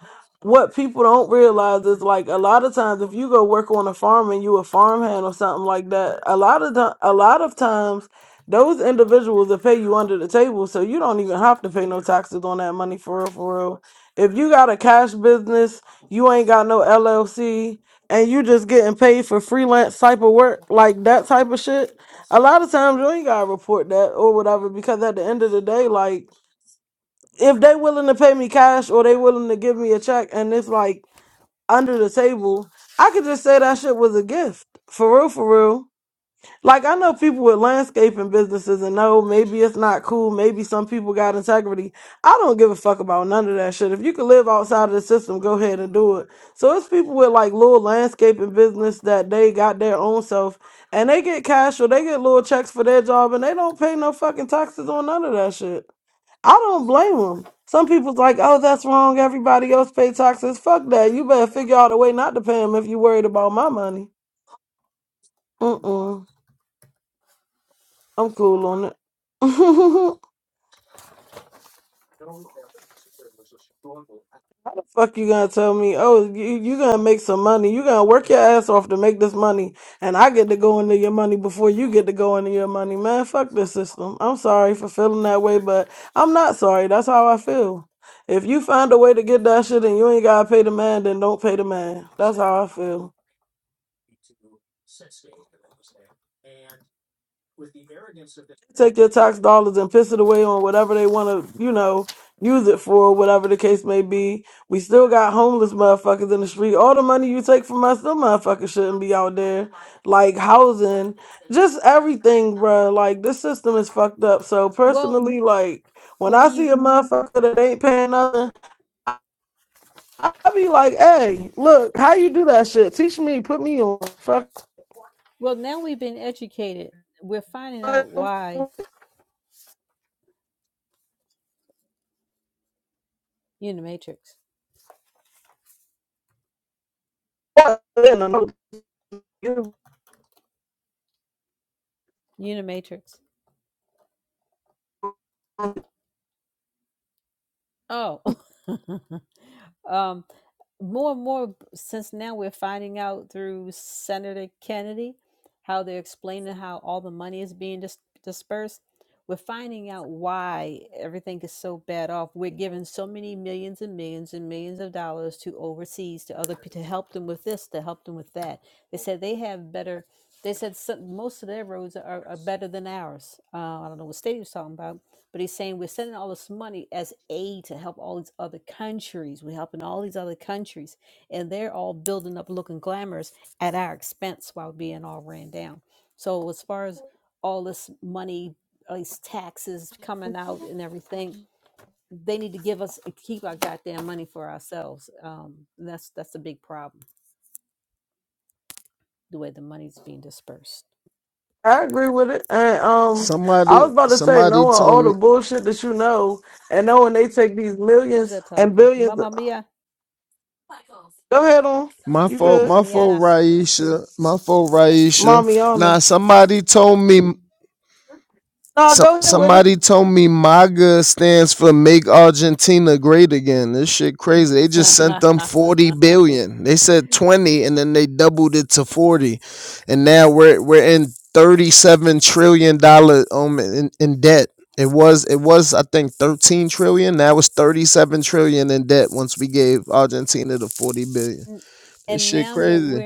[SPEAKER 10] what people don't realize is like a lot of times if you go work on a farm and you a farmhand or something like that, a lot of the, a lot of times those individuals will pay you under the table, so you don't even have to pay no taxes on that money for real, for real. If you got a cash business, you ain't got no LLC, and you just getting paid for freelance type of work, like that type of shit. A lot of times you ain't gotta report that or whatever because at the end of the day, like if they willing to pay me cash or they willing to give me a check and it's like under the table, I could just say that shit was a gift. For real, for real. Like I know people with landscaping businesses and no, maybe it's not cool. Maybe some people got integrity. I don't give a fuck about none of that shit. If you can live outside of the system, go ahead and do it. So it's people with like little landscaping business that they got their own self and they get cash or they get little checks for their job and they don't pay no fucking taxes on none of that shit. I don't blame them. Some people's like, oh, that's wrong. Everybody else pay taxes. Fuck that. You better figure out a way not to pay them if you're worried about my money. Mm-mm. I'm cool on it. How the fuck you gonna tell me, oh, you, you gonna make some money. You gonna work your ass off to make this money. And I get to go into your money before you get to go into your money. Man, fuck this system. I'm sorry for feeling that way, but I'm not sorry. That's how I feel. If you find a way to get that shit and you ain't gotta pay the man, then don't pay the man. That's how I feel. take their tax dollars and piss it away on whatever they want to, you know, use it for, whatever the case may be. We still got homeless motherfuckers in the street. All the money you take from us, them motherfuckers shouldn't be out there. Like housing, just everything, bruh. Like this system is fucked up. So personally, like when I see a motherfucker that ain't paying nothing, I, I be like, hey, look, how you do that shit? Teach me, put me on. Fuck. I agree with it. And um, I
[SPEAKER 11] Somebody,
[SPEAKER 10] was about to say,
[SPEAKER 11] somebody
[SPEAKER 10] knowing all
[SPEAKER 11] told
[SPEAKER 10] the
[SPEAKER 11] me
[SPEAKER 10] bullshit that you know, and knowing they take these millions and billions. Go ahead on.
[SPEAKER 11] my
[SPEAKER 10] You
[SPEAKER 11] fault,
[SPEAKER 10] good,
[SPEAKER 11] my fault, Raisha, my fault,
[SPEAKER 10] mommy?
[SPEAKER 11] Raisha.
[SPEAKER 10] On the
[SPEAKER 11] Nah, somebody told me.
[SPEAKER 10] no,
[SPEAKER 11] Some
[SPEAKER 10] go ahead with it.
[SPEAKER 11] somebody told me MAGA stands for Make Argentina Great Again. This shit crazy. They just sent them forty billion. They said twenty, and then they doubled it to forty, and now we're we're in thirty seven trillion dollar um in, in debt. It was it was I think thirteen trillion. Now it's thirty seven trillion in debt. Once we gave Argentina the forty billion, this shit crazy.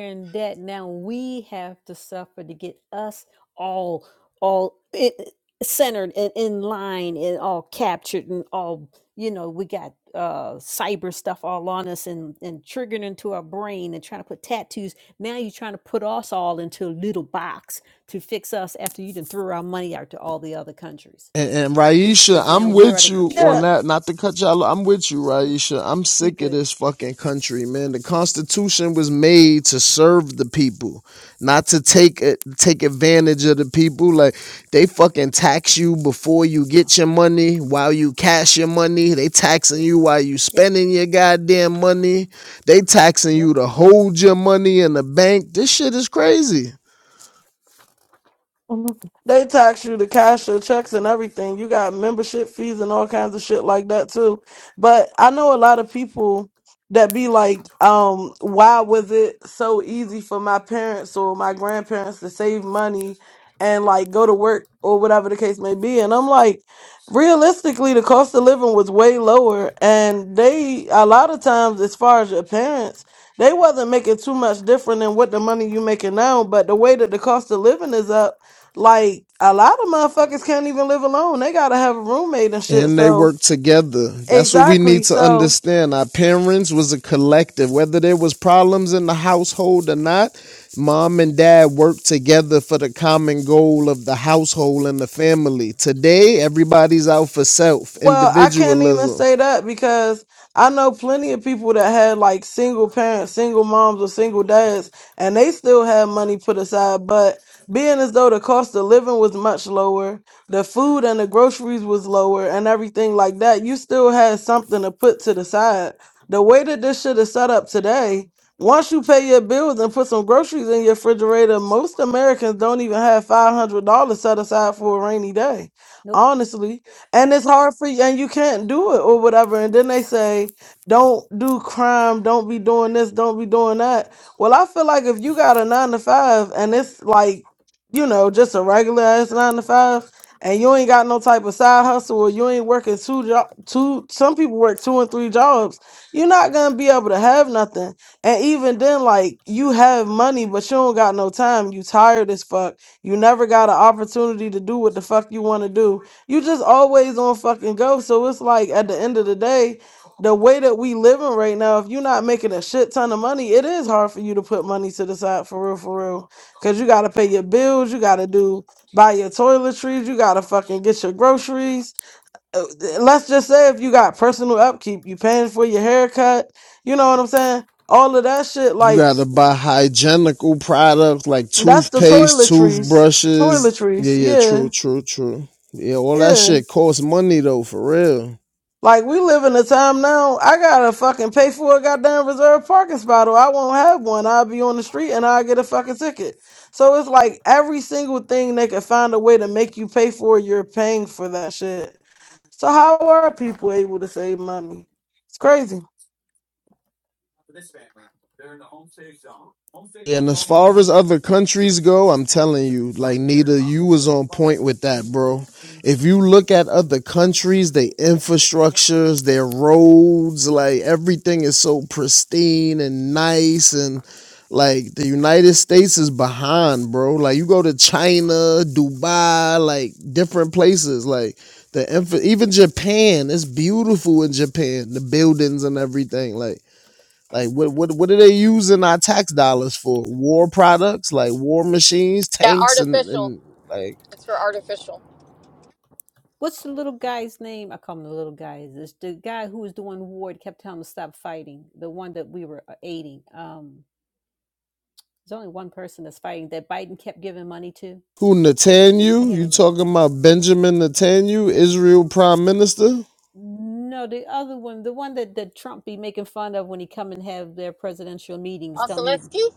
[SPEAKER 11] And, and Raisha, I'm with you
[SPEAKER 10] Yeah,
[SPEAKER 11] on that. Not to cut y'all. I'm with you, Raisha. I'm sick of this fucking country, man. The Constitution was made to serve the people, not to take it, take advantage of the people. Like they fucking tax you before you get your money, while you cash your money. They taxing you while you spending your goddamn money. They taxing you to hold your money in the bank. This shit is crazy.
[SPEAKER 10] Mhm. They tax you to cash your checks and everything. You got membership fees and all kinds of shit like that too. But I know a lot of people that be like, um, why was it so easy for my parents or my grandparents to save money and like go to work or whatever the case may be? And I'm like, realistically, the cost of living was way lower. And they, a lot of times, as far as your parents, they wasn't making too much different than what the money you making now, but the way that the cost of living is up like a lot of motherfuckers can't even live alone. They gotta have a roommate and shit.
[SPEAKER 11] and they
[SPEAKER 10] So
[SPEAKER 11] work together that's what we
[SPEAKER 10] exactly.
[SPEAKER 11] need to
[SPEAKER 10] So
[SPEAKER 11] understand our parents was a collective whether there was problems in the household or not mom and dad worked together for the common goal of the household and the family today everybody's out for self
[SPEAKER 10] Well, I can't even
[SPEAKER 11] individualism
[SPEAKER 10] say that because I know plenty of people that had like single parents, single moms, or single dads, and they still had money put aside. But being as though the cost of living was much lower, the food and the groceries was lower, and everything like that, you still had something to put to the side. The way that this shit is set up today, once you pay your bills and put some groceries in your refrigerator, most Americans don't even have $500 set aside for a rainy day, honestly and it's hard for you and you can't do it or whatever and then they say don't do crime don't be doing this don't be doing that well i feel like if you got a nine to five and it's like you know just a regular ass nine to five and you ain't got no type of side hustle or you ain't working two job two some people work two and three jobs you're not gonna be able to have nothing and even then like you have money but you don't got no time you tired as fuck you never got an opportunity to do what the fuck you want to do you just always on fucking go. So it's like at the end of the day, the way that we living right now, if you're not making a shit ton of money, it is hard for you to put money to the side for real, for real. Cause you gotta pay your bills, you gotta do buy your toiletries, you gotta fucking get your groceries. Uh, th- Let's just say if you got personal upkeep, you paying for your haircut, you know what I'm saying? All of that shit,
[SPEAKER 11] you
[SPEAKER 10] like
[SPEAKER 11] gotta buy hygienical products like
[SPEAKER 10] that's the
[SPEAKER 11] toothpaste
[SPEAKER 10] toiletries.
[SPEAKER 11] toothbrushes yeah
[SPEAKER 10] Toiletries,
[SPEAKER 11] yeah
[SPEAKER 10] yeah,
[SPEAKER 11] true true true yeah all that
[SPEAKER 10] yeah.
[SPEAKER 11] shit costs money though for real
[SPEAKER 10] Like we live in a time now, I gotta fucking pay for a goddamn reserved parking spot or I won't have one. I'll be on the street and I'll get a fucking ticket. So it's like every single thing they can find a way to make you pay for, you're paying for that shit. So how are people able to save money? It's crazy.
[SPEAKER 11] And as far as other countries go, I'm telling you, like Nita, you was on point with that, bro. If you look at other countries, their infrastructures, their roads, like everything is so pristine and nice and like the United States is behind, bro. Like you go to China, Dubai, like different places, like the infra- even Japan, it's beautiful in Japan, the buildings and everything. Like like what what what are they using our tax dollars for? War products, like war machines,
[SPEAKER 6] Yeah,
[SPEAKER 11] tanks and,
[SPEAKER 6] artificial.
[SPEAKER 11] and like
[SPEAKER 6] It's for artificial.
[SPEAKER 11] who Netanyahu? You talking about Benjamin Netanyahu, Israel Prime Minister?
[SPEAKER 6] Oseleski?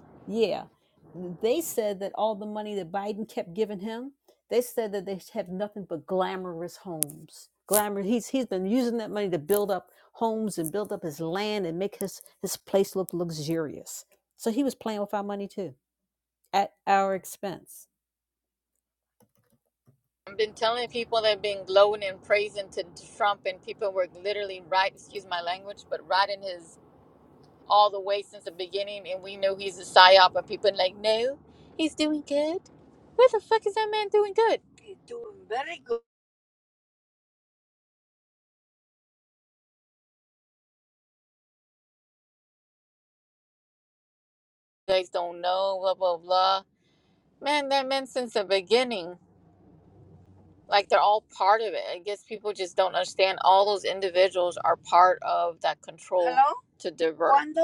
[SPEAKER 6] I've been telling people they've been glowing and praising to Trump, and people were literally right, excuse my language, but right in his all the way since the beginning. And we know he's a psyop, but people like, no, he's doing good. Where the fuck is that man doing good? He's doing very good. You guys don't know, blah, blah, blah. Man, that man since the beginning. like they're all part of it. I guess people just don't understand all those individuals are part of that control Hello? to divert. Cuando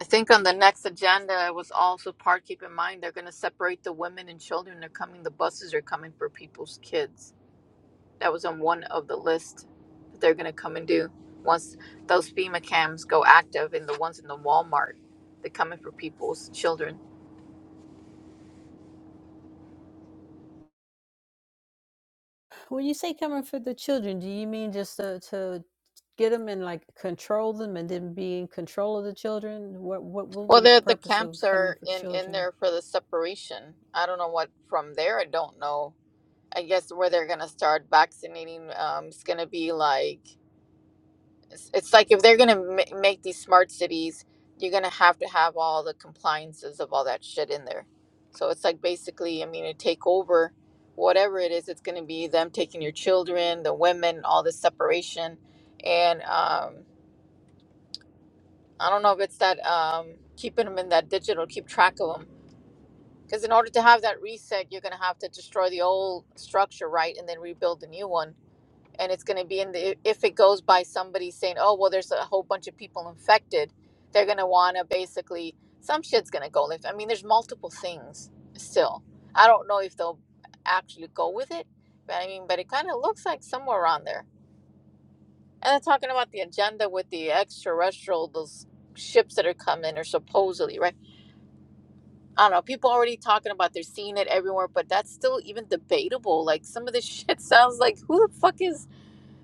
[SPEAKER 6] I think on the next agenda was also part. Keep in mind they're going to separate the women and children. They're coming. The buses are coming for people's kids. That was on one of the list that they're going to come and do once those FEMA cams go active and the ones in the Walmart. They're coming for people's children. Well, they the camps are in in there for the separation. I don't know what from there. I don't know I guess where they're gonna start vaccinating um, is gonna be like it's, it's like if they're gonna ma- make these smart cities, you're gonna have to have all the compliances of all that shit in there. So it's like basically, I mean, to take over whatever it is, it's gonna be them taking your children, the women, all this separation, and um, I don't know if it's that um, keeping them in that digital, keep track of them. Because in order to have that reset, you're gonna have to destroy the old structure, right, and then rebuild the new one and it's going to be in the if it goes by somebody saying oh well there's a whole bunch of people infected they're going to want to basically some shit's going to go like i mean there's multiple things still i don't know if they'll actually go with it but i mean but it kind of looks like somewhere around there and they're talking about the agenda with the extraterrestrial those ships that are coming or supposedly right i don't know people already talking about they're seeing it everywhere but that's still even debatable like some of this shit sounds like who the fuck is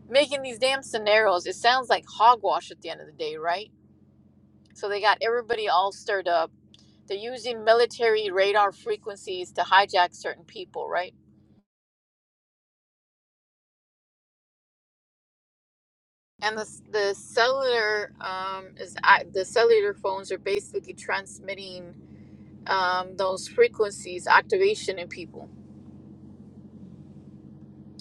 [SPEAKER 6] making these damn scenarios. It sounds like hogwash at the end of the day, right? So they got everybody all stirred up. They're using military radar frequencies to hijack certain people, right? And the the cellular um, is I- the cellular phones are basically transmitting um, those frequencies activation in people.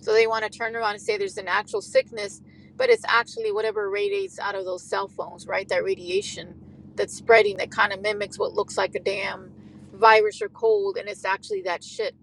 [SPEAKER 6] So they want to turn around and say there's an actual sickness, but it's actually whatever radiates out of those cell phones, right? That radiation that's spreading that kind of mimics what looks like a damn virus or cold, and it's actually that shit.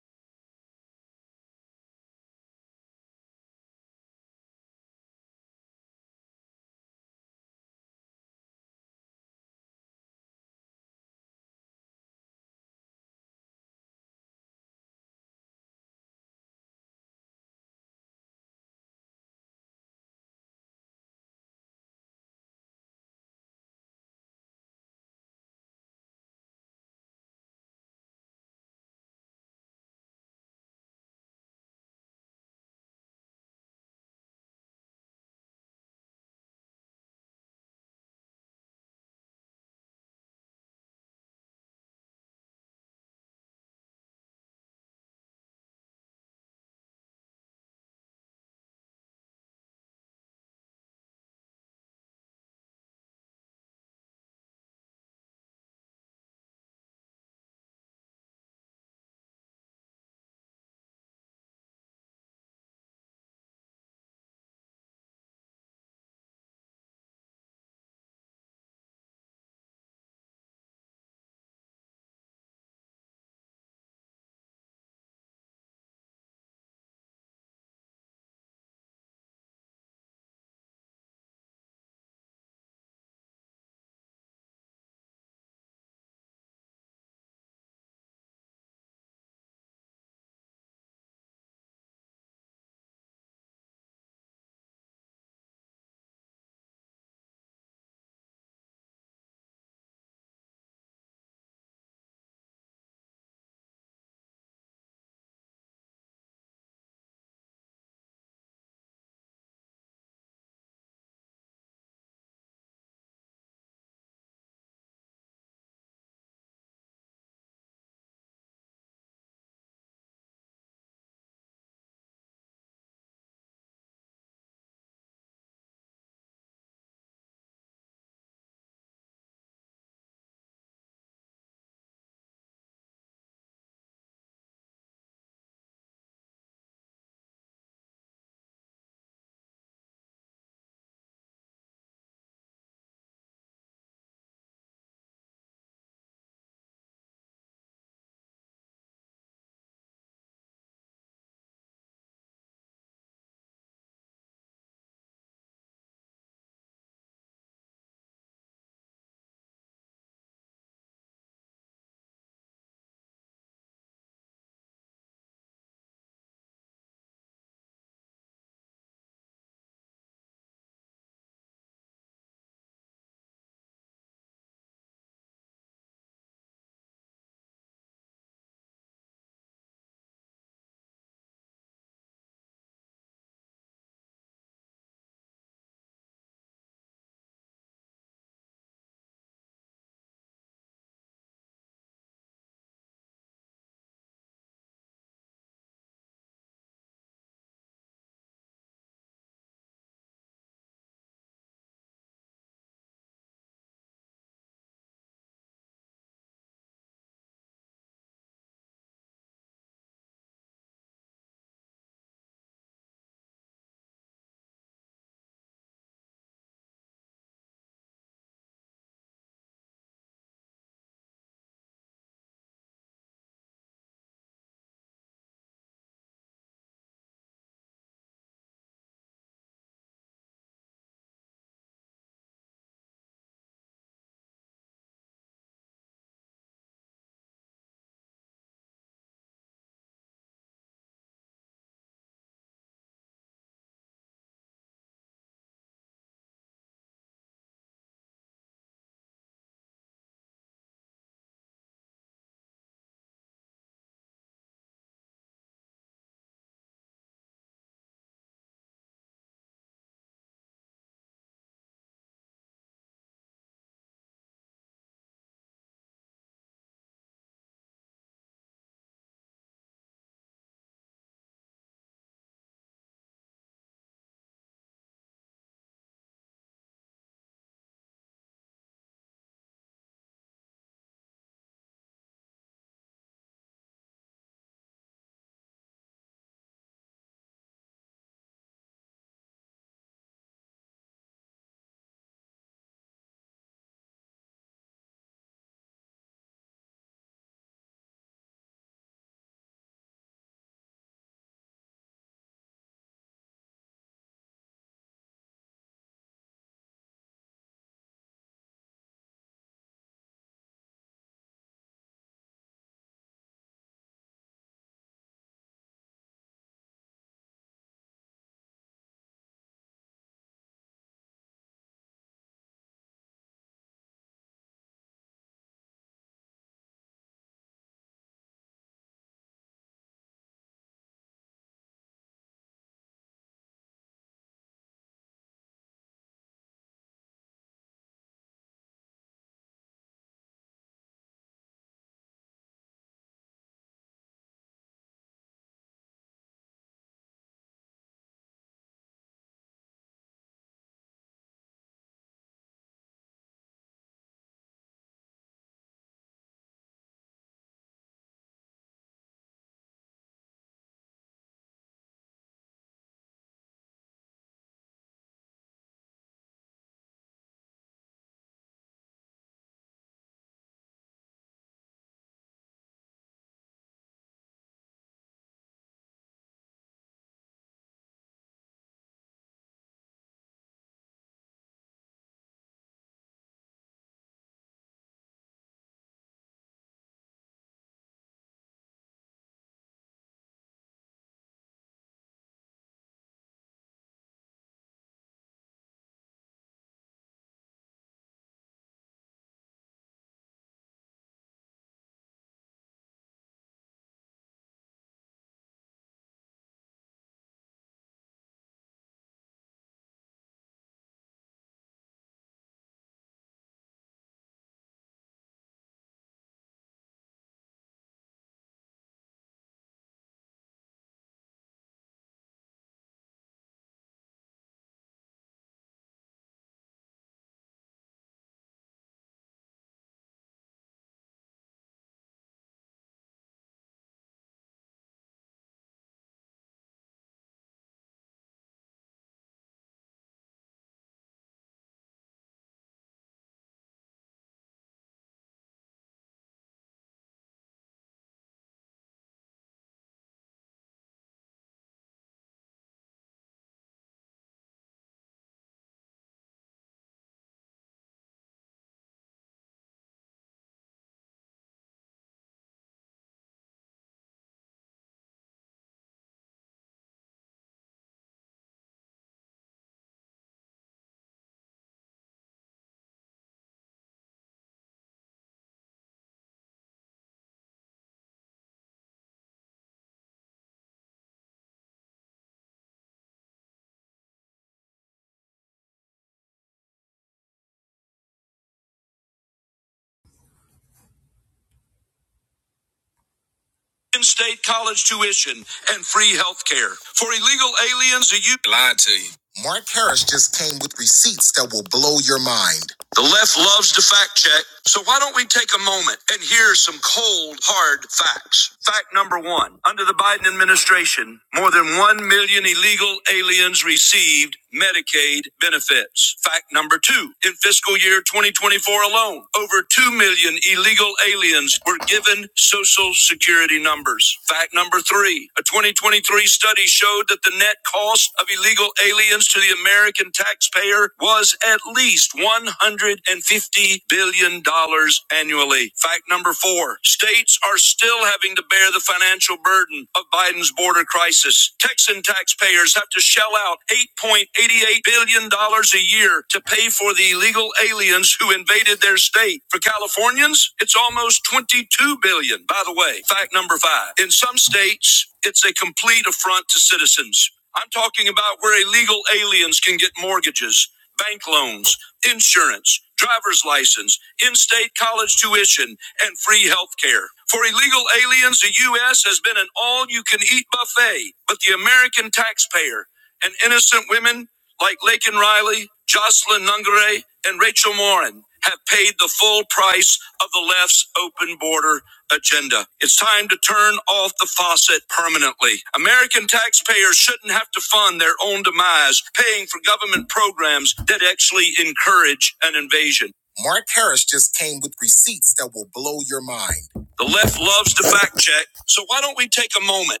[SPEAKER 12] in-state college tuition and free health care. For illegal aliens, a you lied to you. Mark Harris just came with receipts that will blow your mind. The left loves to fact check, so why don't we take a moment and hear some cold, hard facts? Fact number one Under the Biden administration, more than 1 million illegal aliens received Medicaid benefits. Fact number two In fiscal year 2024 alone, over 2 million illegal aliens were given Social Security numbers. Fact number three a a 2023 study showed that the net cost of illegal aliens to the American taxpayer was at least $150 billion dollars annually. Fact number four states are still having to bear the financial burden of Biden's border crisis. Texan taxpayers have to shell out $8.88 billion dollars a year to pay for the illegal aliens aliens who invaded their state. For Californians, it's almost 22 billion. By the way, fact number five. In some states, it's a complete affront to citizens. I'm talking about where illegal aliens can get mortgages, bank loans, insurance, driver's license, in state college tuition, and free health care. For illegal aliens, the U.S. has been an all you can eat buffet, but the American taxpayer and innocent women like Lakin Riley, Jocelyn Nungare, and Rachel Morin have paid the full price of the left's open border agenda. It's time to turn off the faucet permanently. American taxpayers shouldn't have to fund their own demise paying for government programs that actually encourage an invasion. Mark Harris just came with receipts that will blow your mind. The left loves to fact check, so why don't we take a moment?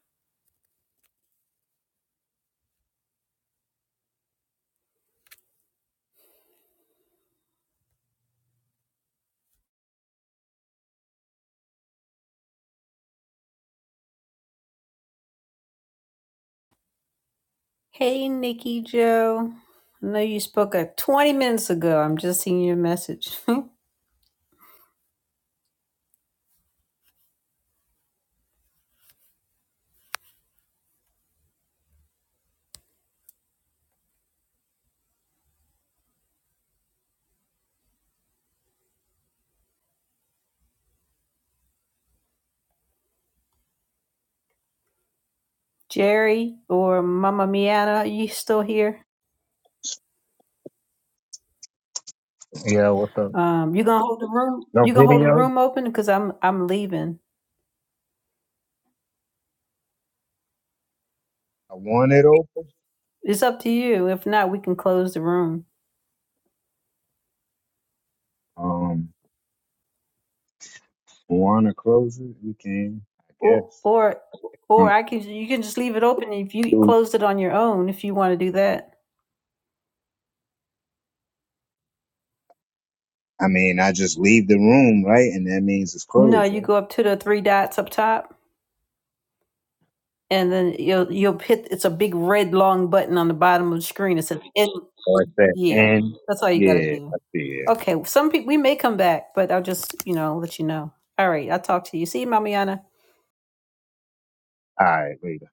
[SPEAKER 3] Yeah, what's up? No video. I want it open. Um, want to close it? You can, I guess. Um, so, I mean, I just leave the room, right? And that means it's closed, right? Or it's that end. Yeah, I see it. All right, later.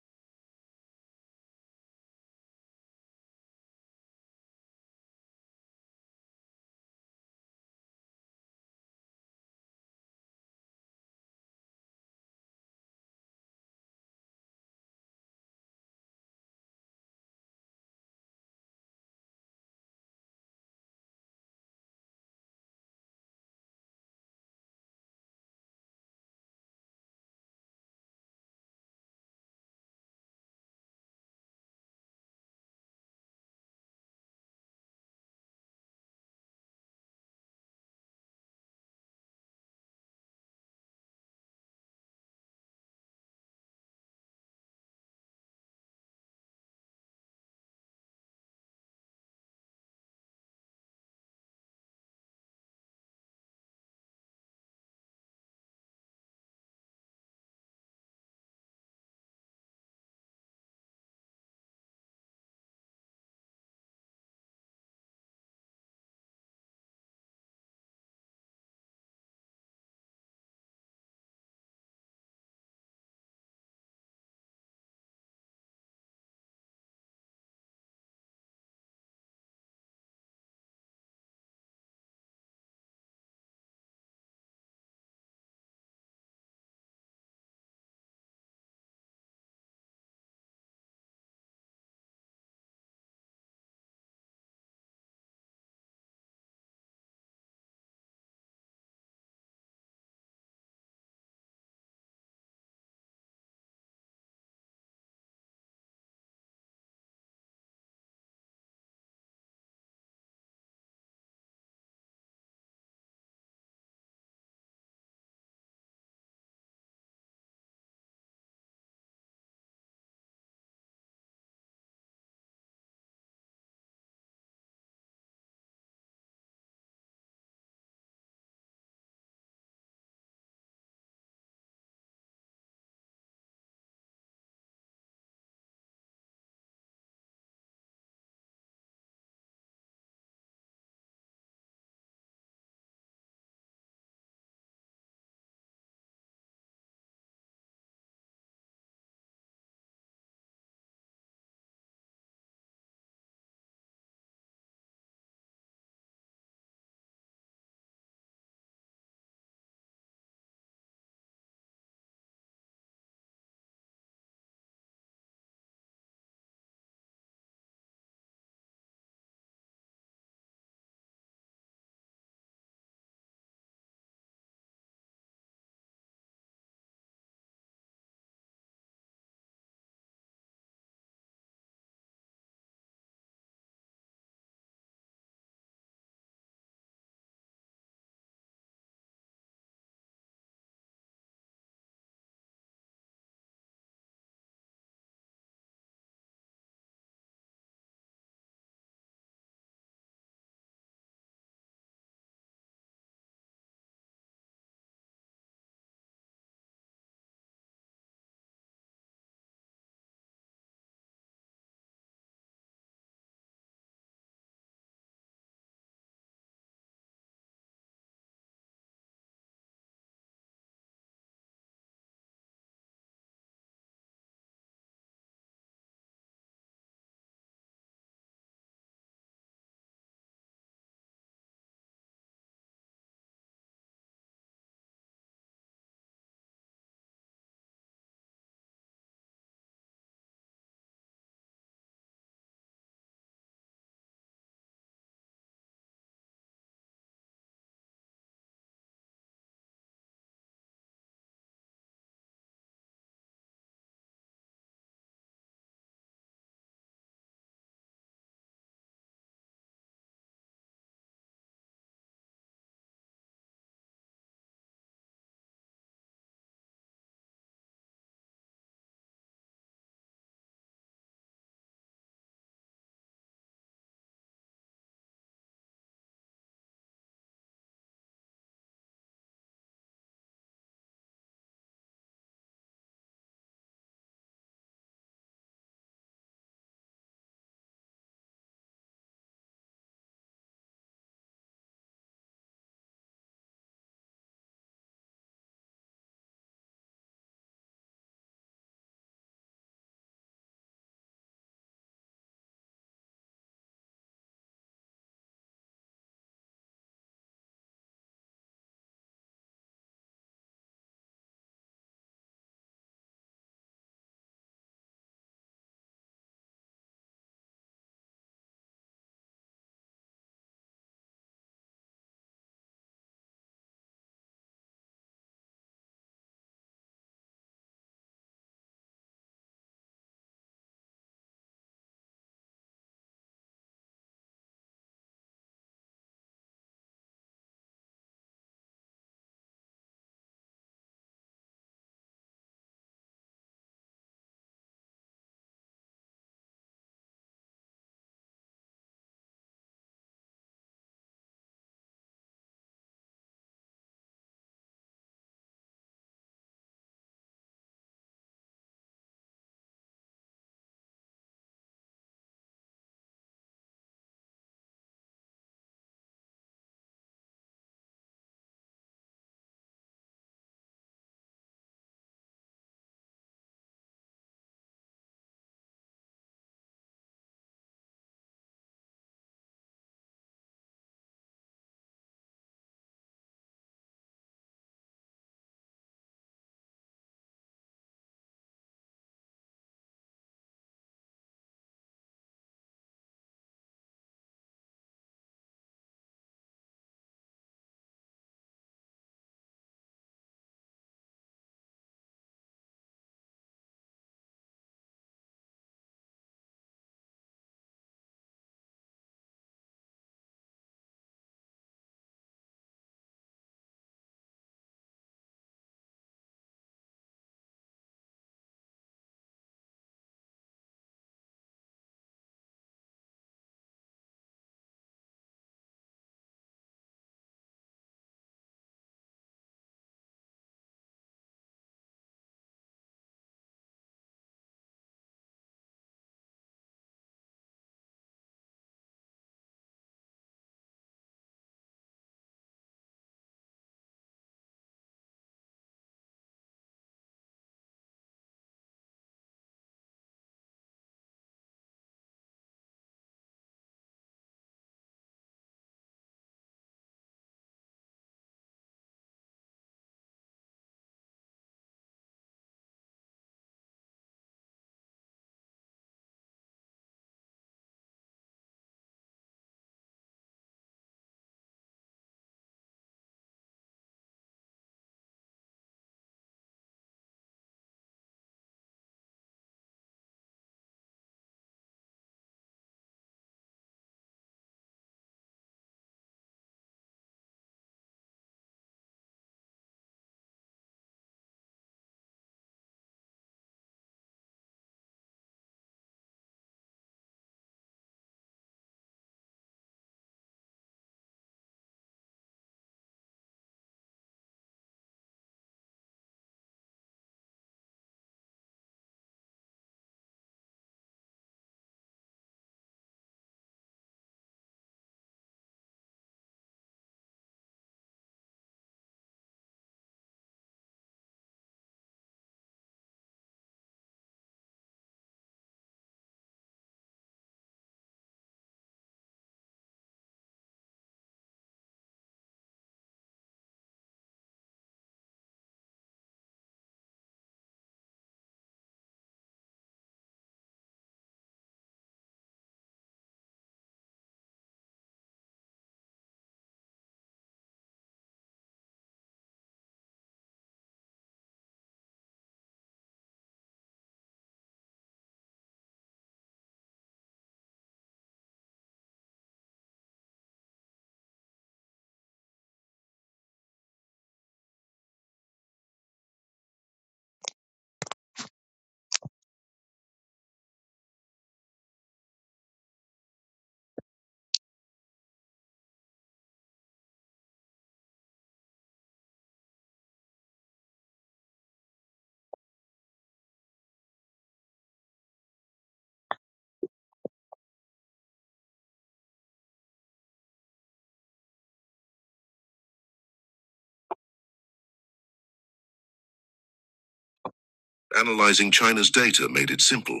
[SPEAKER 3] Analyzing China's data made it simple.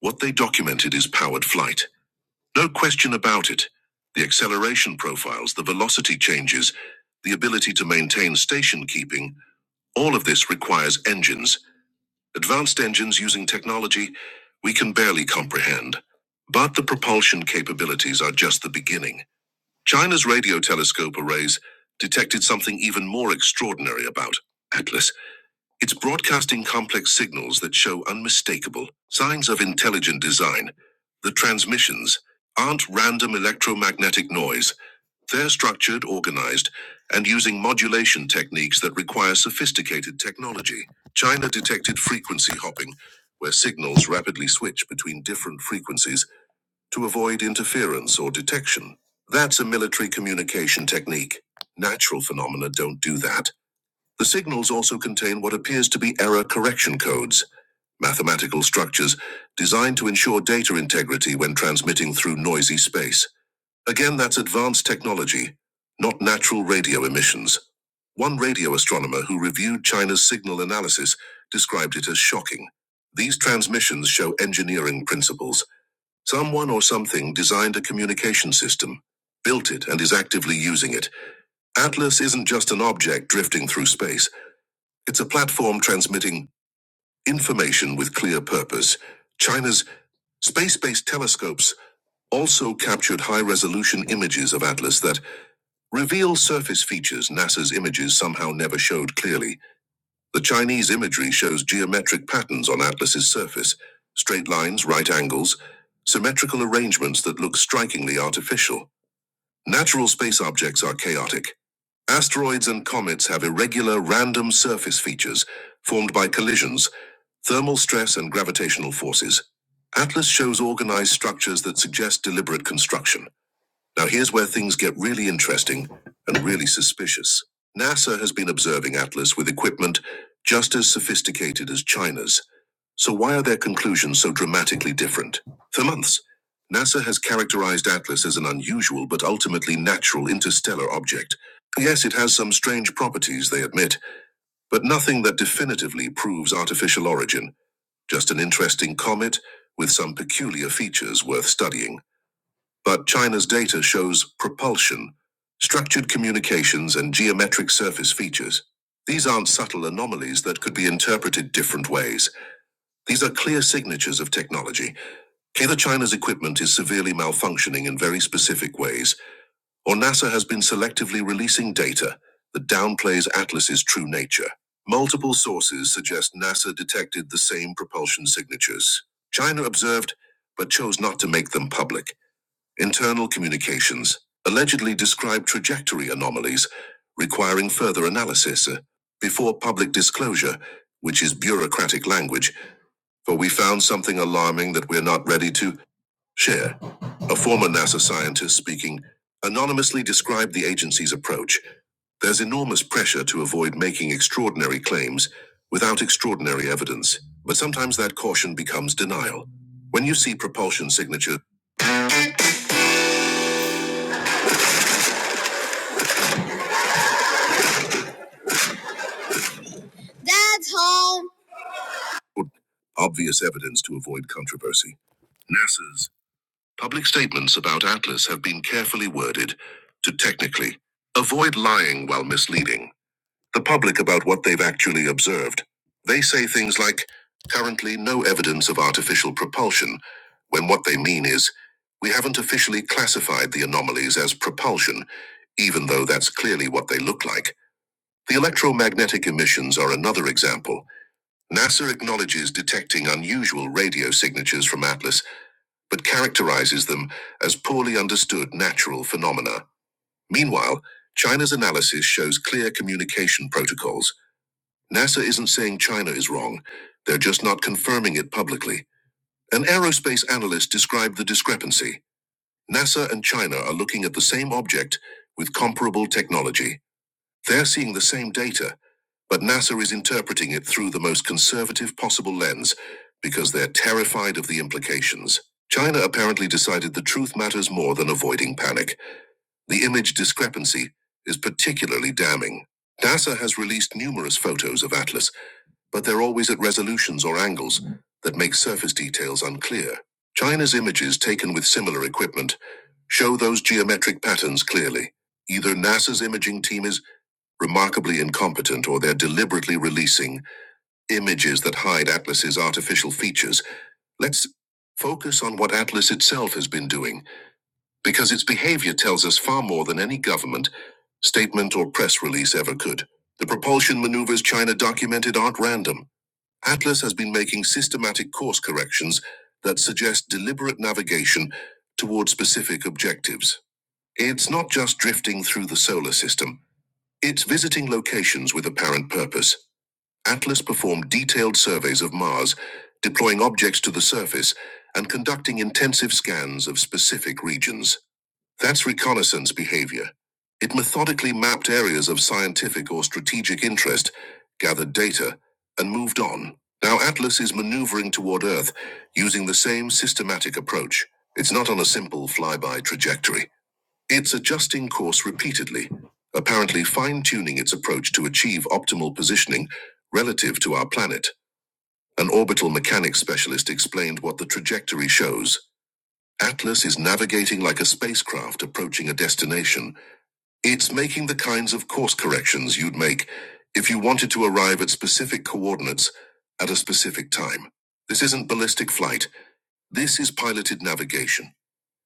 [SPEAKER 3] What they documented is powered flight. No question about it. The acceleration profiles, the velocity changes, the ability to maintain station keeping, all of this requires engines, advanced engines using technology we can barely comprehend. But the propulsion capabilities are just the beginning. China's radio telescope arrays detected something even more extraordinary about Atlas it's broadcasting complex signals that show unmistakable signs of intelligent design. The transmissions aren't random electromagnetic noise. They're structured, organized, and using modulation techniques that require sophisticated technology. China detected frequency hopping, where signals rapidly switch between different frequencies to avoid interference or detection. That's a military communication technique. Natural phenomena don't do that. The signals also contain what appears to be error correction codes, mathematical structures designed to ensure data integrity when transmitting through noisy space. Again, that's advanced technology, not natural radio emissions. One radio astronomer who reviewed China's signal analysis described it as shocking. These transmissions show engineering principles. Someone or something designed a communication system, built it, and is actively using it. Atlas isn't just an object drifting through space. It's a platform transmitting information with clear purpose. China's space based telescopes also captured high resolution images of Atlas that reveal surface features NASA's images somehow never showed clearly. The Chinese imagery shows geometric patterns on Atlas's surface straight lines, right angles, symmetrical arrangements that look strikingly artificial. Natural space objects are chaotic. Asteroids and comets have irregular, random surface features formed by collisions Thermal stress and gravitational forces. Atlas shows organized structures that suggest deliberate construction. Now, here's where things get really interesting and really suspicious. NASA has been observing Atlas with equipment just as sophisticated as China's. So, why are their conclusions so dramatically different? For months, NASA has characterized Atlas as an unusual but ultimately natural interstellar object. Yes, it has some strange properties, they admit, but nothing that definitively proves artificial origin just an interesting comet with some peculiar features worth studying. But China's data shows propulsion, structured communications, and geometric surface features. These aren't subtle anomalies that could be interpreted different ways. These are clear signatures of technology. Either China's equipment is severely malfunctioning in very specific ways, or NASA has been selectively releasing data that downplays Atlas's true nature. Multiple sources suggest NASA detected the same propulsion signatures. China observed, but chose not to make them public. Internal communications allegedly describe trajectory anomalies, requiring further analysis uh, before public disclosure, which is bureaucratic language. For we found something alarming that we're not ready to Cher, a former NASA scientist speaking, anonymously described the agency's approach. There's enormous pressure to avoid making extraordinary claims without extraordinary evidence, but sometimes that caution becomes denial. When you see propulsion signature, Dad's home. Obvious evidence to avoid controversy. NASA's public statements about Atlas have been carefully worded to technically avoid lying while misleading. the public about what they've actually observed. They say things like, currently no evidence of artificial propulsion, when what they mean is, we haven't officially classified the anomalies as propulsion, even though that's clearly what they look like. The electromagnetic emissions are another example. NASA acknowledges detecting unusual radio signatures from Atlas, but characterizes them as poorly understood natural phenomena. Meanwhile, China's analysis shows clear communication protocols NASA isn't saying China is wrong, they're just not confirming it publicly. An aerospace analyst described the discrepancy. NASA and China are looking at the same object with comparable technology. They're seeing the same data, but NASA is interpreting it through the most conservative possible lens because they're terrified of the implications. China apparently decided the truth matters more than avoiding panic. The image discrepancy is particularly damning. NASA has released numerous photos of Atlas but they're always at resolutions or angles that make surface details unclear. China's images taken with similar equipment show those geometric patterns clearly. Either NASA's imaging team is remarkably incompetent or they're deliberately releasing images that hide Atlas's artificial features. Let's focus on what Atlas itself has been doing, because its behavior tells us far more than any government, statement, or press release ever could. The propulsion maneuvers China documented aren't random. Atlas has been making systematic course corrections that suggest deliberate navigation toward specific objectives. It's not just drifting through the solar system, it's visiting locations with apparent purpose. Atlas performed detailed surveys of Mars, deploying objects to the surface and conducting intensive scans of specific regions. That's reconnaissance behavior. It methodically mapped areas of scientific or strategic interest, gathered data, and moved on. Now Atlas is maneuvering toward Earth using the same systematic approach. It's not on a simple flyby trajectory. It's adjusting course repeatedly, apparently fine tuning its approach to achieve optimal positioning relative to our planet. An orbital mechanics specialist explained what the trajectory shows. Atlas is navigating like a spacecraft approaching a destination. It's making the kinds of course corrections you'd make if you wanted to arrive at specific coordinates at a specific time. This isn't ballistic flight. This is piloted navigation.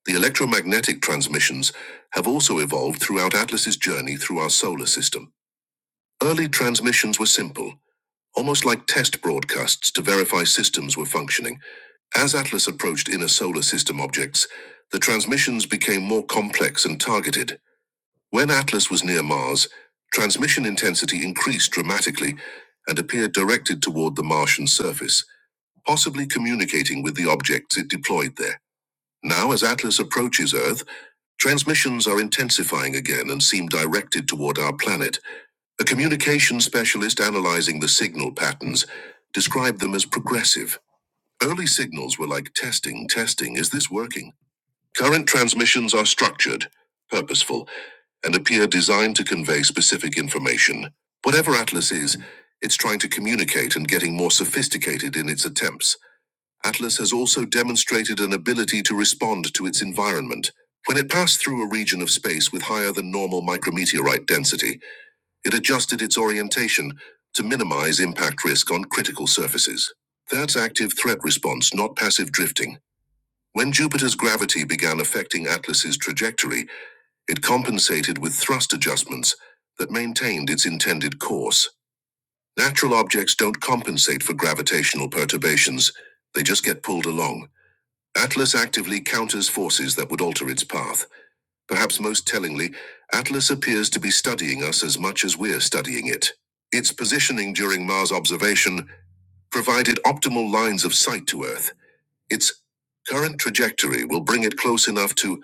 [SPEAKER 3] The electromagnetic transmissions have also evolved throughout Atlas's journey through our solar system. Early transmissions were simple, almost like test broadcasts to verify systems were functioning. As Atlas approached inner solar system objects, the transmissions became more complex and targeted. When Atlas was near Mars, transmission intensity increased dramatically and appeared directed toward the Martian surface, possibly communicating with the objects it deployed there. Now, as Atlas approaches Earth, Transmissions are intensifying again and seem directed toward our planet. A communication specialist analyzing the signal patterns described them as progressive. Early signals were like testing, testing, is this working? Current transmissions are structured, purposeful, and appear designed to convey specific information. Whatever Atlas is, it's trying to communicate and getting more sophisticated in its attempts. Atlas has also demonstrated an ability to respond to its environment. When it passed through a region of space with higher than normal micrometeorite density, it adjusted its orientation to minimize impact risk on critical surfaces. That's active threat response, not passive drifting. When Jupiter's gravity began affecting Atlas's trajectory, it compensated with thrust adjustments that maintained its intended course. Natural objects don't compensate for gravitational perturbations, they just get pulled along. Atlas actively counters forces that would alter its path. Perhaps most tellingly, Atlas appears to be studying us as much as we're studying it. Its positioning during Mars observation provided optimal lines of sight to Earth. Its current trajectory will bring it close enough to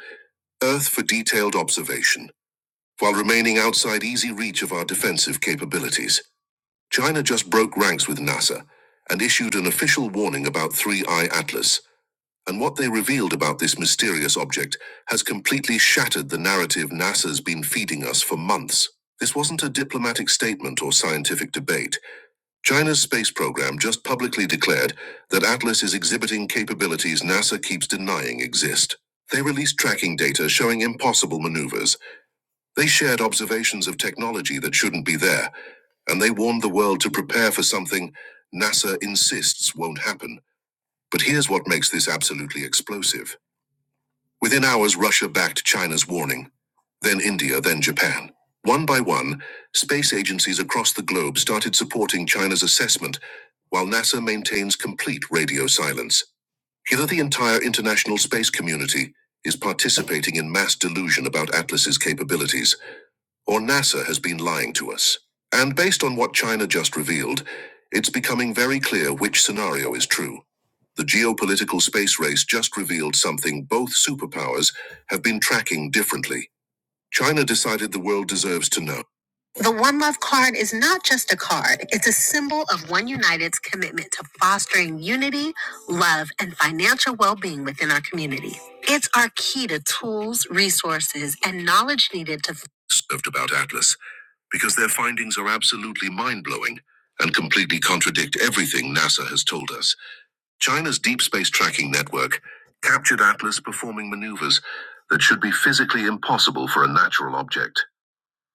[SPEAKER 3] Earth for detailed observation, while remaining outside easy reach of our defensive capabilities. China just broke ranks with NASA and issued an official warning about 3 Eye Atlas and what they revealed about this mysterious object has completely shattered the narrative NASA's been feeding us for months. This wasn't a diplomatic statement or scientific debate. China's space program just publicly declared that Atlas is exhibiting capabilities NASA keeps denying exist. They released tracking data showing impossible maneuvers. They shared observations of technology that shouldn't be there, and they warned the world to prepare for something NASA insists won't happen. But here's what makes this absolutely explosive. Within hours, Russia backed China's warning, then India, then Japan. One by one, space agencies across the globe started supporting China's assessment, while NASA maintains complete radio silence. Hither, the entire international space community is participating in mass delusion about Atlas's capabilities or NASA has been lying to us. And based on what China just revealed, it's becoming very clear which scenario is true. The geopolitical space race just revealed something both superpowers have been tracking differently. China decided the world deserves to know. The One Love card is not just a card, it's a symbol of One United's commitment to fostering unity, love, and financial well being within our community. It's our key to tools, resources, and knowledge needed to. Served about Atlas because their findings are absolutely mind blowing and completely contradict everything NASA has told us. China's deep space tracking network captured Atlas performing maneuvers that should be physically impossible for a natural object.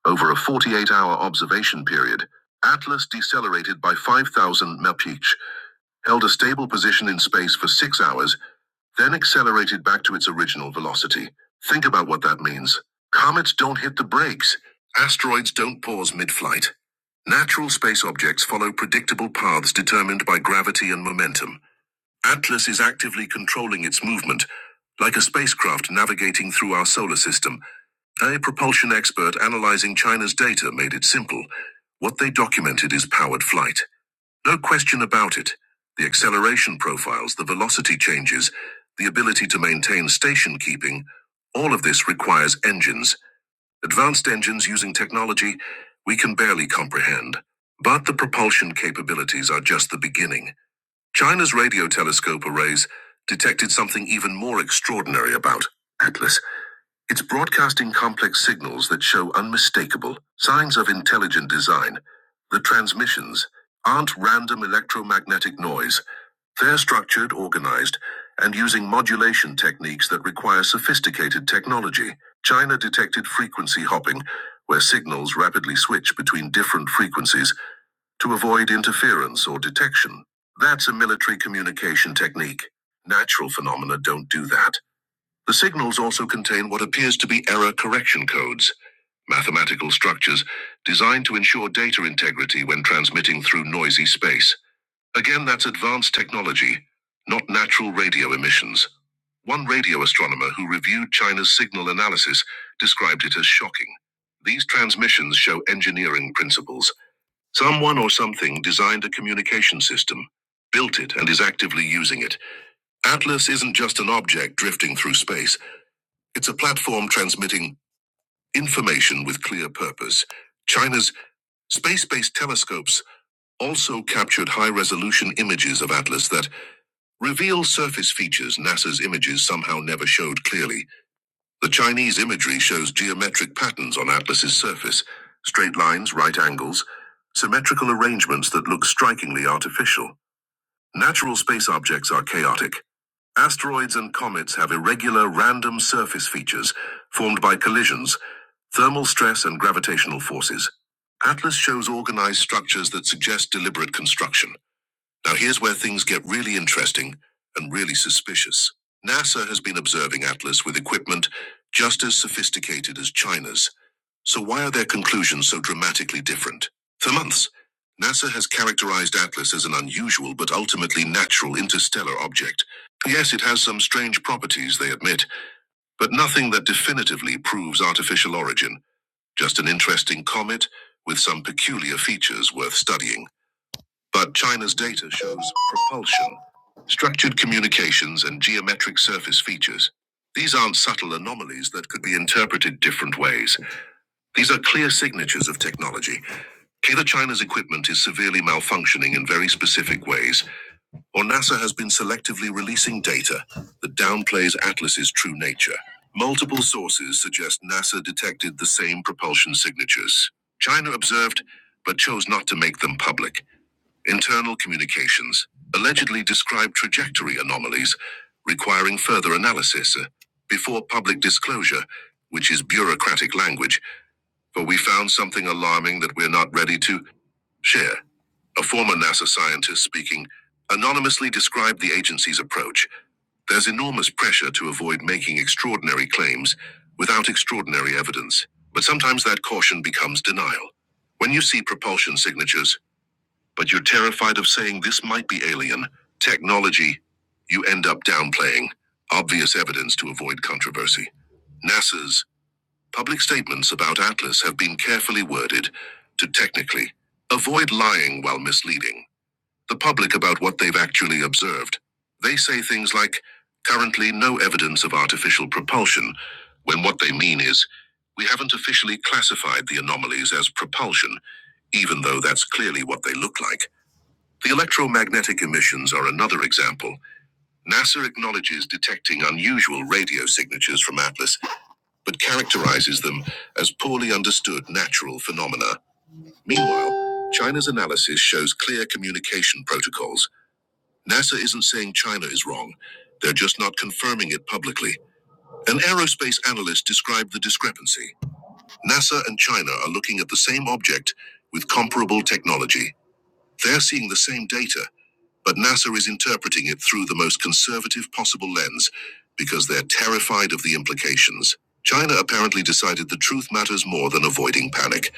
[SPEAKER 3] Over a 48 hour observation period, Atlas decelerated by 5,000 mph, held a stable position in space for six hours, then accelerated back to its original velocity. Think about what that means. Comets don't hit the brakes. Asteroids don't pause mid-flight. Natural space objects follow predictable paths determined by gravity and momentum. Atlas is actively controlling its movement, like a spacecraft navigating through our solar system. A propulsion expert analyzing China's data made it simple. What they documented is powered flight. No question about it. The acceleration profiles, the velocity changes, the ability to maintain station keeping, all of this requires engines. Advanced engines using technology we can barely comprehend. But the propulsion capabilities are just the beginning. China's radio telescope arrays detected something even more extraordinary about Atlas. It's broadcasting complex signals that show unmistakable signs of intelligent design. The transmissions aren't random electromagnetic noise. They're structured, organized, and using modulation techniques that require sophisticated technology. China detected frequency hopping, where signals rapidly switch between different frequencies to avoid interference or detection. That's a military communication technique. Natural phenomena don't do that. The signals also contain what appears to be error correction codes, mathematical structures designed to ensure data integrity when transmitting through noisy space. Again, that's advanced technology, not natural radio emissions. One radio astronomer who reviewed China's signal analysis described it as shocking. These transmissions show engineering principles. Someone or something designed a communication system, built it, and is actively using it. Atlas isn't just an object drifting through space. It's a platform transmitting information with clear purpose. China's space based telescopes also captured high resolution images of Atlas that reveal surface features NASA's images somehow never showed clearly. The Chinese imagery shows geometric patterns on Atlas's surface straight lines, right angles, symmetrical arrangements that look strikingly artificial. Natural space objects are chaotic. Asteroids and comets have irregular random surface features formed by collisions, thermal stress, and gravitational forces. Atlas shows organized structures that suggest deliberate construction. Now, here's where things get really interesting and really suspicious. NASA has been observing Atlas with equipment just as sophisticated as China's. So, why are their conclusions so dramatically different? For months, NASA has characterized Atlas as an unusual but ultimately natural interstellar object. Yes, it has some strange properties, they admit, but nothing that definitively proves artificial origin, just an interesting comet with some peculiar features worth studying. But China's data shows propulsion, structured communications, and geometric surface features. These aren't subtle anomalies that could be interpreted different ways. These are clear signatures of technology. Either China's equipment is severely malfunctioning in very specific ways, or NASA has been selectively releasing data that downplays Atlas's true nature. Multiple sources suggest NASA detected the same propulsion signatures. China observed, but chose not to make them public. Internal communications allegedly describe trajectory anomalies requiring further analysis uh, before public disclosure, which is bureaucratic language, for we found something alarming that we're not ready to share. A former NASA scientist speaking anonymously described the agency's approach. There's enormous pressure to avoid making extraordinary claims without extraordinary evidence, but sometimes that caution becomes denial. When you see propulsion signatures, but you're terrified of saying this might be alien technology. You end up downplaying obvious evidence to avoid controversy. NASA's public statements about Atlas have been carefully worded to technically avoid lying while misleading the public about what they've actually observed. They say things like, currently no evidence of artificial propulsion, when what they mean is, we haven't officially classified the anomalies as propulsion, even though that's clearly what they look like. The electromagnetic emissions are another example. NASA acknowledges detecting unusual radio signatures from Atlas, but characterizes them as poorly understood natural phenomena. Meanwhile, China's analysis shows clear communication protocols. NASA isn't saying China is wrong, they're just not confirming it publicly. An aerospace analyst described the discrepancy. NASA and China are looking at the same object with comparable technology. They're seeing the same data, But NASA is interpreting it through the most conservative possible lens because they're terrified of the implications. China apparently decided the truth matters more than avoiding panic.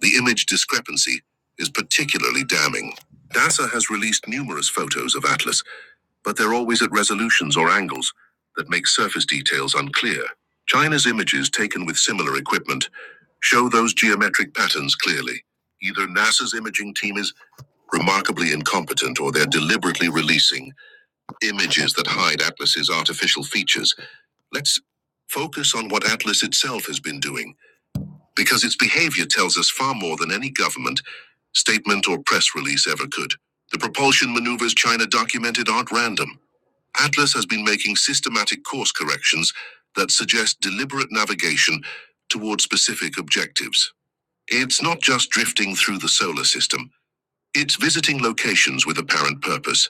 [SPEAKER 3] The image discrepancy is particularly damning. NASA has released numerous photos of Atlas, but they're always at resolutions or angles that make surface details unclear. China's images taken with similar equipment show those geometric patterns clearly. Either NASA's imaging team is remarkably incompetent, or they're deliberately releasing images that hide Atlas's artificial features. Let's focus on what Atlas itself has been doing, because its behavior tells us far more than any government, statement, or press release ever could. The propulsion maneuvers China documented aren't random. Atlas has been making systematic course corrections that suggest deliberate navigation toward specific objectives. It's not just drifting through the solar system, it's visiting locations with apparent purpose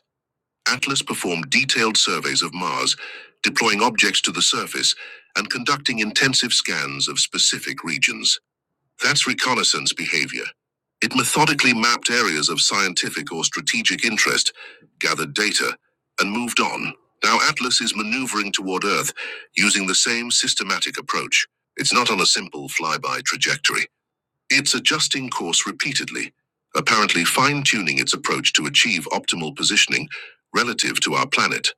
[SPEAKER 3] Atlas performed detailed surveys of Mars, deploying objects to the surface and conducting intensive scans of specific regions. That's reconnaissance behavior. It methodically mapped areas of scientific or strategic interest, gathered data, and moved on. Now Atlas is maneuvering toward Earth using the same systematic approach. It's not on a simple flyby trajectory. It's adjusting course repeatedly, apparently fine tuning its approach to achieve optimal positioning relative to our planet.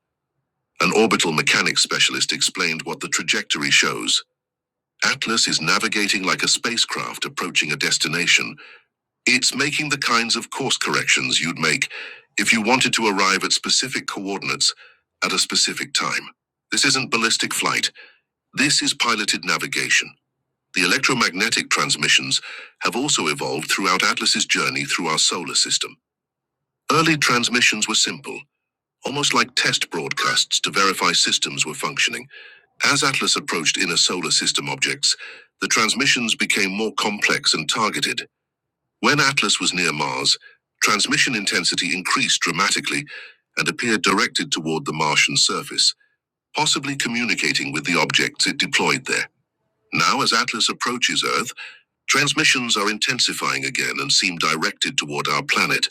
[SPEAKER 3] An orbital mechanics specialist explained what the trajectory shows. Atlas is navigating like a spacecraft approaching a destination. It's making the kinds of course corrections you'd make if you wanted to arrive at specific coordinates at a specific time. This isn't ballistic flight, this is piloted navigation. The electromagnetic transmissions have also evolved throughout Atlas's journey through our solar system. Early transmissions were simple, almost like test broadcasts to verify systems were functioning. As Atlas approached inner solar system objects, the transmissions became more complex and targeted. When Atlas was near Mars, transmission intensity increased dramatically and appeared directed toward the Martian surface, possibly communicating with the objects it deployed there. Now, as Atlas approaches Earth, Transmissions are intensifying again and seem directed toward our planet.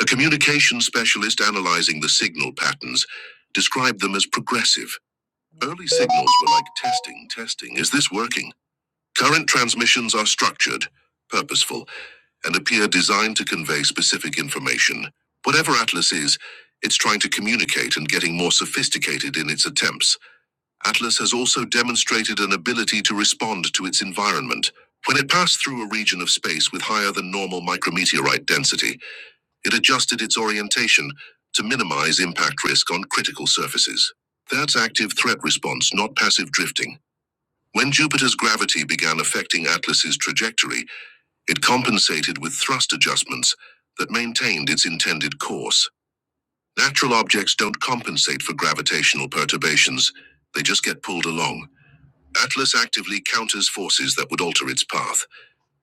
[SPEAKER 3] A communication specialist analyzing the signal patterns described them as progressive. Early signals were like testing, testing. Is this working? Current transmissions are structured, purposeful, and appear designed to convey specific information. Whatever Atlas is, it's trying to communicate and getting more sophisticated in its attempts. Atlas has also demonstrated an ability to respond to its environment. When it passed through a region of space with higher than normal micrometeorite density, it adjusted its orientation to minimize impact risk on critical surfaces. That's active threat response, not passive drifting. When Jupiter's gravity began affecting Atlas's trajectory, it compensated with thrust adjustments that maintained its intended course. Natural objects don't compensate for gravitational perturbations, they just get pulled along. Atlas actively counters forces that would alter its path.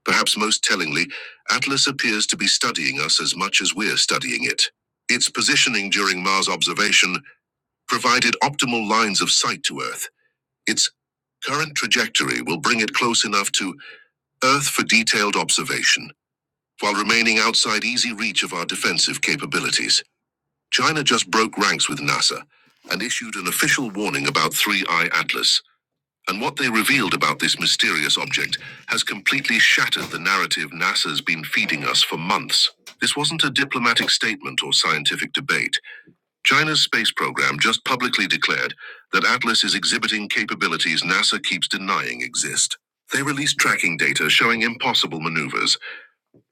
[SPEAKER 3] Perhaps most tellingly, Atlas appears to be studying us as much as we're studying it. Its positioning during Mars observation provided optimal lines of sight to Earth. Its current trajectory will bring it close enough to Earth for detailed observation, while remaining outside easy reach of our defensive capabilities. China just broke ranks with NASA and issued an official warning about 3 Eye Atlas. and what they revealed about this mysterious object has completely shattered the narrative NASA's been feeding us for months. This wasn't a diplomatic statement or scientific debate. China's space program just publicly declared that Atlas is exhibiting capabilities NASA keeps denying exist. They released tracking data showing impossible maneuvers.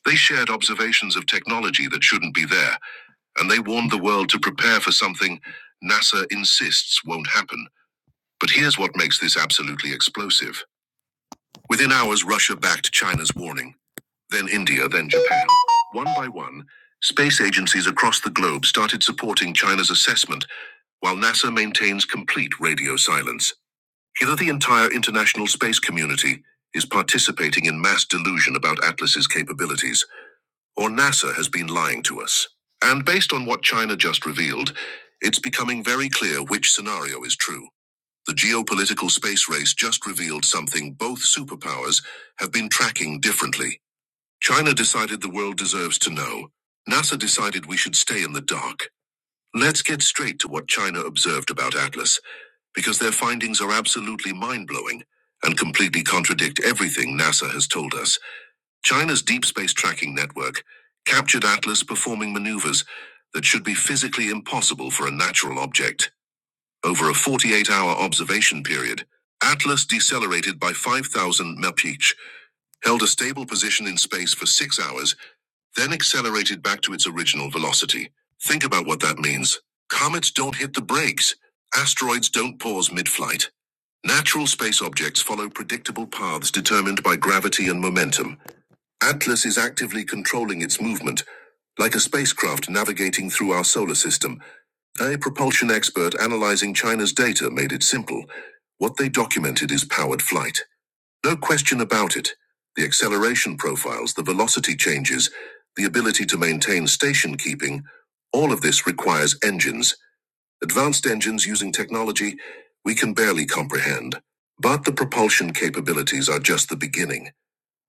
[SPEAKER 3] They shared observations of technology that shouldn't be there, and they warned the world to prepare for something NASA insists won't happen. But here's what makes this absolutely explosive. Within hours, Russia backed China's warning, then India, then Japan. One by one, space agencies across the globe started supporting China's assessment, while NASA maintains complete radio silence. Either the entire international space community is participating in mass delusion about Atlas's capabilities, or NASA has been lying to us. And based on what China just revealed, it's becoming very clear which scenario is true. The geopolitical space race just revealed something both superpowers have been tracking differently. China decided the world deserves to know. NASA decided we should stay in the dark. Let's get straight to what China observed about Atlas, because their findings are absolutely mind blowing and completely contradict everything NASA has told us. China's deep space tracking network captured Atlas performing maneuvers that should be physically impossible for a natural object. Over a 48 hour observation period, Atlas decelerated by 5,000 mph each, held a stable position in space for six hours, then accelerated back to its original velocity. Think about what that means. Comets don't hit the brakes, asteroids don't pause mid flight. Natural space objects follow predictable paths determined by gravity and momentum. Atlas is actively controlling its movement, like a spacecraft navigating through our solar system. A propulsion expert analyzing China's data made it simple. What they documented is powered flight. No question about it. The acceleration profiles, the velocity changes, the ability to maintain station keeping, all of this requires engines, advanced engines using technology we can barely comprehend. But the propulsion capabilities are just the beginning.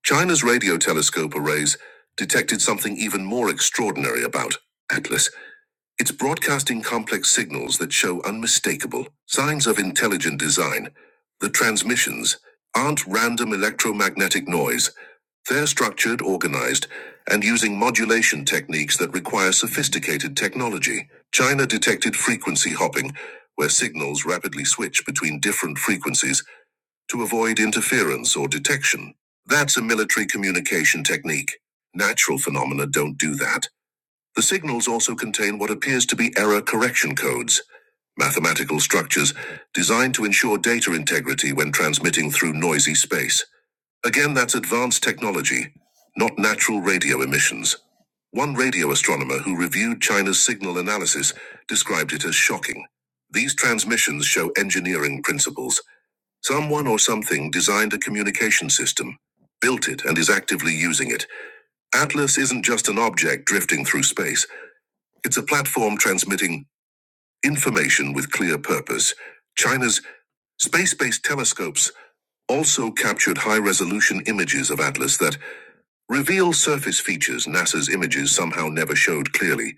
[SPEAKER 3] China's radio telescope arrays detected something even more extraordinary about Atlas it's broadcasting complex signals that show unmistakable signs of intelligent design. The transmissions aren't random electromagnetic noise. They're structured, organized, and using modulation techniques that require sophisticated technology. China detected frequency hopping, where signals rapidly switch between different frequencies to avoid interference or detection. That's a military communication technique. Natural phenomena don't do that. The signals also contain what appears to be error correction codes, mathematical structures designed to ensure data integrity when transmitting through noisy space. Again, that's advanced technology, not natural radio emissions. One radio astronomer who reviewed China's signal analysis described it as shocking. These transmissions show engineering principles. Someone or something designed a communication system, built it, and is actively using it. Atlas isn't just an object drifting through space. It's a platform transmitting information with clear purpose. China's space based telescopes also captured high resolution images of Atlas that reveal surface features NASA's images somehow never showed clearly.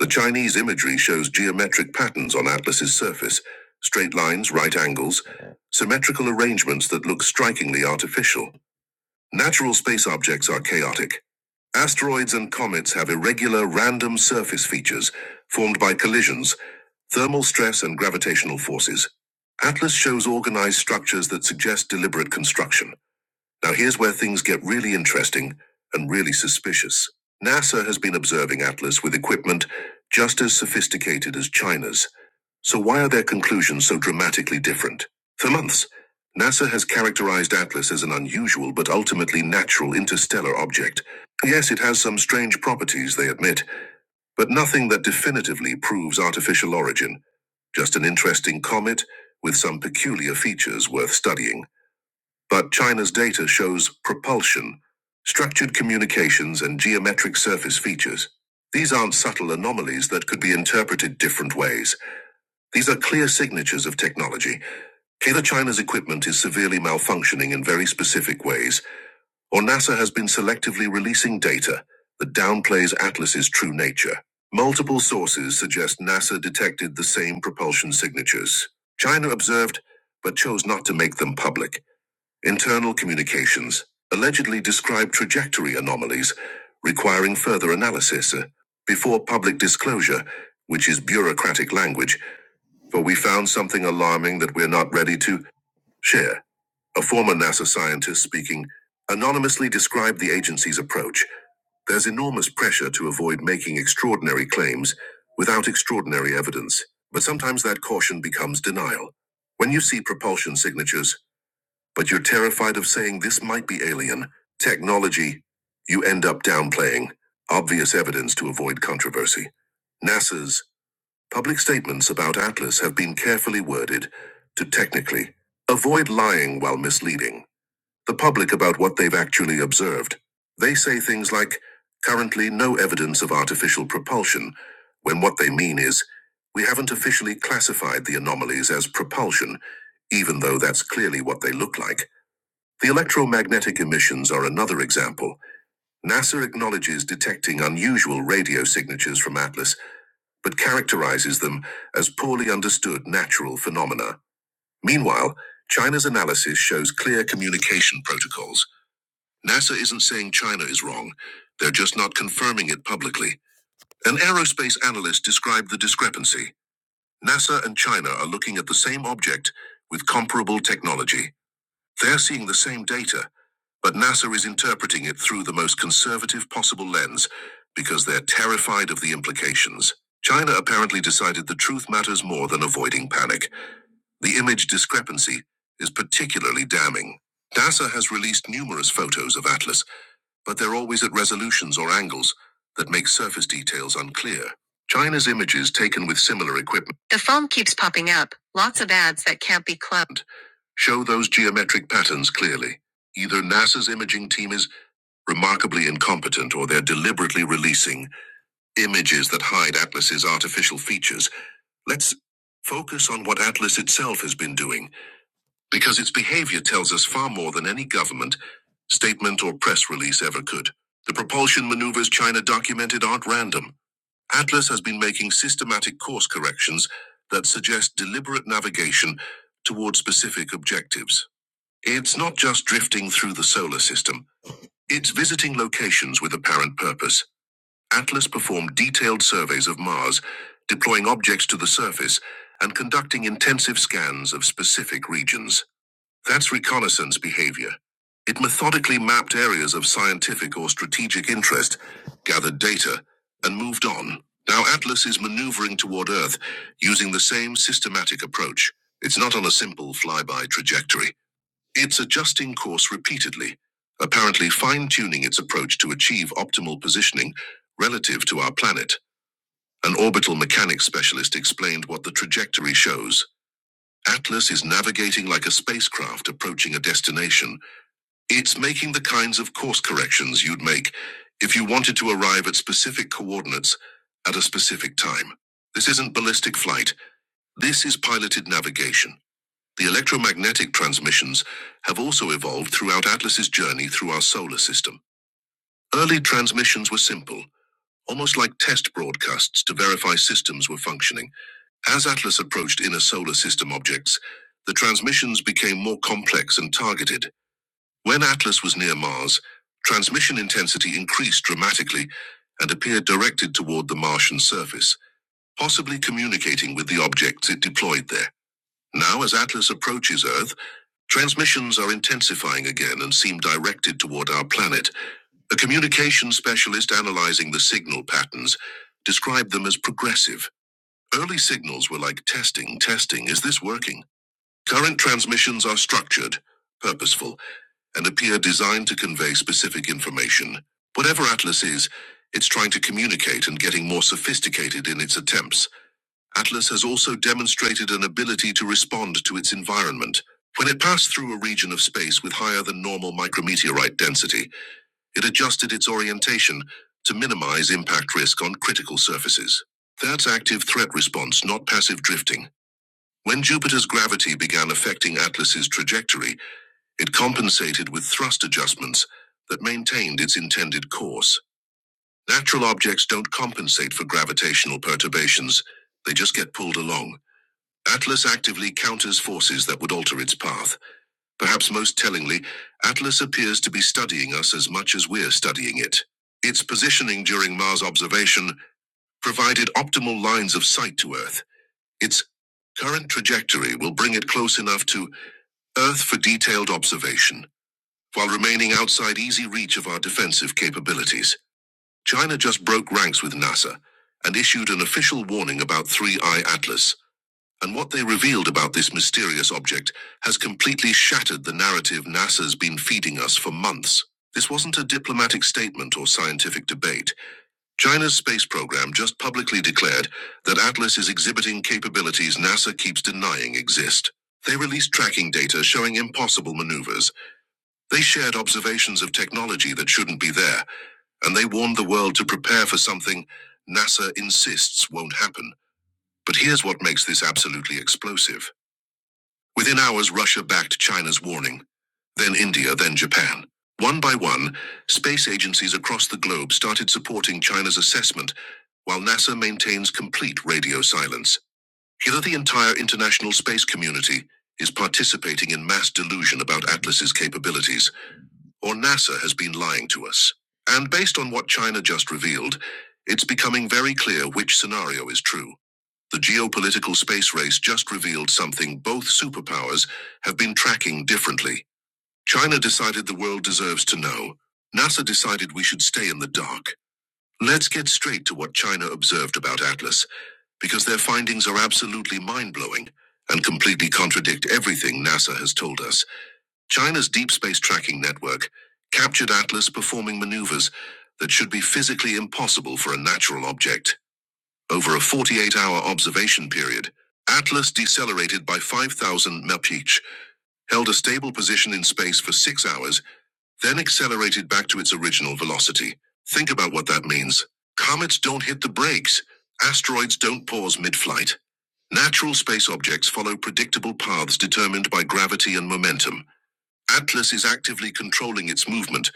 [SPEAKER 3] The Chinese imagery shows geometric patterns on Atlas's surface straight lines, right angles, symmetrical arrangements that look strikingly artificial. Natural space objects are chaotic. Asteroids and comets have irregular, random surface features formed by collisions Thermal stress and gravitational forces. Atlas shows organized structures that suggest deliberate construction. Now, here's where things get really interesting and really suspicious. NASA has been observing Atlas with equipment just as sophisticated as China's. So, why are their conclusions so dramatically different? For months, NASA has characterized Atlas as an unusual but ultimately natural interstellar object. Yes, it has some strange properties, they admit, but nothing that definitively proves artificial origin, just an interesting comet with some peculiar features worth studying. But China's data shows propulsion, structured communications, and geometric surface features. These aren't subtle anomalies that could be interpreted different ways. These are clear signatures of technology. Either China's equipment is severely malfunctioning in very specific ways, or NASA has been selectively releasing data that downplays Atlas's true nature. Multiple sources suggest NASA detected the same propulsion signatures. China observed, but chose not to make them public. Internal communications allegedly describe trajectory anomalies, requiring further analysis uh, before public disclosure, which is bureaucratic language, for we found something alarming that we're not ready to share. A former NASA scientist speaking anonymously described the agency's approach. There's enormous pressure to avoid making extraordinary claims without extraordinary evidence, but sometimes that caution becomes denial. When you see propulsion signatures, but you're terrified of saying this might be alien technology, you end up downplaying obvious evidence to avoid controversy. NASA's public statements about Atlas have been carefully worded to technically avoid lying while misleading the public about what they've actually observed. They say things like, currently no evidence of artificial propulsion, when what they mean is, we haven't officially classified the anomalies as propulsion, even though that's clearly what they look like. The electromagnetic emissions are another example. NASA acknowledges detecting unusual radio signatures from Atlas, but characterizes them as poorly understood natural phenomena. Meanwhile, China's analysis shows clear communication protocols NASA isn't saying China is wrong, they're just not confirming it publicly. An aerospace analyst described the discrepancy. NASA and China are looking at the same object with comparable technology. They're seeing the same data, but NASA is interpreting it through the most conservative possible lens because they're terrified of the implications. China apparently decided the truth matters more than avoiding panic. The image discrepancy is particularly damning. NASA has released numerous photos of Atlas but they're always at resolutions or angles that make surface details unclear. China's images taken with similar equipment. The phone keeps popping up, lots of ads that can't be clubbed. Show those geometric patterns clearly. Either NASA's imaging team is remarkably incompetent or they're deliberately releasing images that hide Atlas's artificial features. Let's focus on what Atlas itself has been doing because its behavior tells us far more than any government, statement, or press release ever could. The propulsion maneuvers China documented aren't random. Atlas has been making systematic course corrections that suggest deliberate navigation toward specific objectives. It's not just drifting through the solar system, it's visiting locations with apparent purpose. Atlas performed detailed surveys of Mars, deploying objects to the surface and conducting intensive scans of specific regions. That's reconnaissance behavior. It methodically mapped areas of scientific or strategic interest, gathered data, and moved on. Now Atlas is maneuvering toward Earth using the same systematic approach. It's not on a simple flyby trajectory. It's adjusting course repeatedly, apparently fine tuning its approach to achieve optimal positioning relative to our planet. An orbital mechanics specialist explained what the trajectory shows. Atlas is navigating like a spacecraft approaching a destination it's making the kinds of course corrections you'd make if you wanted to arrive at specific coordinates at a specific time. This isn't ballistic flight. This is piloted navigation. The electromagnetic transmissions have also evolved throughout Atlas's journey through our solar system. Early transmissions were simple, almost like test broadcasts to verify systems were functioning. As Atlas approached inner solar system objects, the transmissions became more complex and targeted. When Atlas was near Mars, transmission intensity increased dramatically and appeared directed toward the Martian surface, possibly communicating with the objects it deployed there. Now, as Atlas approaches Earth, transmissions are intensifying again and seem directed toward our planet. A communication specialist analyzing the signal patterns described them as progressive. Early signals were like testing, testing, is this working? Current transmissions are structured, purposeful and appear designed to convey specific information. Whatever Atlas is, it's trying to communicate and getting more sophisticated in its attempts. Atlas has also demonstrated an ability to respond to its environment. When it passed through a region of space with higher than normal micrometeorite density, it adjusted its orientation to minimize impact risk on critical surfaces. That's active threat response, not passive drifting. When Jupiter's gravity began affecting Atlas's trajectory, it compensated with thrust adjustments that maintained its intended course. Natural objects don't compensate for gravitational perturbations, they just get pulled along. Atlas actively counters forces that would alter its path. Perhaps most tellingly, Atlas appears to be studying us as much as we're studying it. Its positioning during Mars observation provided optimal lines of sight to Earth. Its current trajectory will bring it close enough to Earth for detailed observation. While remaining outside easy reach of our defensive capabilities, China just broke ranks with NASA and issued an official warning about 3I Atlas. And what they revealed about this mysterious object has completely shattered the narrative NASA's been feeding us for months. This wasn't a diplomatic statement or scientific debate. China's space program just publicly declared that Atlas is exhibiting capabilities NASA keeps denying exist. They released tracking data showing impossible maneuvers they shared observations of technology that shouldn't be there, and they warned the world to prepare for something NASA insists won't happen. But here's what makes this absolutely explosive. Within hours, Russia backed China's warning, then India, then Japan. One by one, space agencies across the globe started supporting China's assessment, while NASA maintains complete radio silence. Here, the entire international space community is participating in mass delusion about Atlas's capabilities or NASA has been lying to us. And based on what China just revealed, it's becoming very clear which scenario is true. The geopolitical space race just revealed something both superpowers have been tracking differently. China decided the world deserves to know. NASA decided we should stay in the dark. Let's get straight to what China observed about Atlas, because their findings are absolutely mind blowing and completely contradict everything NASA has told us. China's deep space tracking network captured Atlas performing maneuvers that should be physically impossible for a natural object. Over a 48 hour observation period, Atlas decelerated by 5,000 mph, held a stable position in space for six hours, then accelerated back to its original velocity. Think about what that means. Comets don't hit the brakes, asteroids don't pause mid flight. Natural space objects follow predictable paths determined by gravity and momentum. Atlas is actively controlling its movement,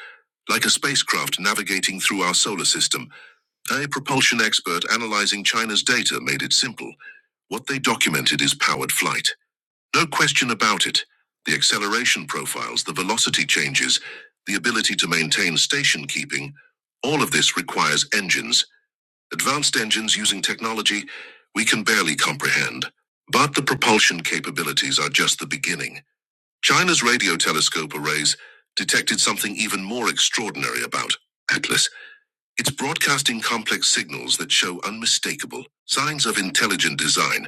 [SPEAKER 3] like a spacecraft navigating through our solar system. A propulsion expert analyzing China's data made it simple. What they documented is powered flight. No question about it. The acceleration profiles, the velocity changes, the ability to maintain station keeping, all of this requires engines. Advanced engines using technology we can barely comprehend. But the propulsion capabilities are just the beginning. China's radio telescope arrays detected something even more extraordinary about Atlas. It's broadcasting complex signals that show unmistakable signs of intelligent design.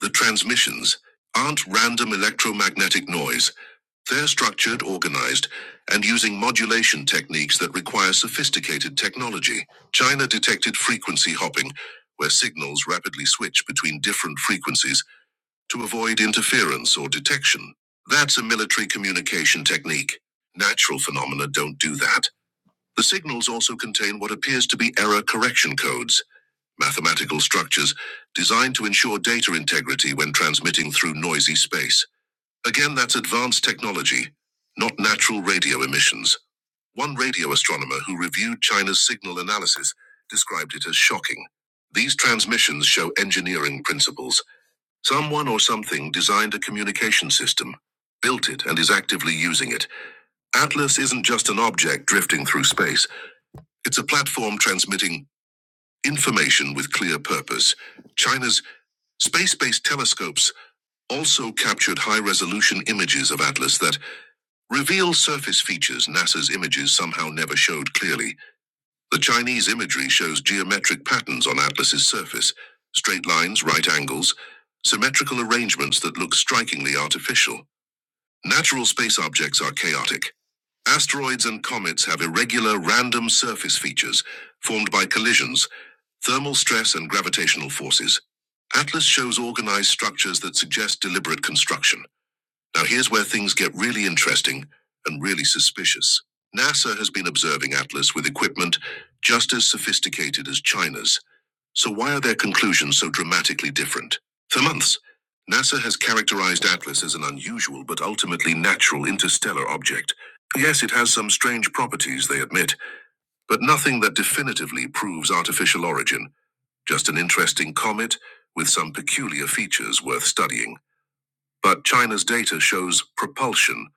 [SPEAKER 3] The transmissions aren't random electromagnetic noise. They're structured, organized, and using modulation techniques that require sophisticated technology. China detected frequency hopping, where signals rapidly switch between different frequencies to avoid interference or detection. That's a military communication technique. Natural phenomena don't do that. The signals also contain what appears to be error correction codes, mathematical structures designed to ensure data integrity when transmitting through noisy space. Again, that's advanced technology, not natural radio emissions. One radio astronomer who reviewed China's signal analysis described it as shocking. These transmissions show engineering principles Someone or something designed a communication system, built it, and is actively using it. Atlas isn't just an object drifting through space, it's a platform transmitting information with clear purpose. China's space based telescopes also captured high resolution images of Atlas that reveal surface features NASA's images somehow never showed clearly. The Chinese imagery shows geometric patterns on Atlas's surface straight lines, right angles, symmetrical arrangements that look strikingly artificial. Natural space objects are chaotic. Asteroids and comets have irregular, random surface features formed by collisions, thermal stress, and gravitational forces. Atlas shows organized structures that suggest deliberate construction. Now, here's where things get really interesting and really suspicious. NASA has been observing Atlas with equipment just as sophisticated as China's. So why are their conclusions so dramatically different? For months, NASA has characterized Atlas as an unusual but ultimately natural interstellar object. Yes, it has some strange properties, they admit, but nothing that definitively proves artificial origin, just an interesting comet with some peculiar features worth studying. But China's data shows propulsion,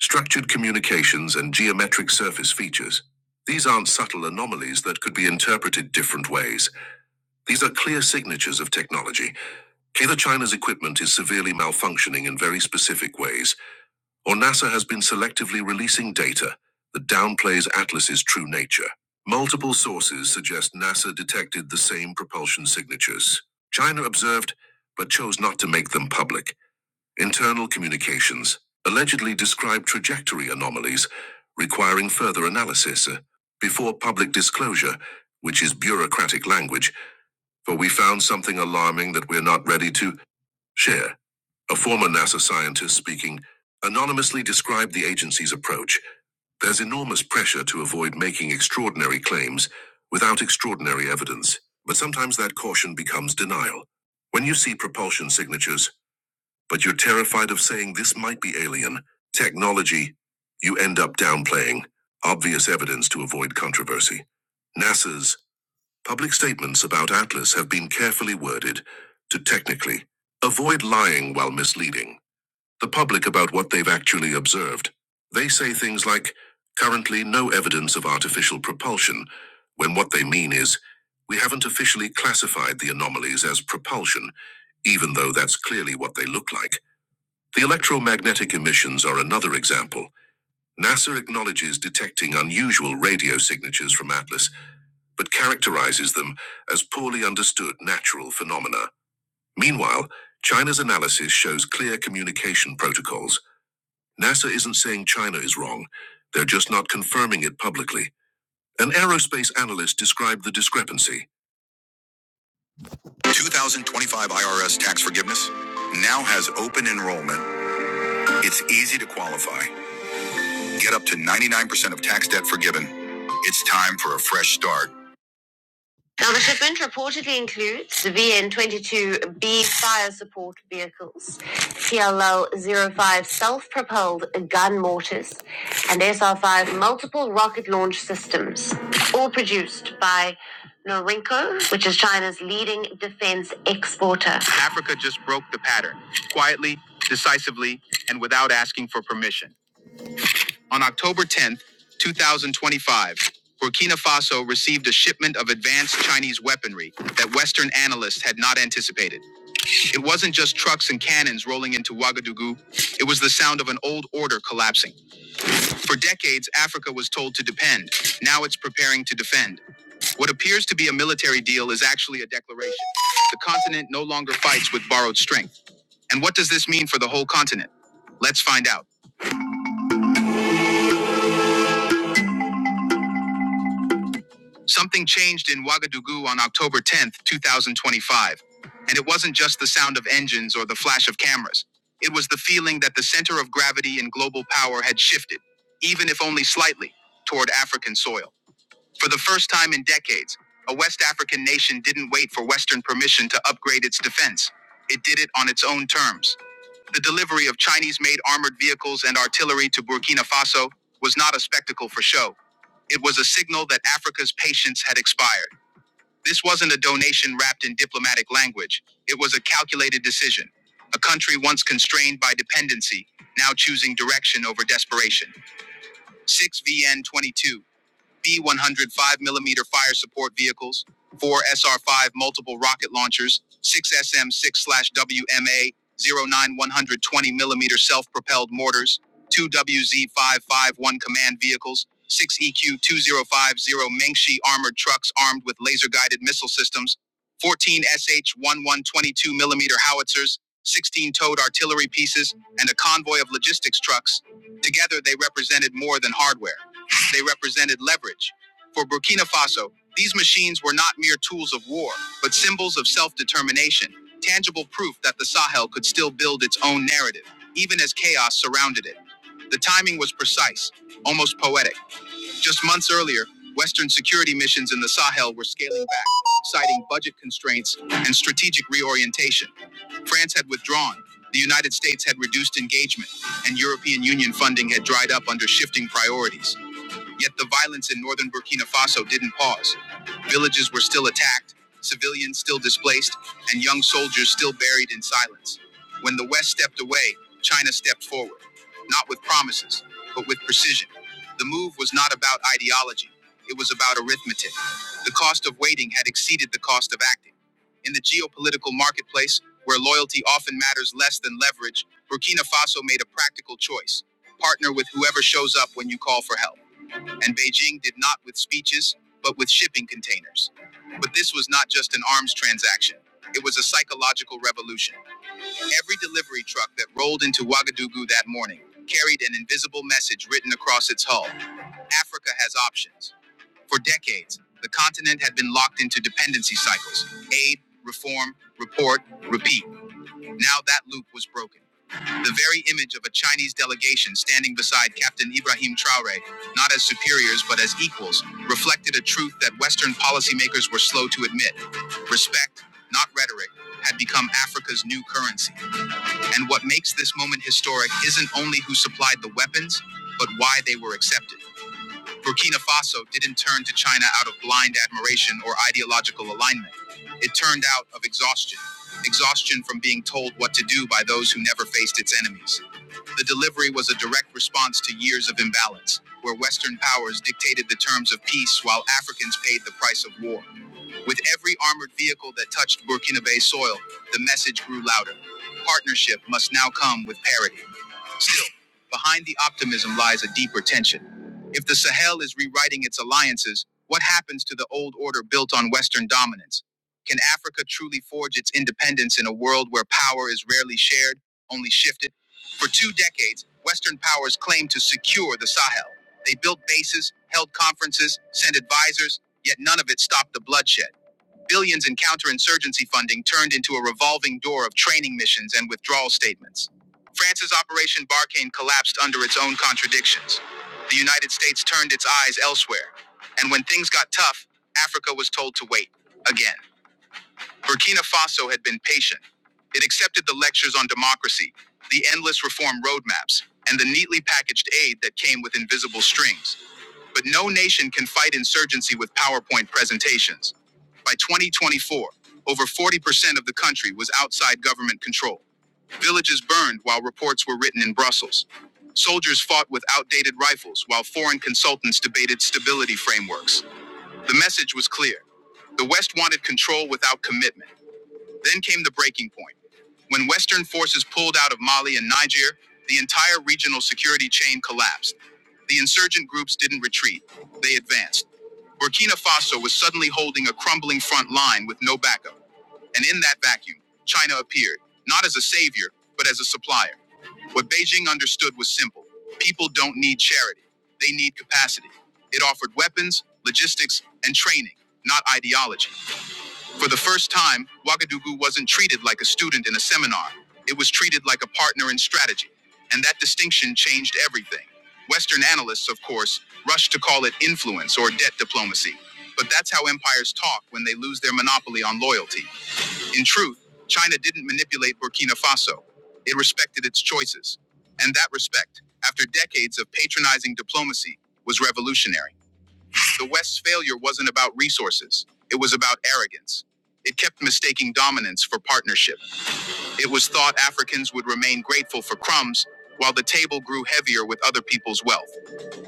[SPEAKER 3] structured communications, and geometric surface features. These aren't subtle anomalies that could be interpreted different ways. These are clear signatures of technology. Either China's equipment is severely malfunctioning in very specific ways, or NASA has been selectively releasing data that downplays Atlas's true nature. Multiple sources suggest NASA detected the same propulsion signatures. China observed, but chose not to make them public. Internal communications allegedly describe trajectory anomalies, requiring further analysis. Uh, Before public disclosure, which is bureaucratic language, for we found something alarming that we're not ready to share. A former NASA scientist speaking anonymously described the agency's approach. There's enormous pressure to avoid making extraordinary claims without extraordinary evidence, but sometimes that caution becomes denial. When you see propulsion signatures, but you're terrified of saying this might be alien technology, you end up downplaying obvious evidence to avoid controversy. NASA's Public statements about Atlas have been carefully worded to technically avoid lying while misleading the public about what they've actually observed. They say things like, currently no evidence of artificial propulsion, when what they mean is, we haven't officially classified the anomalies as propulsion, even though that's clearly what they look like. The electromagnetic emissions are another example. NASA acknowledges detecting unusual radio signatures from Atlas but characterizes them as poorly understood natural phenomena. Meanwhile, China's analysis shows clear communication protocols. NASA isn't saying China is wrong, they're just not confirming it publicly. An aerospace analyst described the discrepancy. 2025 IRS tax forgiveness now has open enrollment. It's easy to qualify. Get up to 99% of tax debt forgiven. It's time for a fresh start. Now, the shipment reportedly includes VN22B fire support vehicles, cll zero five self-propelled gun mortars, and SR-5 multiple rocket launch systems, all produced by Norinco, which is China's leading defense exporter. Africa just broke the pattern, quietly, decisively, and without asking for permission. On October 10, 2025, Burkina Faso received a shipment of advanced Chinese weaponry that Western analysts had not anticipated. It wasn't just trucks and cannons rolling into Ouagadougou, it was the sound of an old order collapsing. For decades, Africa was told to depend. Now it's preparing to defend. What appears to be a military deal is actually a declaration. The continent no longer fights with borrowed strength. And what does this mean for the whole continent? Let's find out. Something changed in Ouagadougou on October 10th, 2025. And it wasn't just the sound of engines or the flash of cameras. It was the feeling that the center of gravity and global power had shifted, even if only slightly, toward African soil. For the first time in decades, a West African nation didn't wait for Western permission to upgrade its defense. It did it on its own terms. The delivery of Chinese made armored vehicles and artillery to Burkina Faso was not a spectacle for show. It was a signal that Africa's patience had expired. This wasn't a donation wrapped in diplomatic language, it was a calculated decision. A country once constrained by dependency, now choosing direction over desperation. 6 VN 22 b 105 millimeter fire support vehicles, four SR5 multiple rocket launchers, six SM6/WMA 9120 millimeter self-propelled mortars, two WZ551 command vehicles, six EQ2050 Mengshi armored trucks armed with laser-guided missile systems, 14 sh 1122 millimeter howitzers, 16 towed artillery pieces, and a convoy of logistics trucks. Together, they represented more than hardware. They represented leverage. For Burkina Faso, these machines were not mere tools of war, but symbols of self determination, tangible proof that the Sahel could still build its own narrative, even as chaos surrounded it. The timing was precise, almost poetic. Just months earlier, Western security missions in the Sahel were scaling back, citing budget constraints and strategic reorientation. France had withdrawn, the United States had reduced engagement, and European Union funding had dried up under shifting priorities. Yet the violence in northern Burkina Faso didn't pause. Villages were still attacked, civilians still displaced, and young soldiers still buried in silence. When the West stepped away, China stepped forward, not with promises, but with precision. The move was not about ideology, it was about arithmetic. The cost of waiting had exceeded the cost of acting. In the geopolitical marketplace, where loyalty often matters less than leverage, Burkina Faso made a practical choice partner with whoever shows up when you call for help and Beijing did not with speeches, but with shipping containers. But this was not just an arms transaction, it was a psychological revolution. Every delivery truck that rolled into Ouagadougou that morning carried an invisible message written across its hull Africa has options. For decades, the continent had been locked into dependency cycles aid, reform, report, repeat. Now that loop was broken. The very image of a Chinese delegation standing beside Captain Ibrahim Traore, not as superiors but as equals, reflected a truth that Western policymakers were slow to admit. Respect, not rhetoric, had become Africa's new currency. And what makes this moment historic isn't only who supplied the weapons, but why they were accepted. Burkina Faso didn't turn to China out of blind admiration or ideological alignment. It turned out of exhaustion, exhaustion from being told what to do by those who never faced its enemies. The delivery was a direct response to years of imbalance, where Western powers dictated the terms of peace while Africans paid the price of war. With every armored vehicle that touched Burkina Faso soil, the message grew louder. Partnership must now come with parity. Still, behind the optimism lies a deeper tension. If the Sahel is rewriting its alliances, what happens to the old order built on Western dominance? Can Africa truly forge its independence in a world where power is rarely shared, only shifted? For two decades, Western powers claimed to secure the Sahel. They built bases, held conferences, sent advisors, yet none of it stopped the bloodshed. Billions in counterinsurgency funding turned into a revolving door of training missions and withdrawal statements. France's Operation Barkhane collapsed under its own contradictions. The United States turned its eyes elsewhere. And when things got tough, Africa was told to wait. Again, Burkina Faso had been patient. It accepted the lectures on democracy, the endless reform roadmaps, and the neatly packaged aid that came with invisible strings. But no nation can fight insurgency with PowerPoint presentations. By 2024, over 40% of the country was outside government control. Villages burned while reports were written in Brussels. Soldiers fought with outdated rifles while foreign consultants debated stability frameworks. The message was clear. The West wanted control without commitment. Then came the breaking point. When Western forces pulled out of Mali and Niger, the entire regional security chain collapsed. The insurgent groups didn't retreat, they advanced. Burkina Faso was suddenly holding a crumbling front line with no backup. And in that vacuum, China appeared, not as a savior, but as a supplier. What Beijing understood was simple people don't need charity, they need capacity. It offered weapons, logistics, and training, not ideology. For the first time, Ouagadougou wasn't treated like a student in a seminar. It was treated like a partner in strategy. And that distinction changed everything. Western analysts, of course, rush to call it influence or debt diplomacy. But that's how empires talk when they lose their monopoly on loyalty. In truth, China didn't manipulate Burkina Faso. It respected its choices. And that respect, after decades of patronizing diplomacy, was revolutionary. The West's failure wasn't about resources, it was about arrogance. It kept mistaking dominance for partnership. It was thought Africans would remain grateful for crumbs while the table grew heavier with other people's wealth.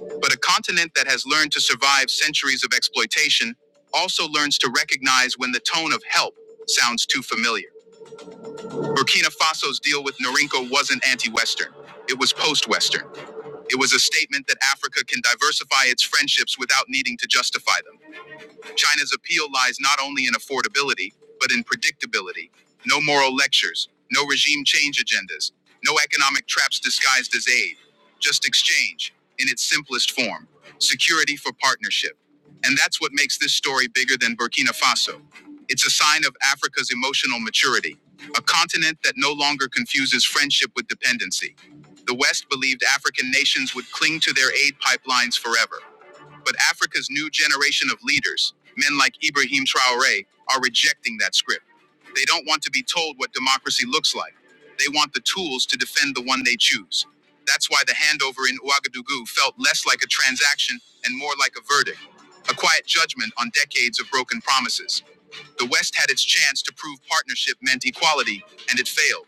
[SPEAKER 3] But a continent that has learned to survive centuries of exploitation also learns to recognize when the tone of help sounds too familiar. Burkina Faso's deal with Norinco wasn't anti Western, it was post Western. It was a statement that Africa can diversify its friendships without needing to justify them. China's appeal lies not only in affordability, but in predictability. No moral lectures, no regime change agendas, no economic traps disguised as aid, just exchange in its simplest form security for partnership. And that's what makes this story bigger than Burkina Faso. It's a sign of Africa's emotional maturity, a continent that no longer confuses friendship with dependency. The West believed African nations would cling to their aid pipelines forever. But Africa's new generation of leaders, men like Ibrahim Traore, are rejecting that script. They don't want to be told what democracy looks like. They want the tools to defend the one they choose. That's why the handover in Ouagadougou felt less like a transaction and more like a verdict, a quiet judgment on decades of broken promises. The West had its chance to prove partnership meant equality, and it failed.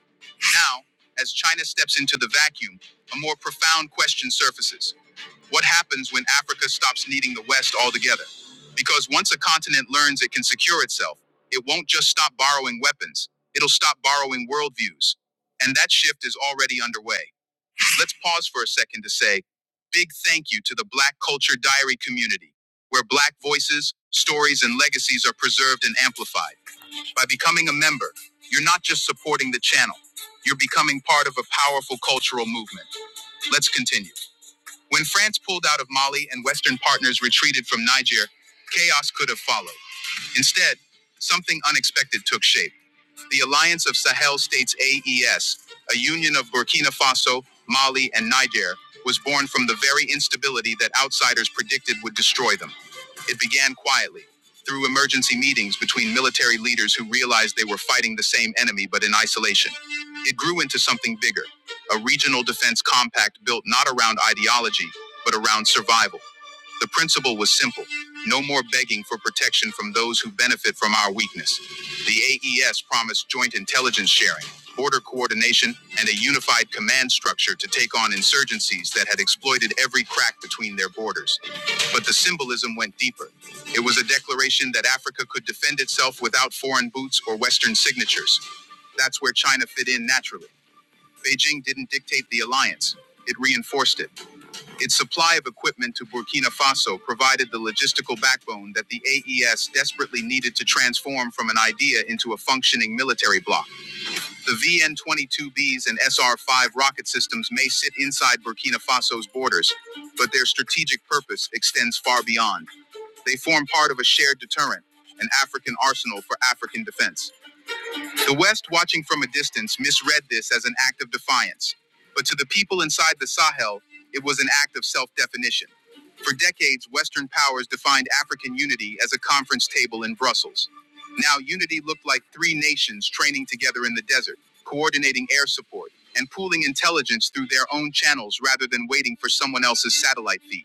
[SPEAKER 3] Now, as China steps into the vacuum, a more profound question surfaces. What happens when Africa stops needing the West altogether? Because once a continent learns it can secure itself, it won't just stop borrowing weapons, it'll stop borrowing worldviews. And that shift is already underway. Let's pause for a second to say big thank you to the Black Culture Diary community, where Black voices, stories, and legacies are preserved and amplified. By becoming a member, you're not just supporting the channel, you're becoming part of a powerful cultural movement. Let's continue. When France pulled out of Mali and Western partners retreated from Niger, chaos could have followed. Instead, something unexpected took shape the Alliance of Sahel States AES, a union of Burkina Faso, Mali, and Niger, was born from the very instability that outsiders predicted would destroy them. It began quietly, through emergency meetings between military leaders who realized they were fighting the same enemy but in isolation. It grew into something bigger, a regional defense compact built not around ideology, but around survival. The principle was simple no more begging for protection from those who benefit from our weakness. The AES promised joint intelligence sharing, border coordination, and a unified command structure to take on insurgencies that had exploited every crack between their borders. But the symbolism went deeper. It was a declaration that Africa could defend itself without foreign boots or Western signatures. That's where China fit in naturally. Beijing didn't dictate the alliance, it reinforced it. Its supply of equipment to Burkina Faso provided the logistical backbone that the AES desperately needed to transform from an idea into a functioning military bloc. The VN 22Bs and SR 5 rocket systems may sit inside Burkina Faso's borders, but their strategic purpose extends far beyond. They form part of a shared deterrent, an African arsenal for African defense. The West, watching from a distance, misread this as an act of defiance, but to the people inside the Sahel, it was an act of self definition. For decades, Western powers defined African unity as a conference table in Brussels. Now, unity looked like three nations training together in the desert, coordinating air support, and pooling intelligence through their own channels rather than waiting for someone else's satellite feed.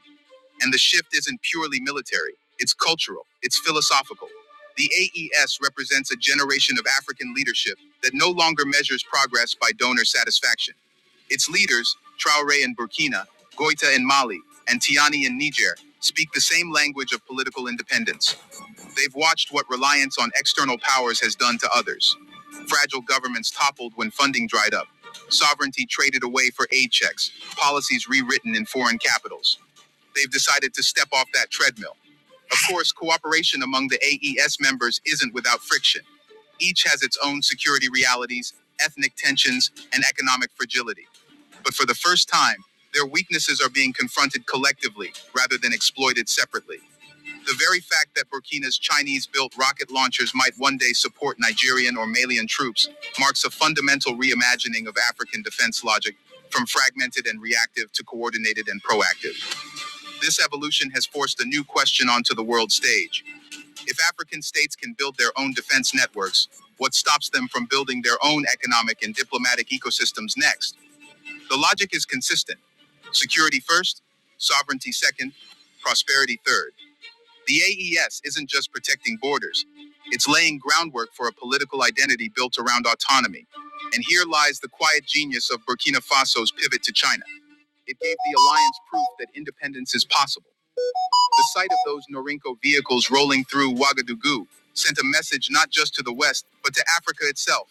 [SPEAKER 3] And the shift isn't purely military, it's cultural, it's philosophical. The AES represents a generation of African leadership that no longer measures progress by donor satisfaction. Its leaders, Traore in Burkina, Goita in Mali, and Tiani in Niger, speak the same language of political independence. They've watched what reliance on external powers has done to others. Fragile governments toppled when funding dried up, sovereignty traded away for aid checks, policies rewritten in foreign capitals. They've decided to step off that treadmill. Of course, cooperation among the AES members isn't without friction. Each has its own security realities, ethnic tensions, and economic fragility. But for the first time, their weaknesses are being confronted collectively rather than exploited separately. The very fact that Burkina's Chinese built rocket launchers might one day support Nigerian or Malian troops marks a fundamental reimagining of African defense logic from fragmented and reactive to coordinated and proactive. This evolution has forced a new question onto the world stage. If African states can build their own defense networks, what stops them from building their own economic and diplomatic ecosystems next? The logic is consistent security first, sovereignty second, prosperity third. The AES isn't just protecting borders, it's laying groundwork for a political identity built around autonomy. And here lies the quiet genius of Burkina Faso's pivot to China. It gave the alliance proof that independence is possible. The sight of those Norinco vehicles rolling through Ouagadougou sent a message not just to the West, but to Africa itself.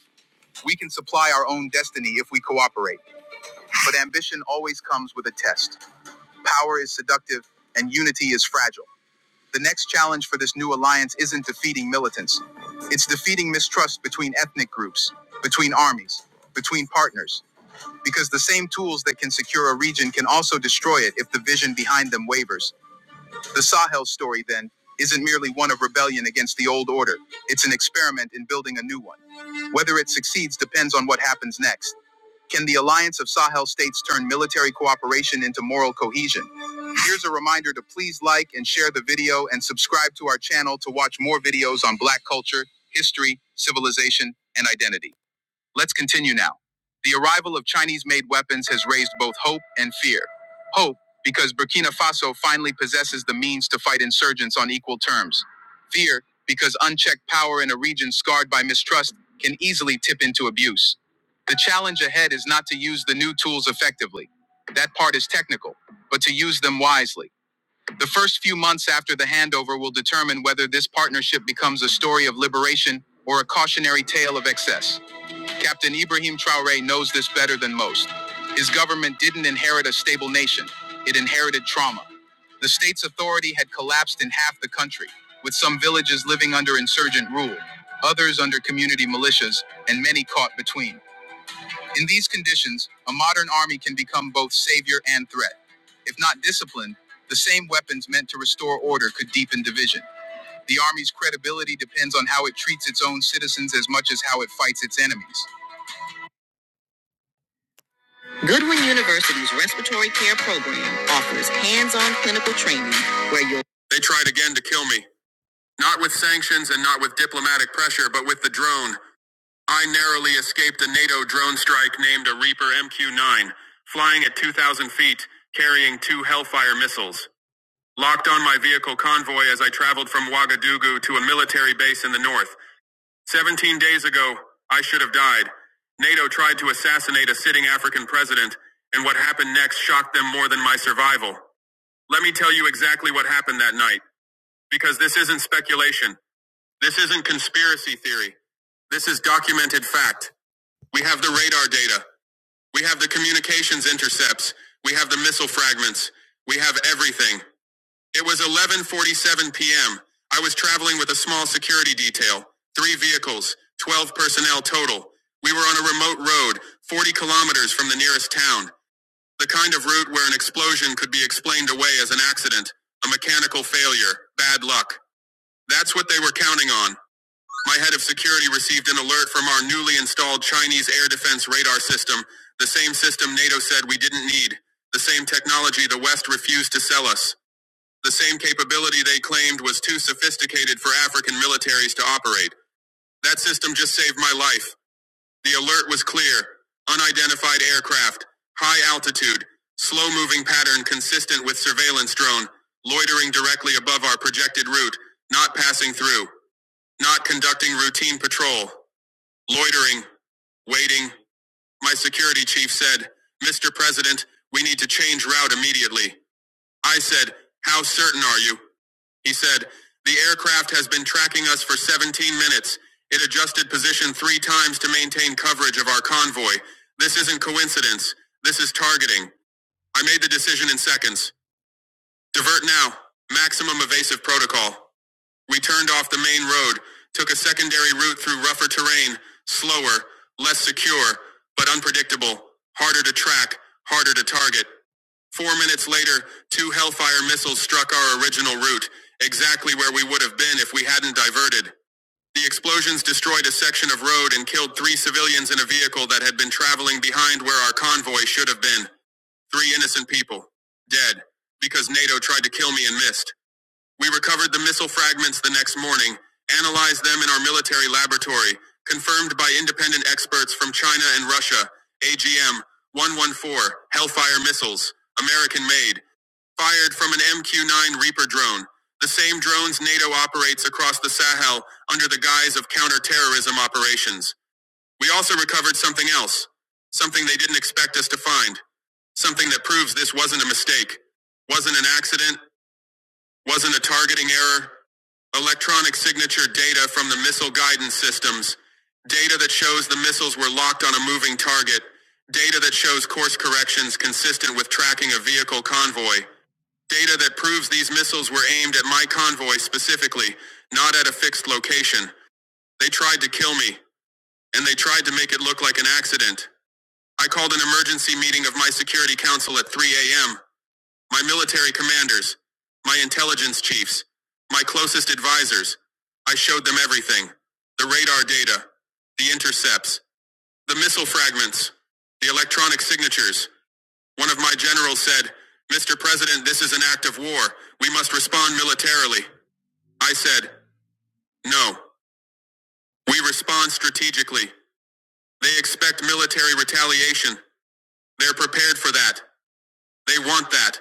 [SPEAKER 3] We can supply our own destiny if we cooperate, but ambition always comes with a test. Power is seductive, and unity is fragile. The next challenge for this new alliance isn't defeating militants, it's defeating mistrust between ethnic groups, between armies, between partners, because the same tools that can secure a region can also destroy it if the vision behind them wavers. The Sahel story, then, isn't merely one of rebellion against the old order, it's an experiment in building a new one. Whether it succeeds depends on what happens next. Can the alliance of Sahel states turn military cooperation into moral cohesion? Here's a reminder to please like and share the video and subscribe to our channel to watch more videos on Black culture, history, civilization, and identity. Let's continue now. The arrival of Chinese made weapons has raised both hope and fear. Hope, because Burkina Faso finally possesses the means to fight insurgents on equal terms. Fear, because unchecked power in a region scarred by mistrust can easily tip into abuse. The challenge ahead is not to use the new tools effectively. That part is technical, but to use them wisely. The first few months after the handover will determine whether this partnership becomes a story of liberation or a cautionary tale of excess. Captain Ibrahim Traore knows this better than most. His government didn't inherit a stable nation, it inherited trauma. The state's authority had collapsed in half the country, with some villages living under insurgent rule, others under community militias, and many caught between. In these conditions, a modern army can become both savior and threat. If not disciplined, the same weapons meant to restore order could deepen division. The army's credibility depends on how it treats its own citizens as much as how it fights its enemies. Goodwin University's respiratory care program offers hands-on clinical training where you'll They tried again to kill me. Not with sanctions and not with diplomatic pressure, but with the drone. I narrowly escaped a NATO drone strike named a Reaper MQ-9, flying at 2,000 feet, carrying two Hellfire missiles. Locked on my vehicle convoy as I traveled from Ouagadougou to a military base in the north. 17 days ago, I should have died. NATO tried to assassinate a sitting African president, and what happened next shocked them more than my survival. Let me tell you exactly what happened that night, because this isn't speculation. This isn't conspiracy theory. This is documented fact. We have the radar data. We have the communications intercepts. We have the missile fragments. We have everything. It was 11:47 p.m. I was traveling with a small security detail, three vehicles, 12 personnel total. We were on a remote road, 40 kilometers from the nearest town, the kind of route where an explosion could be explained away as an accident, a mechanical failure, bad luck. That's what they were counting on. My head of security received an alert from our newly installed Chinese air defense radar system, the same system NATO said we didn't need, the same technology the West refused to sell us. The same capability they claimed was too sophisticated for African militaries to operate. That system just saved my life. The alert was clear. Unidentified aircraft, high altitude, slow moving pattern consistent with surveillance drone, loitering directly above our projected route, not passing through, not conducting routine patrol, loitering, waiting. My security chief said, Mr. President, we need to change route immediately. I said, How certain are you? He said, The aircraft has been tracking us for 17 minutes. It adjusted position three times to maintain coverage of our convoy. This isn't coincidence. This is targeting. I made the decision in seconds. Divert now. Maximum evasive protocol. We turned off the main road, took a secondary route through rougher terrain, slower, less secure, but unpredictable, harder to track, harder to target. Four minutes later, two Hellfire missiles struck our original route, exactly where we would have been if we hadn't diverted. The explosions destroyed a section of road and killed three civilians in a vehicle that had been traveling behind where our convoy should have been. Three innocent people. Dead. Because NATO tried to kill me and missed. We recovered the missile fragments the next morning, analyzed them in our military laboratory, confirmed by independent experts from China and Russia. AGM 114 Hellfire missiles, American made, fired from an MQ 9 Reaper drone. The same drones NATO operates across the Sahel under the guise of counter-terrorism operations. We also recovered something else, something they didn't expect us to find, something that proves this wasn't a mistake, wasn't an accident, wasn't a targeting error. Electronic signature data from the missile guidance systems. Data that shows the missiles were locked on a moving target. Data that shows course corrections consistent with tracking a vehicle convoy. Data that proves these missiles were aimed at my convoy specifically, not at a fixed location. They tried to kill me, and they tried to make it look like an accident. I called an emergency meeting of my security council at 3 a.m my military commanders, my intelligence chiefs, my closest advisors. I showed them everything. The radar data, the intercepts, the missile fragments, the electronic signatures. One of my generals said, Mr. President, this is an act of war. We must respond militarily. I said, no. We respond strategically. They expect military retaliation. They're prepared for that. They want that.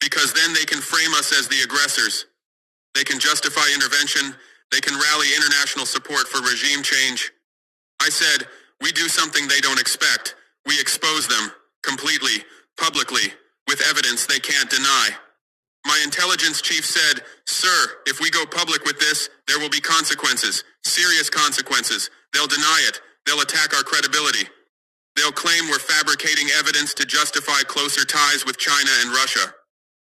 [SPEAKER 3] Because then they can frame us as the aggressors. They can justify intervention. They can rally international support for regime change. I said, we do something they don't expect. We expose them completely, publicly, with evidence they can't deny. My intelligence chief said, sir, if we go public with this, there will be consequences, serious consequences. They'll deny it. They'll attack our credibility. They'll claim we're fabricating evidence to justify closer ties with China and Russia.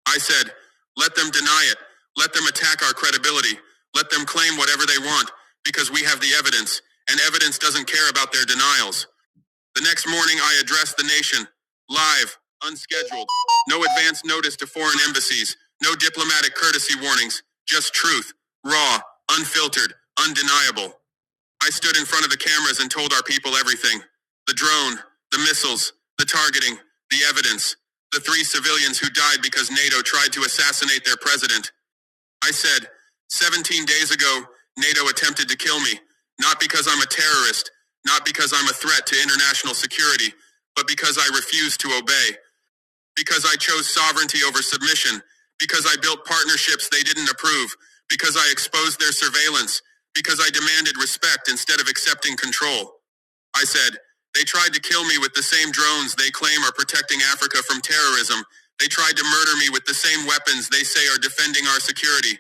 [SPEAKER 3] I said, let them deny it. Let them attack our credibility. Let them claim whatever they want, because we have the evidence, and evidence doesn't care about their denials. The next morning, I addressed the nation live, unscheduled, no advance notice to foreign embassies, no diplomatic courtesy warnings, just truth, raw, unfiltered, undeniable. I stood in front of the cameras and told our people everything the drone, the missiles, the targeting, the evidence, the three civilians who died because NATO tried to assassinate their president. I said, 17 days ago, NATO attempted to kill me, not because I'm a terrorist, not because I'm a threat to international security, but because I refused to obey because I chose sovereignty over submission, because I built partnerships they didn't approve, because I exposed their surveillance, because I demanded respect instead of accepting control. I said, they tried to kill me with the same drones they claim are protecting Africa from terrorism. They tried to murder me with the same weapons they say are defending our security.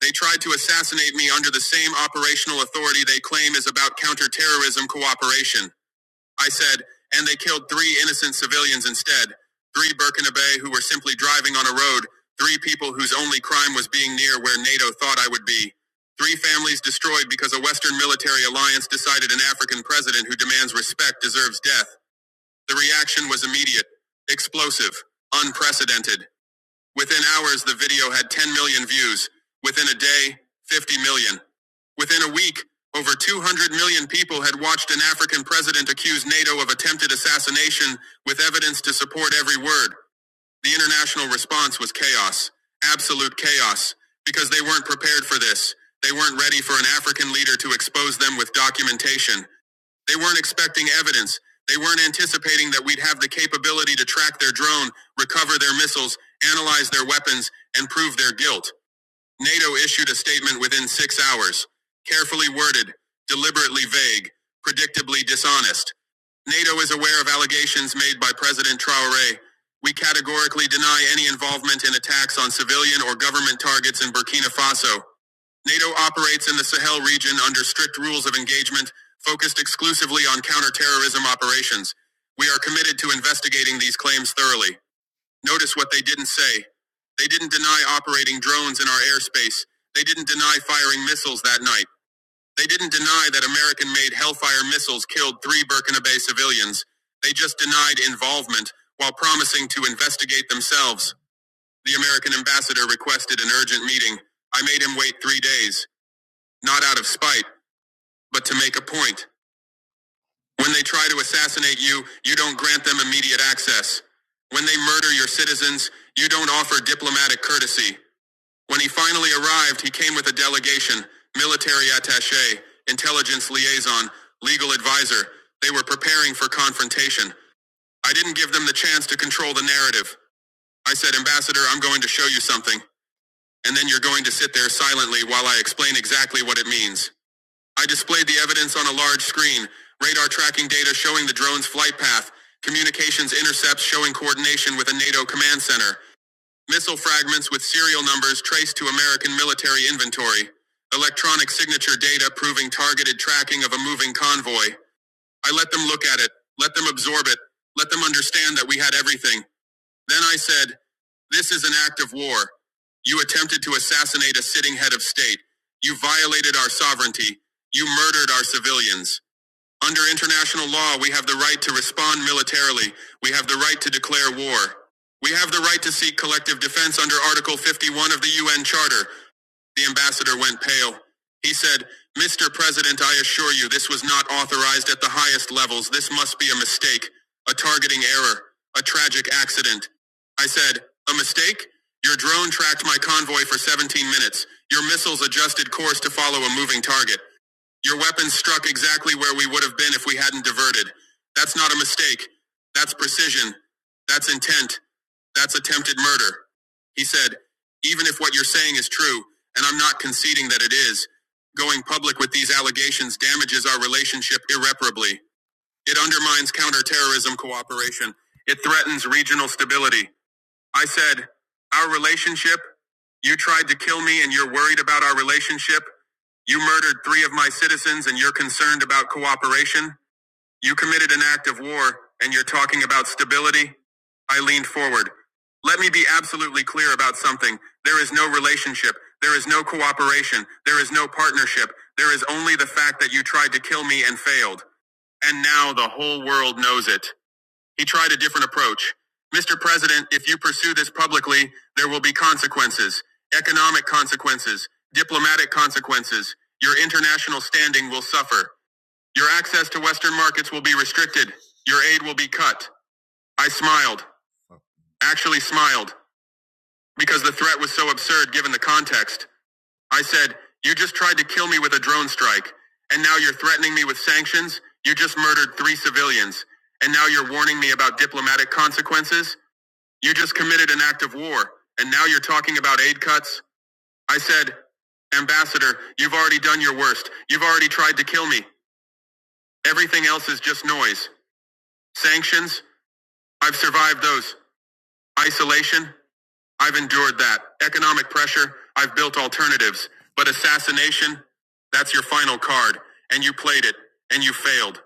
[SPEAKER 3] They tried to assassinate me under the same operational authority they claim is about counterterrorism cooperation. I said, and they killed three innocent civilians instead. Three Burkinabe who were simply driving on a road. Three people whose only crime was being near where NATO thought I would be. Three families destroyed because a Western military alliance decided an African president who demands respect deserves death. The reaction was immediate, explosive, unprecedented. Within hours, the video had 10 million views. Within a day, 50 million. Within a week, over 200 million people had watched an African president accuse NATO of attempted assassination with evidence to support every word. The international response was chaos, absolute chaos, because they weren't prepared for this. They weren't ready for an African leader to expose them with documentation. They weren't expecting evidence. They weren't anticipating that we'd have the capability to track their drone, recover their missiles, analyze their weapons, and prove their guilt. NATO issued a statement within six hours. Carefully worded, deliberately vague, predictably dishonest. NATO is aware of allegations made by President Traore. We categorically deny any involvement in attacks on civilian or government targets in Burkina Faso. NATO operates in the Sahel region under strict rules of engagement focused exclusively on counterterrorism operations. We are committed to investigating these claims thoroughly. Notice what they didn't say. They didn't deny operating drones in our airspace. They didn't deny firing missiles that night. They didn't deny that American made Hellfire missiles killed three Burkina Bay civilians. They just denied involvement while promising to investigate themselves. The American ambassador requested an urgent meeting. I made him wait three days not out of spite, but to make a point. When they try to assassinate you, you don't grant them immediate access. When they murder your citizens, you don't offer diplomatic courtesy. When he finally arrived, he came with a delegation, military attaché, intelligence liaison, legal advisor. They were preparing for confrontation. I didn't give them the chance to control the narrative. I said, Ambassador, I'm going to show you something. And then you're going to sit there silently while I explain exactly what it means. I displayed the evidence on a large screen, radar tracking data showing the drone's flight path, communications intercepts showing coordination with a NATO command center, missile fragments with serial numbers traced to American military inventory, electronic signature data proving targeted tracking of a moving convoy. I let them look at it, let them absorb it, let them understand that we had everything. Then I said, this is an act of war. You attempted to assassinate a sitting head of state. You violated our sovereignty. You murdered our civilians. Under international law, we have the right to respond militarily. We have the right to declare war. We have the right to seek collective defense under Article 51 of the UN Charter. The ambassador went pale. He said, Mr. President, I assure you this was not authorized at the highest levels. This must be a mistake, a targeting error, a tragic accident. I said, a mistake? Your drone tracked my convoy for 17 minutes. Your missiles adjusted course to follow a moving target. Your weapons struck exactly where we would have been if we hadn't diverted. That's not a mistake. That's precision. That's intent. That's attempted murder. He said, Even if what you're saying is true, and I'm not conceding that it is, going public with these allegations damages our relationship irreparably. It undermines counterterrorism cooperation. It threatens regional stability. I said, Our relationship? You tried to kill me and you're worried about our relationship? You murdered three of my citizens and you're concerned about cooperation? You committed an act of war, and you're talking about stability? I leaned forward. Let me be absolutely clear about something. There is no relationship. There is no cooperation. There is no partnership. There is only the fact that you tried to kill me and failed. And now the whole world knows it. He tried a different approach. Mr. President, if you pursue this publicly, there will be consequences. Economic consequences. Diplomatic consequences. Your international standing will suffer. Your access to Western markets will be restricted. Your aid will be cut. I smiled. Actually smiled. Because the threat was so absurd given the context. I said, you just tried to kill me with a drone strike. And now you're threatening me with sanctions? You just murdered three civilians. And now you're warning me about diplomatic consequences? You just committed an act of war. And now you're talking about aid cuts? I said, Ambassador, you've already done your worst. You've already tried to kill me. Everything else is just noise. Sanctions? I've survived those. Isolation, I've endured that. Economic pressure, I've built alternatives. But assassination, that's your final card. And you played it, and you failed.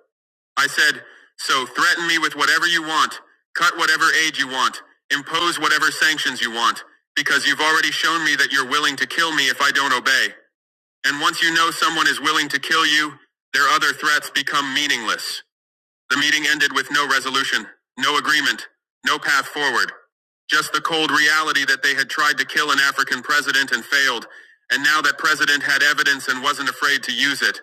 [SPEAKER 3] I said, so threaten me with whatever you want, cut whatever aid you want, impose whatever sanctions you want, because you've already shown me that you're willing to kill me if I don't obey. And once you know someone is willing to kill you, their other threats become meaningless. The meeting ended with no resolution, no agreement, no path forward. Just the cold reality that they had tried to kill an African president and failed, and now that president had evidence and wasn't afraid to use it.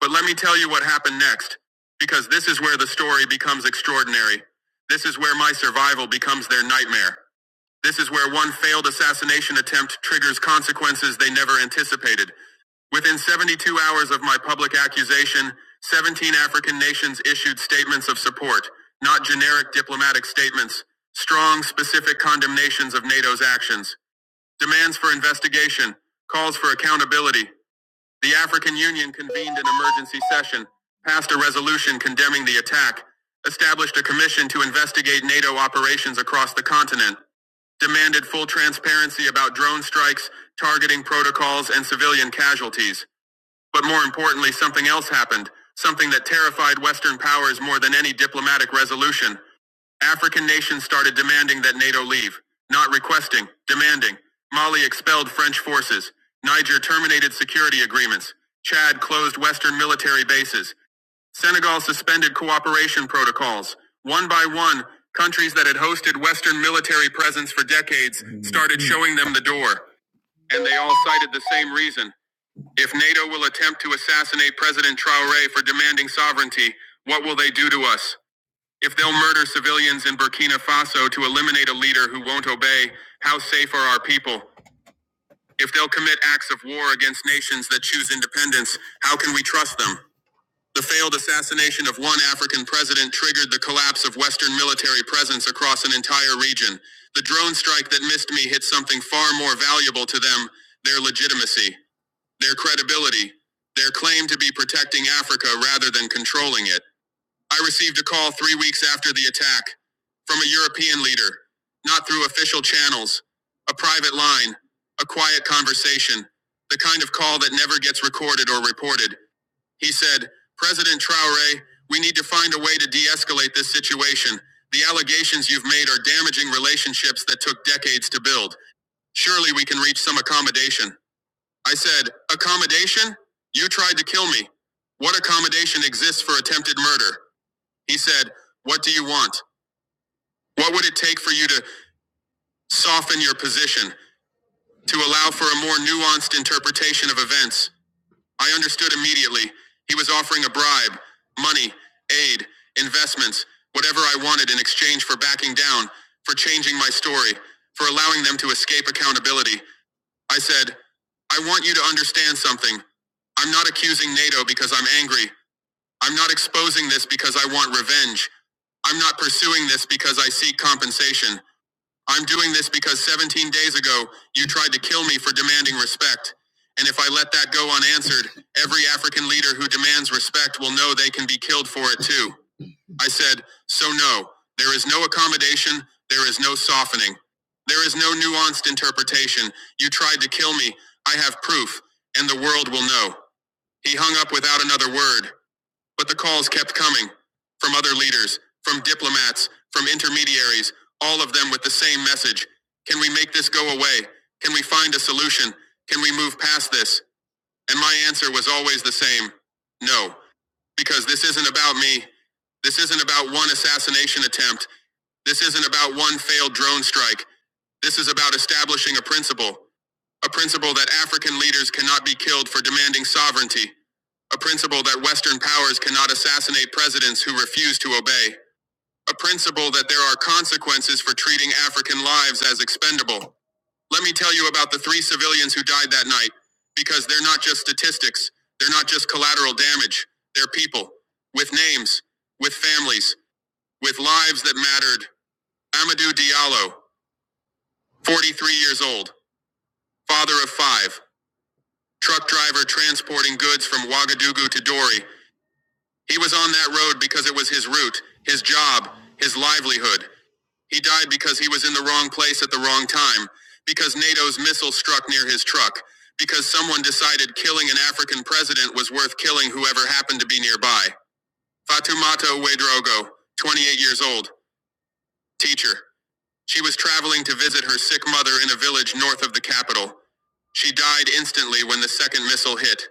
[SPEAKER 3] But let me tell you what happened next, because this is where the story becomes extraordinary. This is where my survival becomes their nightmare. This is where one failed assassination attempt triggers consequences they never anticipated. Within 72 hours of my public accusation, 17 African nations issued statements of support, not generic diplomatic statements, strong, specific condemnations of NATO's actions, demands for investigation, calls for accountability. The African Union convened an emergency session, passed a resolution condemning the attack, established a commission to investigate NATO operations across the continent, demanded full transparency about drone strikes, targeting protocols, and civilian casualties. But more importantly, something else happened, something that terrified Western powers more than any diplomatic resolution. African nations started demanding that NATO leave, not requesting, demanding. Mali expelled French forces. Niger terminated security agreements. Chad closed Western military bases. Senegal suspended cooperation protocols. One by one, countries that had hosted Western military presence for decades started showing them the door. And they all cited the same reason if NATO will attempt to assassinate President Traore for demanding sovereignty, what will they do to us? If they'll murder civilians in Burkina Faso to eliminate a leader who won't obey, how safe are our people? If they'll commit acts of war against nations that choose independence, how can we trust them? The failed assassination of one African president triggered the collapse of Western military presence across an entire region. The drone strike that missed me hit something far more valuable to them, their legitimacy. Their credibility, their claim to be protecting Africa rather than controlling it. I received a call three weeks after the attack from a European leader, not through official channels, a private line, a quiet conversation, the kind of call that never gets recorded or reported. He said, President Traore, we need to find a way to de escalate this situation. The allegations you've made are damaging relationships that took decades to build. Surely we can reach some accommodation. I said, Accommodation? You tried to kill me. What accommodation exists for attempted murder? He said, What do you want? What would it take for you to soften your position, to allow for a more nuanced interpretation of events? I understood immediately. He was offering a bribe, money, aid, investments, whatever I wanted in exchange for backing down, for changing my story, for allowing them to escape accountability. I said, I want you to understand something. I'm not accusing NATO because I'm angry. I'm not exposing this because I want revenge. I'm not pursuing this because I seek compensation. I'm doing this because 17 days ago, you tried to kill me for demanding respect. And if I let that go unanswered, every African leader who demands respect will know they can be killed for it too. I said, So no, there is no accommodation, there is no softening. There is no nuanced interpretation. You tried to kill me. I have proof, and the world will know. He hung up without another word, but the calls kept coming from other leaders, from diplomats, from intermediaries, all of them with the same message. Can we make this go away? Can we find a solution? Can we move past this? And my answer was always the same no because this isn't about me. This isn't about one assassination attempt. This isn't about one failed drone strike. This is about establishing a principle. A principle that African leaders cannot be killed for demanding sovereignty. A principle that Western powers cannot assassinate presidents who refuse to obey. A principle that there are consequences for treating African lives as expendable. Let me tell you about the three civilians who died that night, because they're not just statistics, they're not just collateral damage, they're people, with names, with families, with lives that mattered. Amadou Diallo, 43 years old, father of five, truck driver transporting goods from Ouagadougou to Dori. He was on that road because it was his route, his job, his livelihood. He died because he was in the wrong place at the wrong time, because NATO's missile struck near his truck, because someone decided killing an African president was worth killing whoever happened to be nearby. Fatoumata Wedrogo, 28 years old, teacher. She was traveling to visit her sick mother in a village north of the capital. She died instantly when the second missile hit.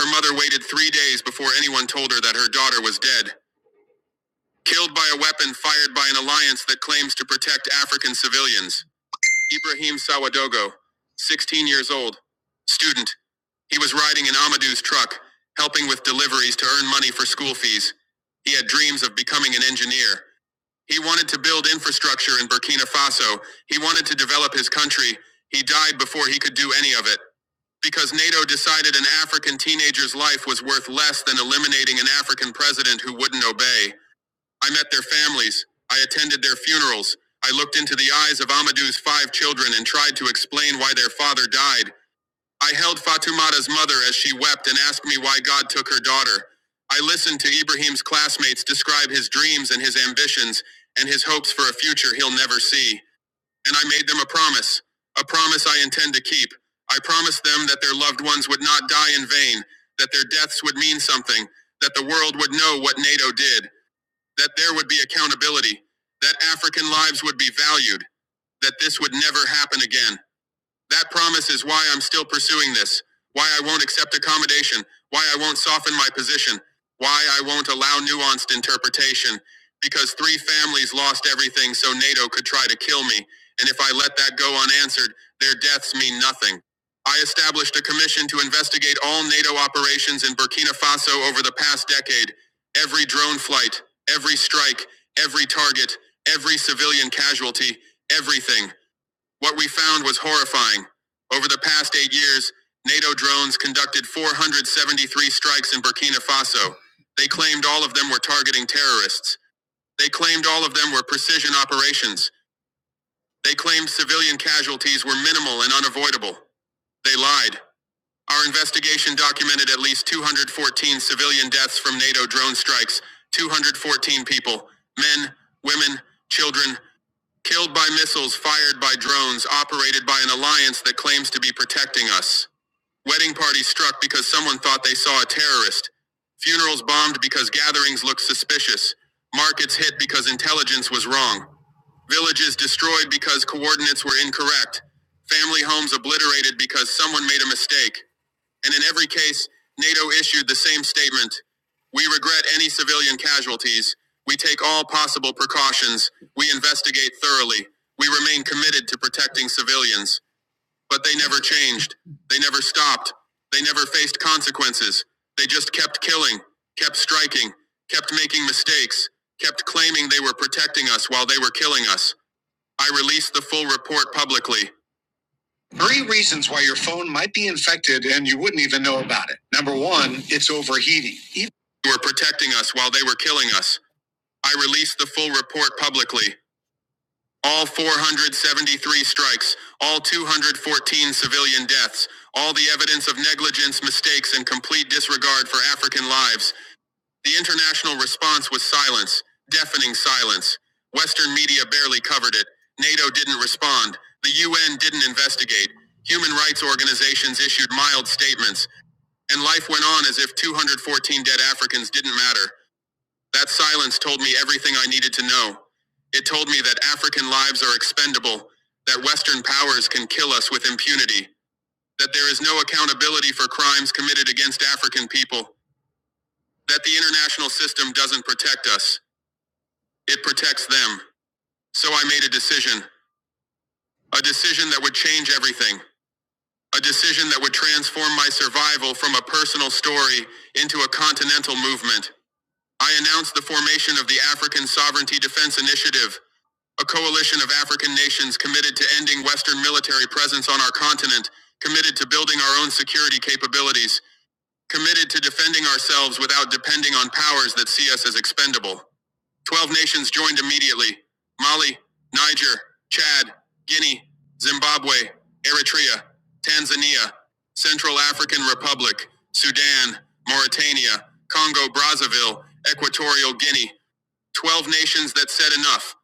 [SPEAKER 3] Her mother waited three days before anyone told her that her daughter was dead, killed by a weapon fired by an alliance that claims to protect African civilians. Ibrahim Sawadogo, 16 years old, student. He was riding in Amadou's truck, helping with deliveries to earn money for school fees. He had dreams of becoming an engineer. He wanted to build infrastructure in Burkina Faso. He wanted to develop his country. He died before he could do any of it because NATO decided an African teenager's life was worth less than eliminating an African president who wouldn't obey. I met their families. I attended their funerals. I looked into the eyes of Amadou's five children and tried to explain why their father died. I held Fatumata's mother as she wept and asked me why God took her daughter. I listened to Ibrahim's classmates describe his dreams and his ambitions and his hopes for a future he'll never see. And I made them a promise, a promise I intend to keep. I promised them that their loved ones would not die in vain, that their deaths would mean something, that the world would know what NATO did that there would be accountability, that African lives would be valued, that this would never happen again. That promise is why I'm still pursuing this, why I won't accept accommodation, why I won't soften my position, why I won't allow nuanced interpretation, because three families lost everything so NATO could try to kill me, and if I let that go unanswered, their deaths mean nothing. I established a commission to investigate all NATO operations in Burkina Faso over the past decade. Every drone flight, every strike, every target, every civilian casualty, everything. What we found was horrifying. Over the past eight years, NATO drones conducted 473 strikes in Burkina Faso. They claimed all of them were targeting terrorists. They claimed all of them were precision operations. They claimed civilian casualties were minimal and unavoidable. They lied. Our investigation documented at least 214 civilian deaths from NATO drone strikes, 214 people, men, women, children, Killed by missiles fired by drones operated by an alliance that claims to be protecting us. Wedding party struck because someone thought they saw a terrorist. Funerals bombed because gatherings looked suspicious. Markets hit because intelligence was wrong. Villages destroyed because coordinates were incorrect. Family homes obliterated because someone made a mistake. And in every case, NATO issued the same statement We regret any civilian casualties. We take all possible precautions. We investigate thoroughly. We remain committed to protecting civilians. But they never changed. They never stopped. They never faced consequences. They just kept killing, kept striking, kept making mistakes, kept claiming they were protecting us while they were killing us. I released the full report publicly. Three reasons why your phone might be infected and you wouldn't even know about it. Number one, it's overheating. Even- They were protecting us while they were killing us. I released the full report publicly. All 473 strikes, all 214 civilian deaths, all the evidence of negligence, mistakes, and complete disregard for African lives. The international response was silence, deafening silence. Western media barely covered it. NATO didn't respond. The UN didn't investigate. Human rights organizations issued mild statements, and life went on as if 214 dead Africans didn't matter. That silence told me everything I needed to know. It told me that African lives are expendable, that Western powers can kill us with impunity, that there is no accountability for crimes committed against African people, that the international system doesn't protect us. It protects them. So I made a decision. A decision that would change everything. A decision that would transform my survival from a personal story into a continental movement. I announced the formation of the African Sovereignty Defense Initiative, a coalition of African nations committed to ending Western military presence on our continent, committed to building our own security capabilities, committed to defending ourselves without depending on powers that see us as expendable. 12 nations joined immediately Mali, Niger, Chad, Guinea, Zimbabwe, Eritrea, Tanzania, Central African Republic, Sudan, Mauritania, Congo Brazzaville, Equatorial Guinea. 12 nations that said enough.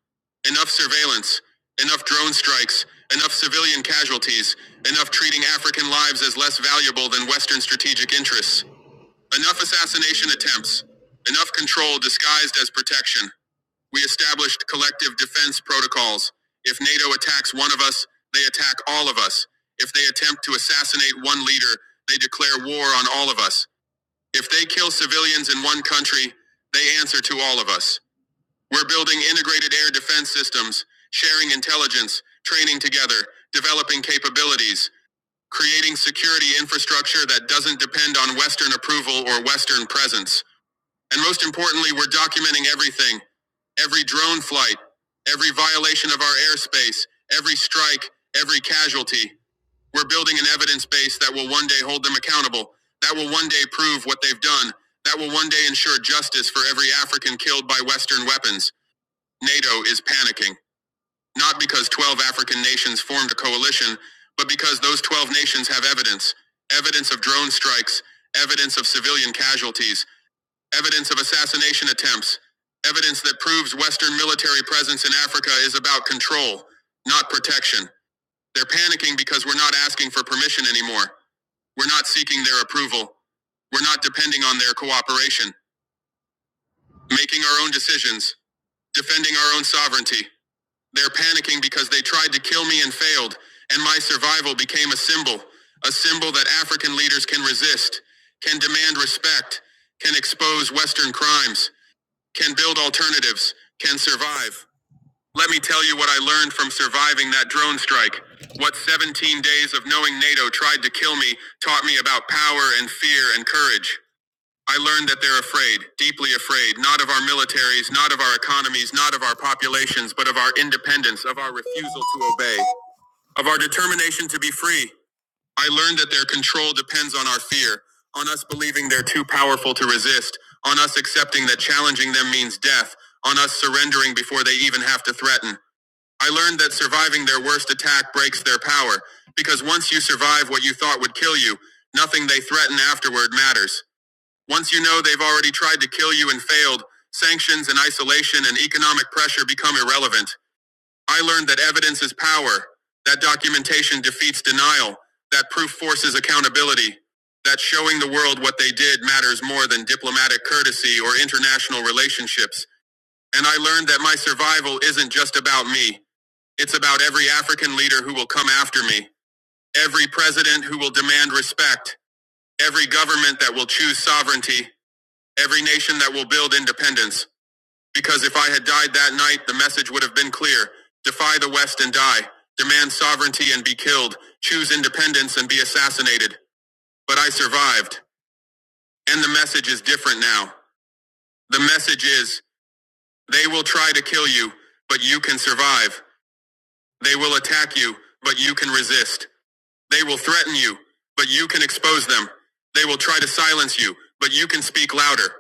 [SPEAKER 3] Enough surveillance, enough drone strikes, enough civilian casualties, enough treating African lives as less valuable than Western strategic interests, enough assassination attempts, enough control disguised as protection. We established collective defense protocols. If NATO attacks one of us, they attack all of us. If they attempt to assassinate one leader, they declare war on all of us. If they kill civilians in one country, they answer to all of us. We're building integrated air defense systems, sharing intelligence, training together, developing capabilities, creating security infrastructure that doesn't depend on Western approval or Western presence. And most importantly, we're documenting everything every drone flight, every violation of our airspace, every strike, every casualty. We're building an evidence base that will one day hold them accountable, that will one day prove what they've done, that will one day ensure justice for every African killed by Western weapons. NATO is panicking, not because 12 African nations formed a coalition, but because those 12 nations have evidence evidence of drone strikes, evidence of civilian casualties, Evidence of assassination attempts. Evidence that proves Western military presence in Africa is about control, not protection. They're panicking because we're not asking for permission anymore. We're not seeking their approval. We're not depending on their cooperation, making our own decisions, defending our own sovereignty. They're panicking because they tried to kill me and failed, and my survival became a symbol, a symbol that African leaders can resist, can demand respect, can expose Western crimes. can build alternatives, can survive. Let me tell you what I learned from surviving that drone strike. What 17 days of knowing NATO tried to kill me taught me about power and fear and courage. I learned that they're afraid, deeply afraid, not of our militaries, not of our economies, not of our populations, but of our independence, of our refusal to obey, of our determination to be free. I learned that their control depends on our fear, on us believing they're too powerful to resist, on us accepting that challenging them means death, on us surrendering before they even have to threaten. I learned that surviving their worst attack breaks their power, because once you survive what you thought would kill you, nothing they threaten afterward matters. Once you know they've already tried to kill you and failed, sanctions and isolation and economic pressure become irrelevant. I learned that evidence is power, that documentation defeats denial, that proof forces accountability, that showing the world what they did matters more than diplomatic courtesy or international relationships. And I learned that my survival isn't just about me. It's about every African leader who will come after me, every president who will demand respect, every government that will choose sovereignty, every nation that will build independence. Because if I had died that night, the message would have been clear. Defy the West and die. Demand sovereignty and be killed. Choose independence and be assassinated. But I survived. And the message is different now. The message is, they will try to kill you, but you can survive. They will attack you, but you can resist. They will threaten you, but you can expose them. They will try to silence you, but you can speak louder.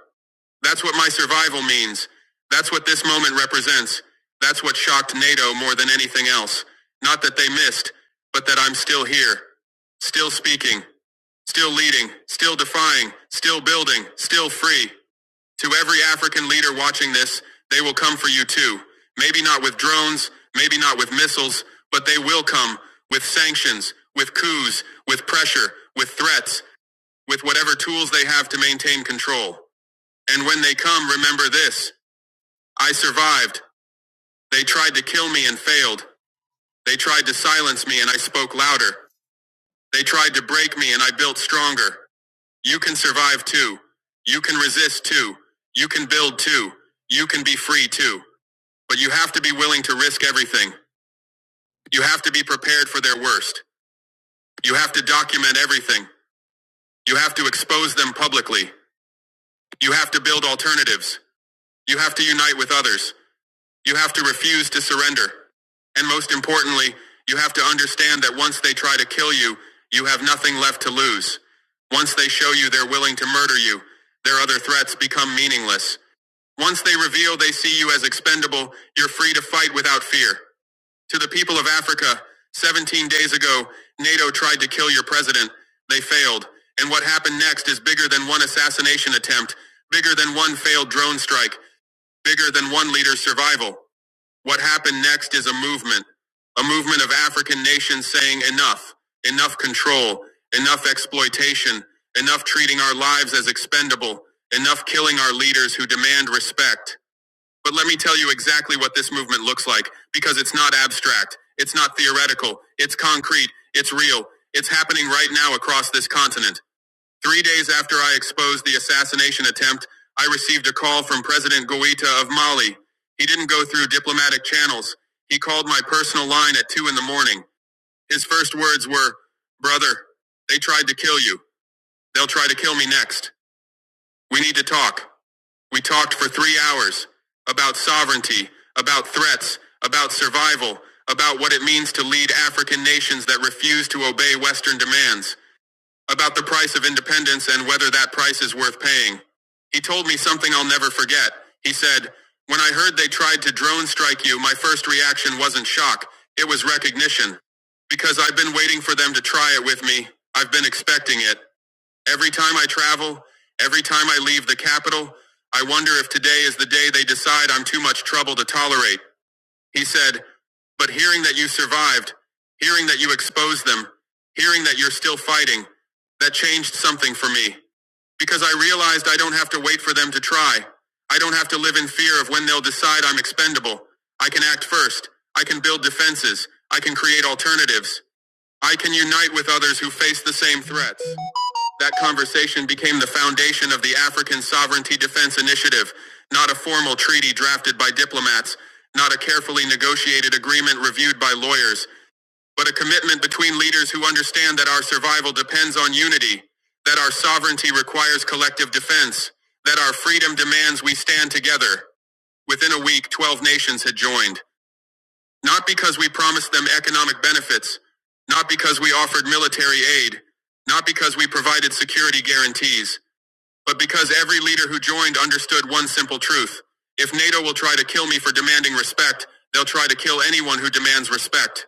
[SPEAKER 3] That's what my survival means. That's what this moment represents. That's what shocked NATO more than anything else. Not that they missed, but that I'm still here. Still speaking. Still leading. Still defying. Still building. Still free. To every African leader watching this, they will come for you too. Maybe not with drones, maybe not with missiles, but they will come with sanctions, with coups, with pressure, with threats, with whatever tools they have to maintain control. And when they come, remember this. I survived. They tried to kill me and failed. They tried to silence me and I spoke louder. They tried to break me and I built stronger. You can survive too. You can resist too. You can build too. You can be free too. But you have to be willing to risk everything. You have to be prepared for their worst. You have to document everything. You have to expose them publicly. You have to build alternatives. You have to unite with others. You have to refuse to surrender. And most importantly, you have to understand that once they try to kill you, you have nothing left to lose. Once they show you they're willing to murder you, their other threats become meaningless. Once they reveal they see you as expendable, you're free to fight without fear. To the people of Africa, 17 days ago, NATO tried to kill your president. They failed. And what happened next is bigger than one assassination attempt, bigger than one failed drone strike, bigger than one leader's survival. What happened next is a movement. A movement of African nations saying enough, enough control, enough exploitation, enough treating our lives as expendable, enough killing our leaders who demand respect. But let me tell you exactly what this movement looks like, because it's not abstract, it's not theoretical, it's concrete, it's real, it's happening right now across this continent. Three days after I exposed the assassination attempt, I received a call from President Goita of Mali. He didn't go through diplomatic channels. He called my personal line at two in the morning. His first words were, Brother, they tried to kill you. They'll try to kill me next. We need to talk. We talked for three hours about sovereignty, about threats, about survival, about what it means to lead African nations that refuse to obey Western demands, about the price of independence and whether that price is worth paying. He told me something I'll never forget. He said, when I heard they tried to drone strike you, my first reaction wasn't shock. It was recognition. Because I've been waiting for them to try it with me. I've been expecting it. Every time I travel, every time I leave the capital, I wonder if today is the day they decide I'm too much trouble to tolerate. He said, But hearing that you survived, hearing that you exposed them, hearing that you're still fighting, that changed something for me. Because I realized I don't have to wait for them to try. I don't have to live in fear of when they'll decide I'm expendable. I can act first. I can build defenses. I can create alternatives. I can unite with others who face the same threats. That conversation became the foundation of the African Sovereignty Defense Initiative, not a formal treaty drafted by diplomats, not a carefully negotiated agreement reviewed by lawyers, but a commitment between leaders who understand that our survival depends on unity, that our sovereignty requires collective defense, that our freedom demands we stand together. Within a week, 12 nations had joined, not because we promised them economic benefits, not because we offered military aid, not because we provided security guarantees but because every leader who joined understood one simple truth. If NATO will try to kill me for demanding respect, they'll try to kill anyone who demands respect.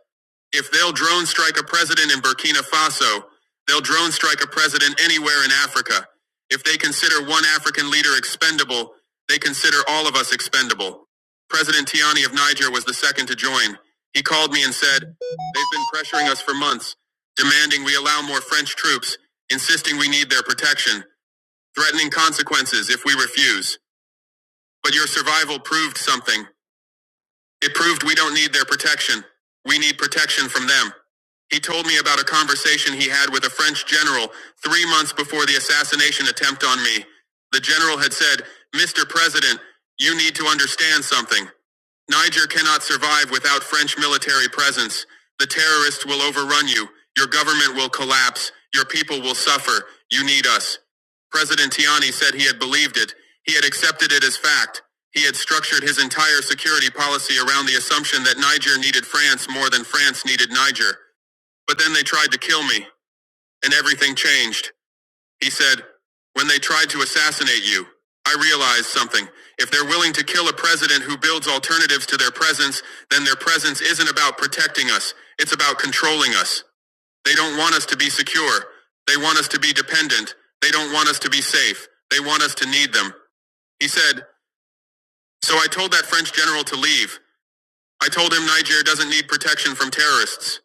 [SPEAKER 3] If they'll drone strike a president in Burkina Faso, they'll drone strike a president anywhere in Africa. If they consider one African leader expendable, they consider all of us expendable. President Tiani of Niger was the second to join. He called me and said, They've been pressuring us for months, demanding we allow more French troops, insisting we need their protection threatening consequences if we refuse. But your survival proved something. It proved we don't need their protection. We need protection from them. He told me about a conversation he had with a French general three months before the assassination attempt on me. The general had said, Mr. President, you need to understand something. Niger cannot survive without French military presence. The terrorists will overrun you. Your government will collapse. Your people will suffer. You need us. President Tiani said he had believed it. He had accepted it as fact. He had structured his entire security policy around the assumption that Niger needed France more than France needed Niger. But then they tried to kill me, and everything changed. He said, When they tried to assassinate you, I realized something. If they're willing to kill a president who builds alternatives to their presence, then their presence isn't about protecting us. It's about controlling us. They don't want us to be secure. They want us to be dependent. They don't want us to be safe. They want us to need them. He said, so I told that French general to leave. I told him Niger doesn't need protection from terrorists.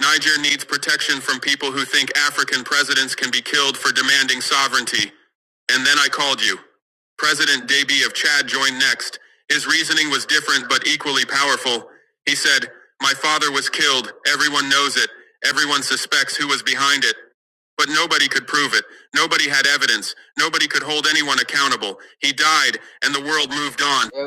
[SPEAKER 3] Niger needs protection from people who think African presidents can be killed for demanding sovereignty. And then I called you. President Deby of Chad joined next. His reasoning was different but equally powerful. He said, My father was killed. Everyone knows it. Everyone suspects who was behind it. But nobody could prove it. Nobody had evidence. Nobody could hold anyone accountable. He died, and the world moved on.
[SPEAKER 13] Yeah.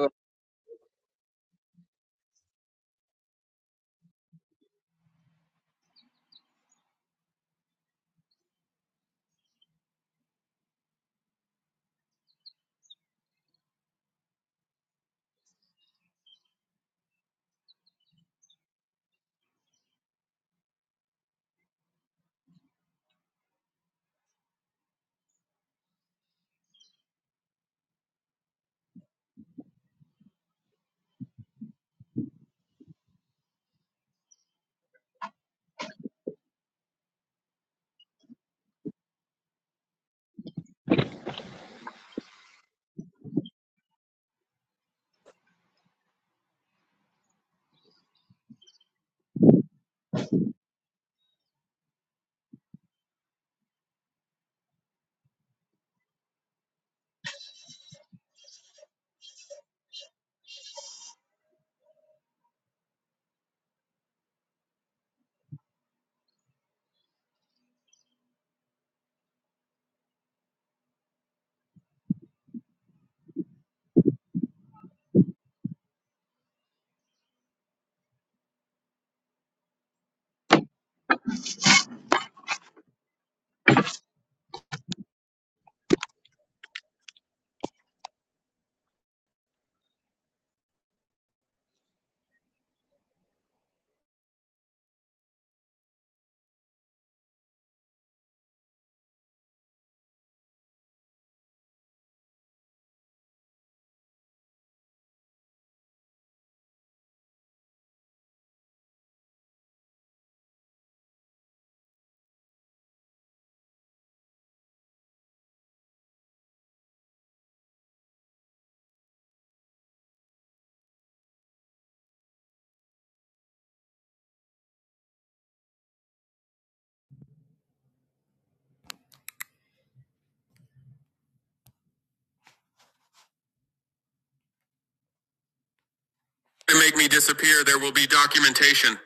[SPEAKER 3] To make me disappear, there will be documentation.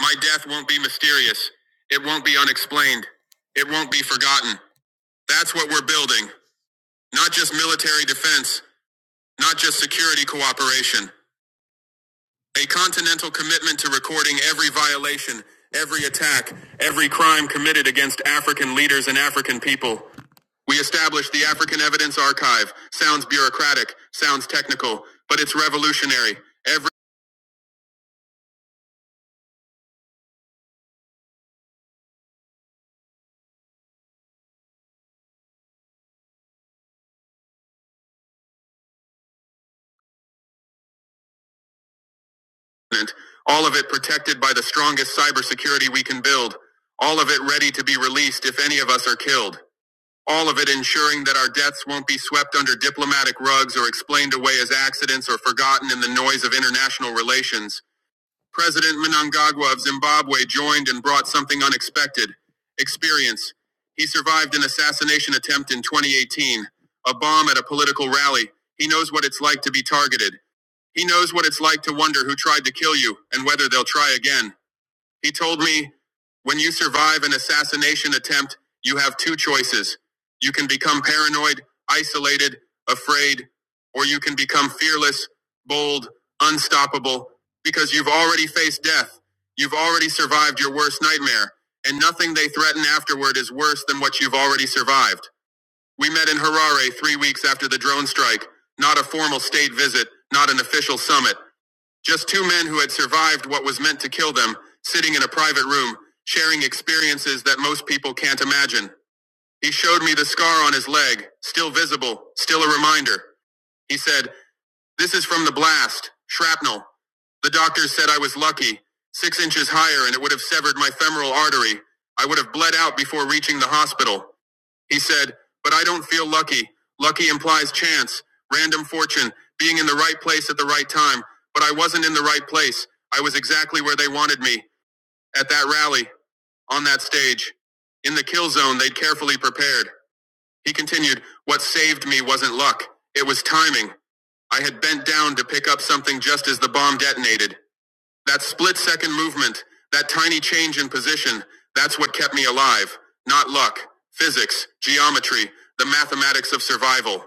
[SPEAKER 3] My death won't be mysterious. It won't be unexplained. It won't be forgotten. That's what we're building. Not just military defense, not just security cooperation. A continental commitment to recording every violation, every attack, every crime committed against African leaders and African people. We established the African Evidence Archive. Sounds bureaucratic, sounds technical, but it's revolutionary. Every. all of it protected by the strongest cybersecurity we can build, all of it ready to be released if any of us are killed, all of it ensuring that our deaths won't be swept under diplomatic rugs or explained away as accidents or forgotten in the noise of international relations. President Mnangagwa of Zimbabwe joined and brought something unexpected experience. He survived an assassination attempt in 2018, a bomb at a political rally. He knows what it's like to be targeted. He knows what it's like to wonder who tried to kill you and whether they'll try again. He told me, when you survive an assassination attempt, you have two choices. You can become paranoid, isolated, afraid, or you can become fearless, bold, unstoppable, because you've already faced death. You've already survived your worst nightmare, and nothing they threaten afterward is worse than what you've already survived. We met in Harare three weeks after the drone strike. Not a formal state visit, not an official summit. Just two men who had survived what was meant to kill them, sitting in a private room, sharing experiences that most people can't imagine. He showed me the scar on his leg, still visible, still a reminder. He said, This is from the blast, shrapnel. The doctors said I was lucky, six inches higher, and it would have severed my femoral artery. I would have bled out before reaching the hospital. He said, But I don't feel lucky. Lucky implies chance, random fortune, being in the right place at the right time. But I wasn't in the right place. I was exactly where they wanted me at that rally, on that stage. In the kill zone, they'd carefully prepared. He continued, What saved me wasn't luck, it was timing. I had bent down to pick up something just as the bomb detonated. That split second movement, that tiny change in position, that's what kept me alive. Not luck, physics, geometry, the mathematics of survival.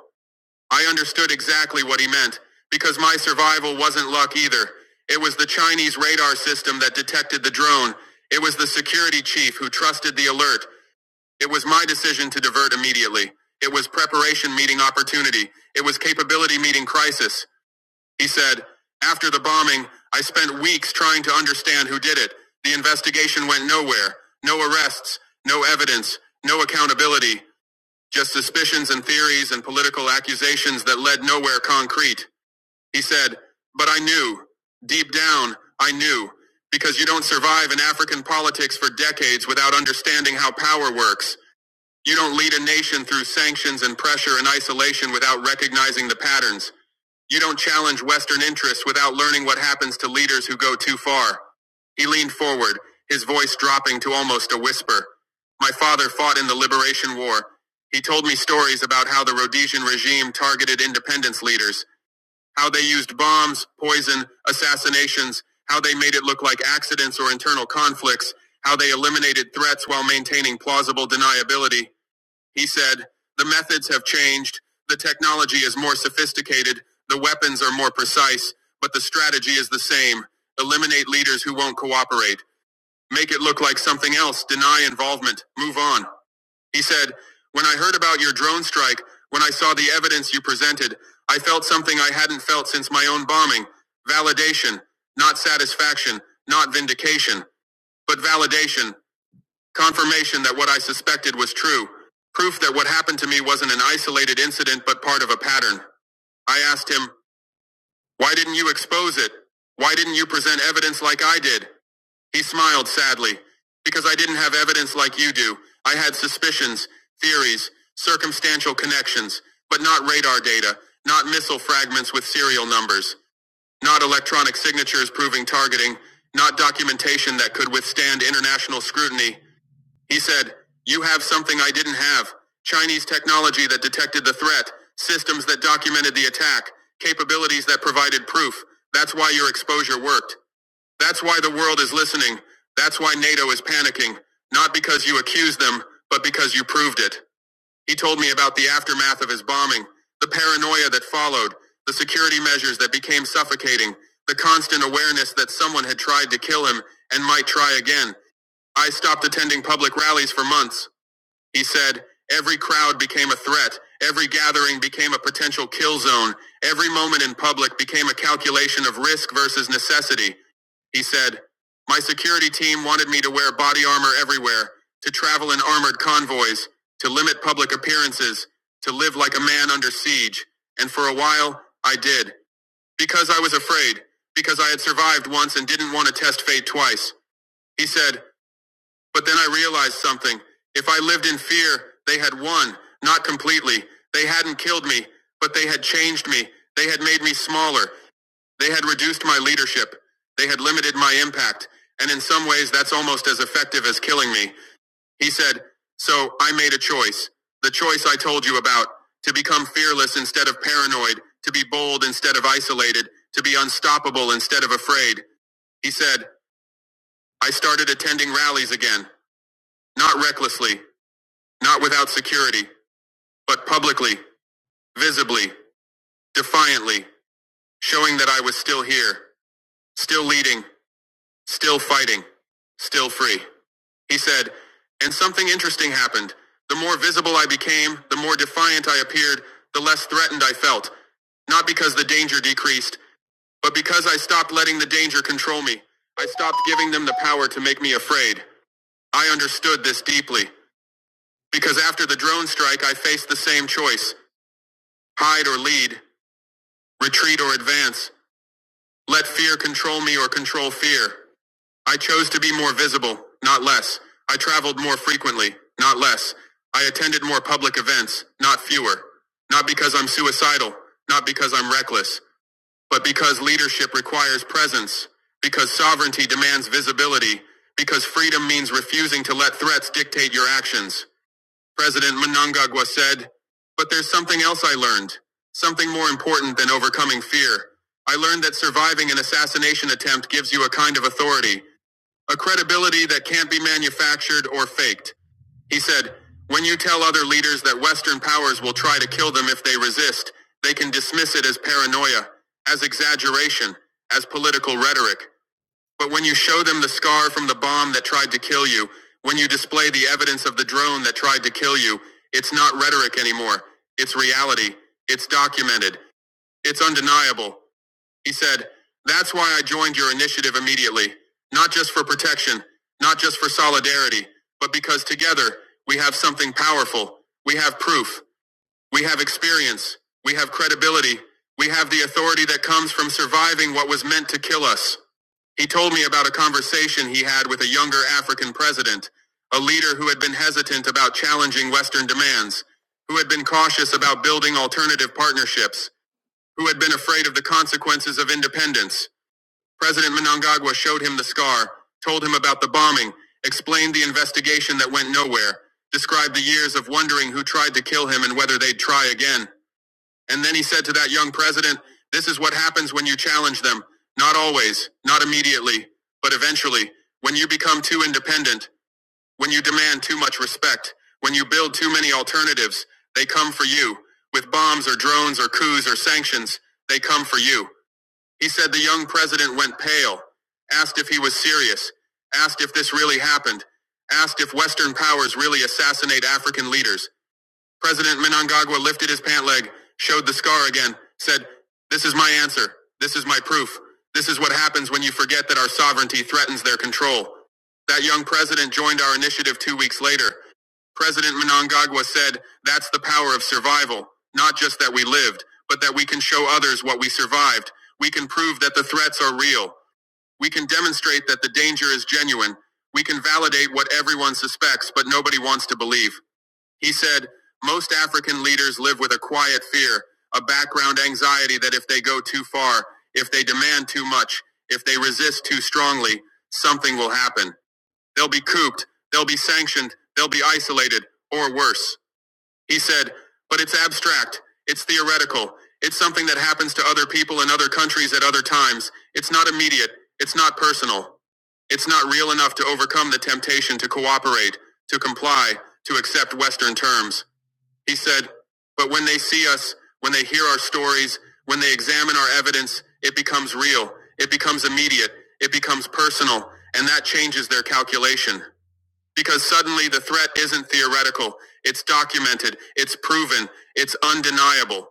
[SPEAKER 3] I understood exactly what he meant, because my survival wasn't luck either. It was the Chinese radar system that detected the drone. It was the security chief who trusted the alert. It was my decision to divert immediately. It was preparation meeting opportunity. It was capability meeting crisis. He said, After the bombing, I spent weeks trying to understand who did it. The investigation went nowhere. No arrests, no evidence, no accountability, just suspicions and theories and political accusations that led nowhere concrete. He said, But I knew. Deep down, I knew. Because you don't survive in African politics for decades without understanding how power works. You don't lead a nation through sanctions and pressure and isolation without recognizing the patterns. You don't challenge Western interests without learning what happens to leaders who go too far. He leaned forward, his voice dropping to almost a whisper. My father fought in the Liberation War. He told me stories about how the Rhodesian regime targeted independence leaders, how they used bombs, poison, assassinations, how they made it look like accidents or internal conflicts, how they eliminated threats while maintaining plausible deniability. He said, The methods have changed, the technology is more sophisticated, the weapons are more precise, but the strategy is the same. Eliminate leaders who won't cooperate. Make it look like something else, deny involvement, move on. He said, When I heard about your drone strike, when I saw the evidence you presented, I felt something I hadn't felt since my own bombing validation, not satisfaction, not vindication, but validation. Confirmation that what I suspected was true. Proof that what happened to me wasn't an isolated incident but part of a pattern. I asked him, Why didn't you expose it? Why didn't you present evidence like I did? He smiled sadly. Because I didn't have evidence like you do. I had suspicions, theories, circumstantial connections, but not radar data, not missile fragments with serial numbers, not electronic signatures proving targeting, not documentation that could withstand international scrutiny. He said, You have something I didn't have Chinese technology that detected the threat, systems that documented the attack, capabilities that provided proof. That's why your exposure worked. That's why the world is listening. That's why NATO is panicking. Not because you accused them, but because you proved it. He told me about the aftermath of his bombing, the paranoia that followed, the security measures that became suffocating, the constant awareness that someone had tried to kill him and might try again. I stopped attending public rallies for months. He said, Every crowd became a threat. Every gathering became a potential kill zone. Every moment in public became a calculation of risk versus necessity. He said, My security team wanted me to wear body armor everywhere, to travel in armored convoys, to limit public appearances, to live like a man under siege. And for a while, I did. Because I was afraid. Because I had survived once and didn't want to test fate twice. He said, but then I realized something. If I lived in fear, they had won, not completely. They hadn't killed me, but they had changed me. They had made me smaller. They had reduced my leadership. They had limited my impact. And in some ways, that's almost as effective as killing me. He said, So I made a choice. The choice I told you about to become fearless instead of paranoid, to be bold instead of isolated, to be unstoppable instead of afraid. He said, I started attending rallies again, not recklessly, not without security, but publicly, visibly, defiantly, showing that I was still here, still leading, still fighting, still free. He said, and something interesting happened. The more visible I became, the more defiant I appeared, the less threatened I felt. Not because the danger decreased, but because I stopped letting the danger control me. I stopped giving them the power to make me afraid. I understood this deeply, because after the drone strike I faced the same choice, hide or lead, Retreat or advance. Let fear control me or control fear. I chose to be more visible, not less. I traveled more frequently, not less. I attended more public events, not fewer. Not because I'm suicidal, not because I'm reckless, but because leadership requires presence, because sovereignty demands visibility, because freedom means refusing to let threats dictate your actions. President Mnangagwa said, But there's something else I learned, something more important than overcoming fear. I learned that surviving an assassination attempt gives you a kind of authority, a credibility that can't be manufactured or faked. He said, When you tell other leaders that Western powers will try to kill them if they resist, they can dismiss it as paranoia, as exaggeration, as political rhetoric. But when you show them the scar from the bomb that tried to kill you, when you display the evidence of the drone that tried to kill you, it's not rhetoric anymore. It's reality. It's documented. It's undeniable. He said, That's why I joined your initiative immediately. Not just for protection, not just for solidarity, but because together we have something powerful. We have proof. We have experience. We have credibility. We have the authority that comes from surviving what was meant to kill us. He told me about a conversation he had with a younger African president, a leader who had been hesitant about challenging Western demands, who had been cautious about building alternative partnerships, who had been afraid of the consequences of independence. President Mnangagwa showed him the scar, told him about the bombing, explained the investigation that went nowhere, described the years of wondering who tried to kill him and whether they'd try again. And then he said to that young president, This is what happens when you challenge them. Not always, not immediately, but eventually. When you become too independent, when you demand too much respect, when you build too many alternatives, they come for you. With bombs or drones or coups or sanctions, they come for you. He said the young president went pale, asked if he was serious, asked if this really happened, asked if Western powers really assassinate African leaders. President Menangagwa lifted his pant leg, showed the scar again, said, This is my answer. This is my proof. This is what happens when you forget that our sovereignty threatens their control. That young president joined our initiative two weeks later. President Menangagwa said, That's the power of survival. Not just that we lived, but that we can show others what we survived. We can prove that the threats are real. We can demonstrate that the danger is genuine. We can validate what everyone suspects, but nobody wants to believe. He said, Most African leaders live with a quiet fear, a background anxiety that if they go too far, if they demand too much, if they resist too strongly, something will happen. They'll be cooped, they'll be sanctioned, they'll be isolated, or worse. He said, But it's abstract, it's theoretical, it's something that happens to other people in other countries at other times. It's not immediate, it's not personal. It's not real enough to overcome the temptation to cooperate, to comply, to accept Western terms. He said, But when they see us, when they hear our stories, when they examine our evidence, it becomes real. It becomes immediate. It becomes personal. And that changes their calculation. Because suddenly the threat isn't theoretical. It's documented. It's proven. It's undeniable.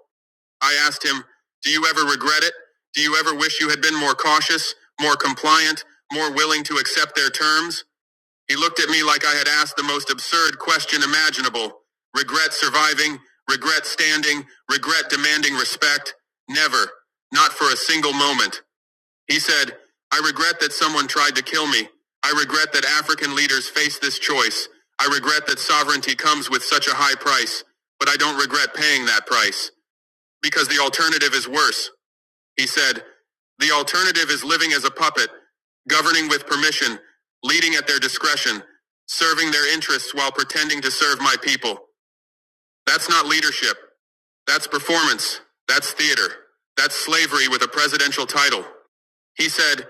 [SPEAKER 3] I asked him, Do you ever regret it? Do you ever wish you had been more cautious, more compliant, more willing to accept their terms? He looked at me like I had asked the most absurd question imaginable. Regret surviving, regret standing, regret demanding respect. Never. Not for a single moment. He said, I regret that someone tried to kill me. I regret that African leaders face this choice. I regret that sovereignty comes with such a high price. But I don't regret paying that price. Because the alternative is worse. He said, The alternative is living as a puppet, governing with permission, leading at their discretion, serving their interests while pretending to serve my people. That's not leadership. That's performance. That's theater. That's slavery with a presidential title. He said,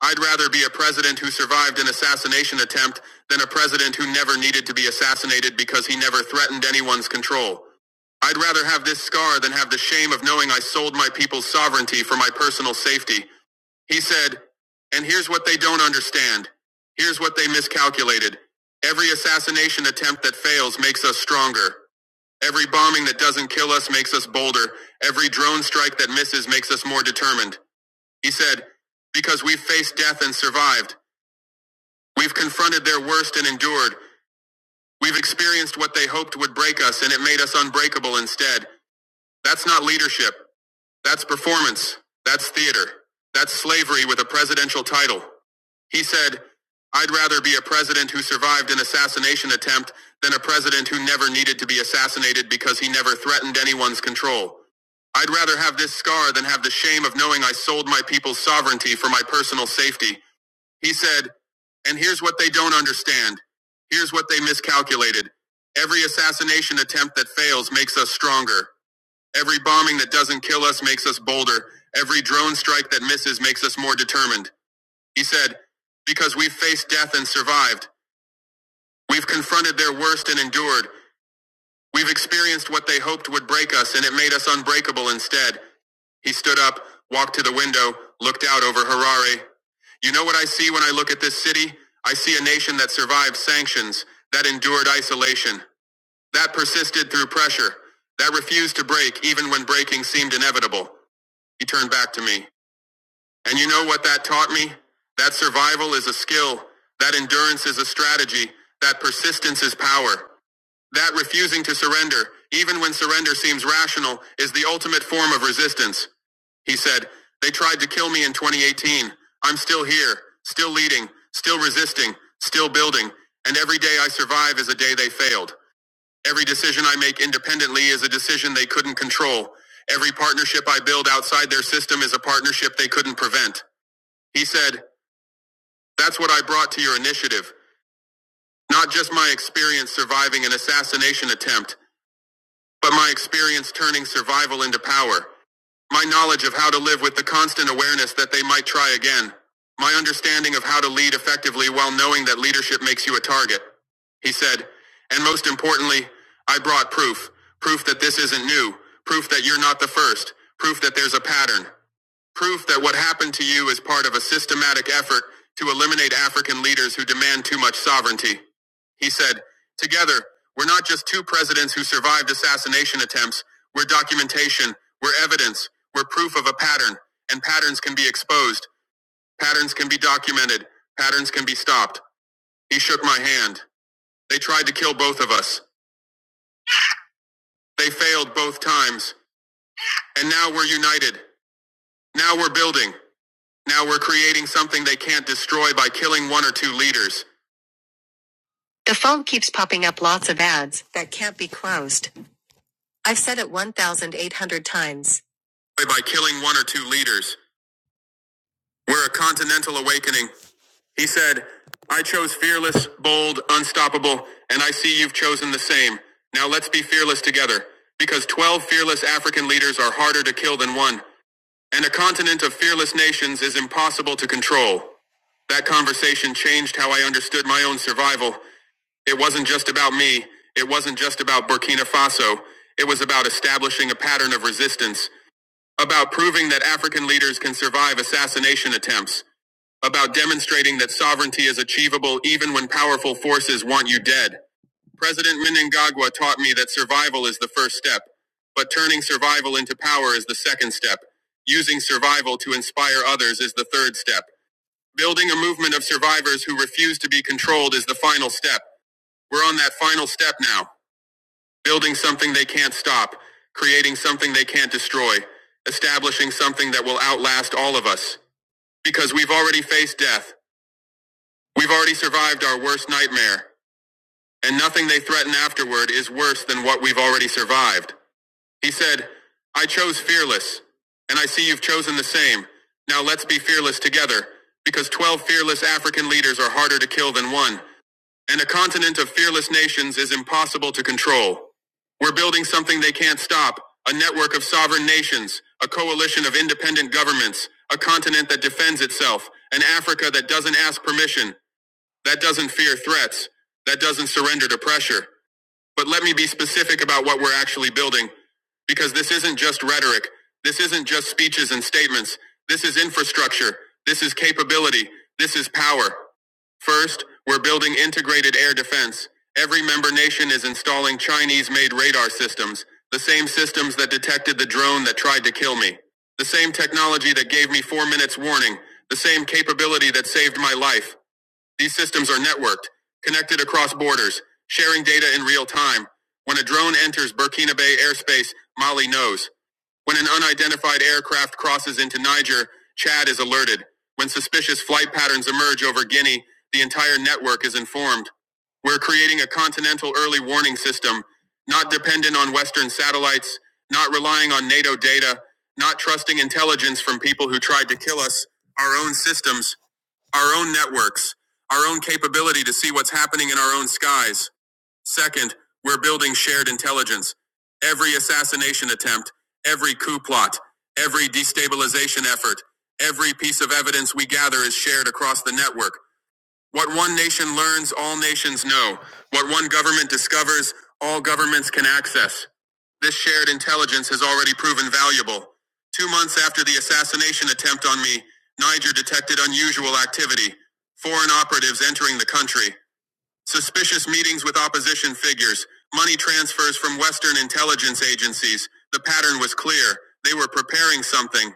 [SPEAKER 3] I'd rather be a president who survived an assassination attempt than a president who never needed to be assassinated because he never threatened anyone's control. I'd rather have this scar than have the shame of knowing I sold my people's sovereignty for my personal safety. He said, and here's what they don't understand. Here's what they miscalculated. Every assassination attempt that fails makes us stronger. Every bombing that doesn't kill us makes us bolder. Every drone strike that misses makes us more determined. He said, Because we've faced death and survived. We've confronted their worst and endured. We've experienced what they hoped would break us, and it made us unbreakable instead. That's not leadership. That's performance. That's theater. That's slavery with a presidential title. He said, I'd rather be a president who survived an assassination attempt than a president who never needed to be assassinated because he never threatened anyone's control. I'd rather have this scar than have the shame of knowing I sold my people's sovereignty for my personal safety. He said, and here's what they don't understand. Here's what they miscalculated. Every assassination attempt that fails makes us stronger. Every bombing that doesn't kill us makes us bolder. Every drone strike that misses makes us more determined. He said, because we've faced death and survived. We've confronted their worst and endured. We've experienced what they hoped would break us and it made us unbreakable instead. He stood up, walked to the window, looked out over Harare. You know what I see when I look at this city? I see a nation that survived sanctions, that endured isolation, that persisted through pressure, that refused to break even when breaking seemed inevitable. He turned back to me. And you know what that taught me? That survival is a skill, that endurance is a strategy, that persistence is power. That refusing to surrender, even when surrender seems rational, is the ultimate form of resistance. He said, They tried to kill me in 2018. I'm still here, still leading, still resisting, still building, and every day I survive is a day they failed. Every decision I make independently is a decision they couldn't control. Every partnership I build outside their system is a partnership they couldn't prevent. He said, That's what I brought to your initiative. Not just my experience surviving an assassination attempt, but my experience turning survival into power, my knowledge of how to live with the constant awareness that they might try again, my understanding of how to lead effectively while knowing that leadership makes you a target. He said, and most importantly, I brought proof, proof that this isn't new, proof that you're not the first, proof that there's a pattern proof that what happened to you is part of a systematic effort to eliminate African leaders who demand too much sovereignty. He said, Together, we're not just two presidents who survived assassination attempts, we're documentation, we're evidence, we're proof of a pattern, and patterns can be exposed, patterns can be documented, patterns can be stopped. He shook my hand. They tried to kill both of us. They failed both times. And now we're united. Now we're building. Now we're creating something they can't destroy by killing one or two leaders. The phone keeps popping up lots of ads that can't be closed. I've said it 1,800 times. By killing one or two leaders. We're a continental awakening. He said, I chose fearless, bold, unstoppable, and I see you've chosen the same. Now let's be fearless together, because 12 fearless African leaders are harder to kill than one. And a continent of fearless nations is impossible to control. That conversation changed how I understood my own survival. It wasn't just about me. It wasn't just about Burkina Faso. It was about establishing a pattern of resistance, about proving that African leaders can survive assassination attempts, about demonstrating that sovereignty is achievable even when powerful forces want you dead. President Mnangagwa taught me that survival is the first step, but turning survival into power is the second step. Using survival to inspire others is the third step. Building a movement of survivors who refuse to be controlled is the final step. We're on that final step now. Building something they can't stop, creating something they can't destroy, establishing something that will outlast all of us. Because we've already faced death. We've already survived our worst nightmare. And nothing they threaten afterward is worse than what we've already survived. He said, I chose fearless, and I see you've chosen the same. Now let's be fearless together, because 12 fearless African leaders are harder to kill than one, and a continent of fearless nations is impossible to control. We're building something they can't stop a network of sovereign nations, a coalition of independent governments, a continent that defends itself, an Africa that doesn't ask permission, that doesn't fear threats, that doesn't surrender to pressure. But let me be specific about what we're actually building, because this isn't just rhetoric. This isn't just speeches and statements. This is infrastructure. This is capability. This is power. First, we're building integrated air defense. Every member nation is installing Chinese-made radar systems, the same systems that detected the drone that tried to kill me, the same technology that gave me four minutes warning, the same capability that saved my life. These systems are networked, connected across borders, sharing data in real time. When a drone enters Burkina Bay airspace, Mali knows. When an unidentified aircraft crosses into Niger, Chad is alerted. When suspicious flight patterns emerge over Guinea, the entire network is informed. We're creating a continental early warning system, not dependent on Western satellites, not relying on NATO data, not trusting intelligence from people who tried to kill us, our own systems our own networks, our own capability to see what's happening in our own skies. Second, we're building shared intelligence. Every assassination attempt, every coup plot, every destabilization effort, every piece of evidence we gather is shared across the network. What one nation learns, all nations know. What one government discovers, all governments can access. This shared intelligence has already proven valuable. Two months after the assassination attempt on me, Niger detected unusual activity. Foreign operatives entering the country, suspicious meetings with opposition figures, money transfers from Western intelligence agencies. The pattern was clear. They were preparing something.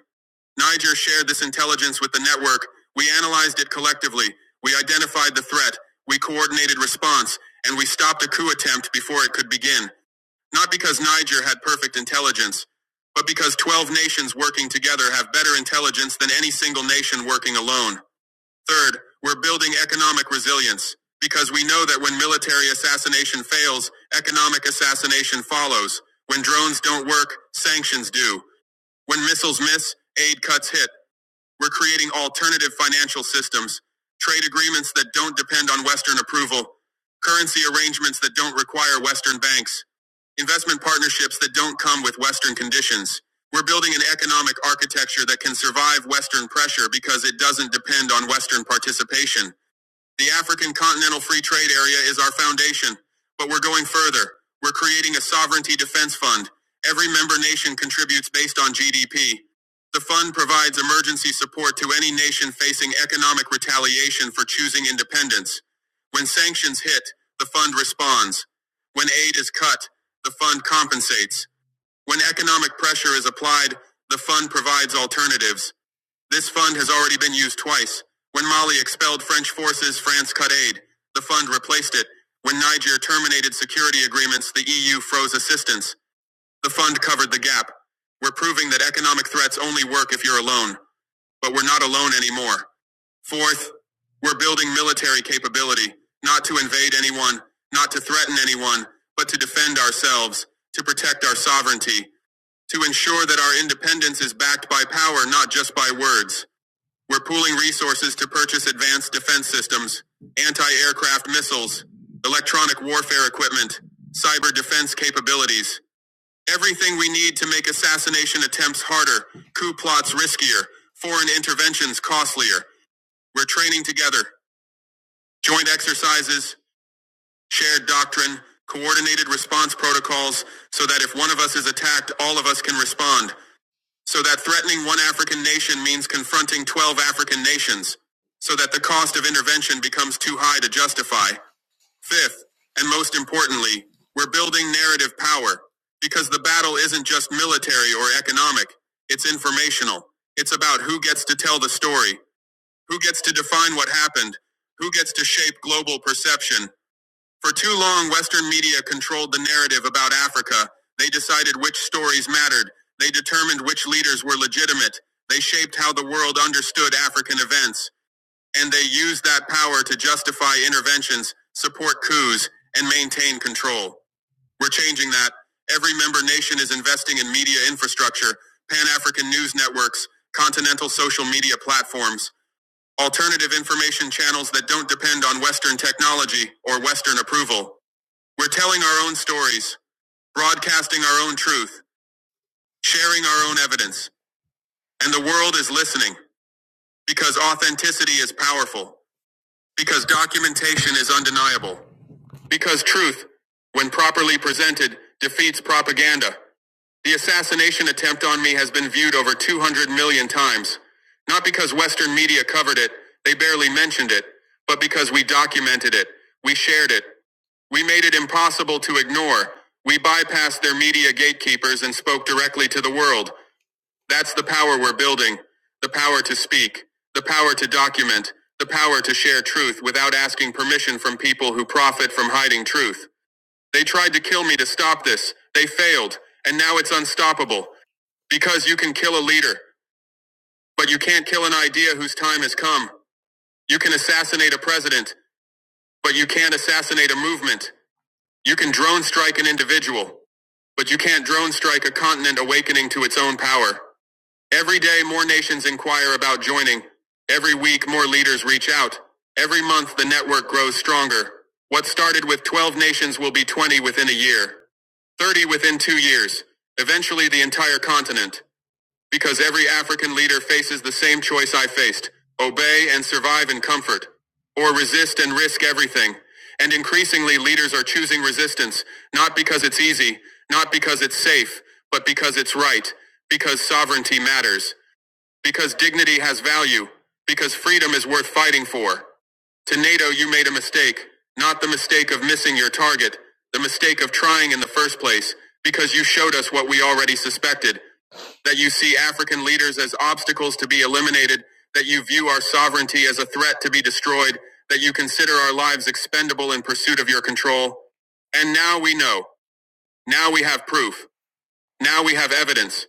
[SPEAKER 3] Niger shared this intelligence with the network. We analyzed it collectively. We identified the threat. We coordinated response. And we stopped a coup attempt before it could begin. Not because Niger had perfect intelligence, but because 12 nations working together have better intelligence than any single nation working alone. Third, we're building economic resilience because we know that when military assassination fails, economic assassination follows. When drones don't work, sanctions do. When missiles miss, aid cuts hit. We're creating alternative financial systems, trade agreements that don't depend on Western approval, currency arrangements that don't require Western banks, investment partnerships that don't come with Western conditions. We're building an economic architecture that can survive Western pressure because it doesn't depend on Western participation. The African Continental Free Trade Area is our foundation, but we're going further. We're creating a sovereignty defense fund. Every member nation contributes based on GDP. The fund provides emergency support to any nation facing economic retaliation for choosing independence. When sanctions hit, the fund responds. When aid is cut, the fund compensates. When economic pressure is applied, the fund provides alternatives. This fund has already been used twice. When Mali expelled French forces, France cut aid. The fund replaced it. When Niger terminated security agreements, the EU froze assistance. The fund covered the gap. We're proving that economic threats only work if you're alone. But we're not alone anymore. Fourth, we're building military capability, not to invade anyone, not to threaten anyone, but to defend ourselves, to protect our sovereignty, to ensure that our independence is backed by power, not just by words. We're pooling resources to purchase advanced defense systems, anti-aircraft missiles, electronic warfare equipment, cyber defense capabilities, everything we need to make assassination attempts harder, coup plots riskier, foreign interventions costlier. We're training together, joint exercises, shared doctrine, coordinated response protocols, so that if one of us is attacked, all of us can respond. So that threatening one African nation means confronting 12 African nations, so that the cost of intervention becomes too high to justify. Fifth, and most importantly, we're building narrative power, because the battle isn't just military or economic, it's informational. It's about who gets to tell the story, who gets to define what happened, who gets to shape global perception, for too long, Western media controlled the narrative about Africa. They decided which stories mattered. They determined which leaders were legitimate. They shaped how the world understood African events. And they used that power to justify interventions, support coups, and maintain control. We're changing that. Every member nation is investing in media infrastructure, pan-African news networks, continental social media platforms, alternative information channels that don't depend on Western technology or Western approval. We're telling our own stories, broadcasting our own truth, sharing our own evidence, and the world is listening because authenticity is powerful, because documentation is undeniable, because truth, when properly presented, defeats propaganda, The assassination attempt on me has been viewed over 200 million times. Not because Western media covered it, they barely mentioned it, but because we documented it, we shared it. We made it impossible to ignore. We bypassed their media gatekeepers and spoke directly to the world. That's the power we're building. The power to speak. The power to document. The power to share truth without asking permission from people who profit from hiding truth. They tried to kill me to stop this. They failed. And now it's unstoppable. Because you can kill a leader, but you can't kill an idea whose time has come. You can assassinate a president, but you can't assassinate a movement. You can drone strike an individual, but you can't drone strike a continent awakening to its own power. Every day, more nations inquire about joining. Every week, more leaders reach out. Every month, the network grows stronger. What started with 12 nations will be 20 within a year, 30 within two years, eventually the entire continent, because every African leader faces the same choice I faced obey and survive in comfort, or resist and risk everything. And increasingly, leaders are choosing resistance, not because it's easy, not because it's safe, but because it's right, because sovereignty matters. Because dignity has value. Because freedom is worth fighting for. To NATO, you made a mistake. Not the mistake of missing your target. The mistake of trying in the first place. Because you showed us what we already suspected. That you see African leaders as obstacles to be eliminated. That you view our sovereignty as a threat to be destroyed. That you consider our lives expendable in pursuit of your control. And now we know. Now we have proof. Now we have evidence.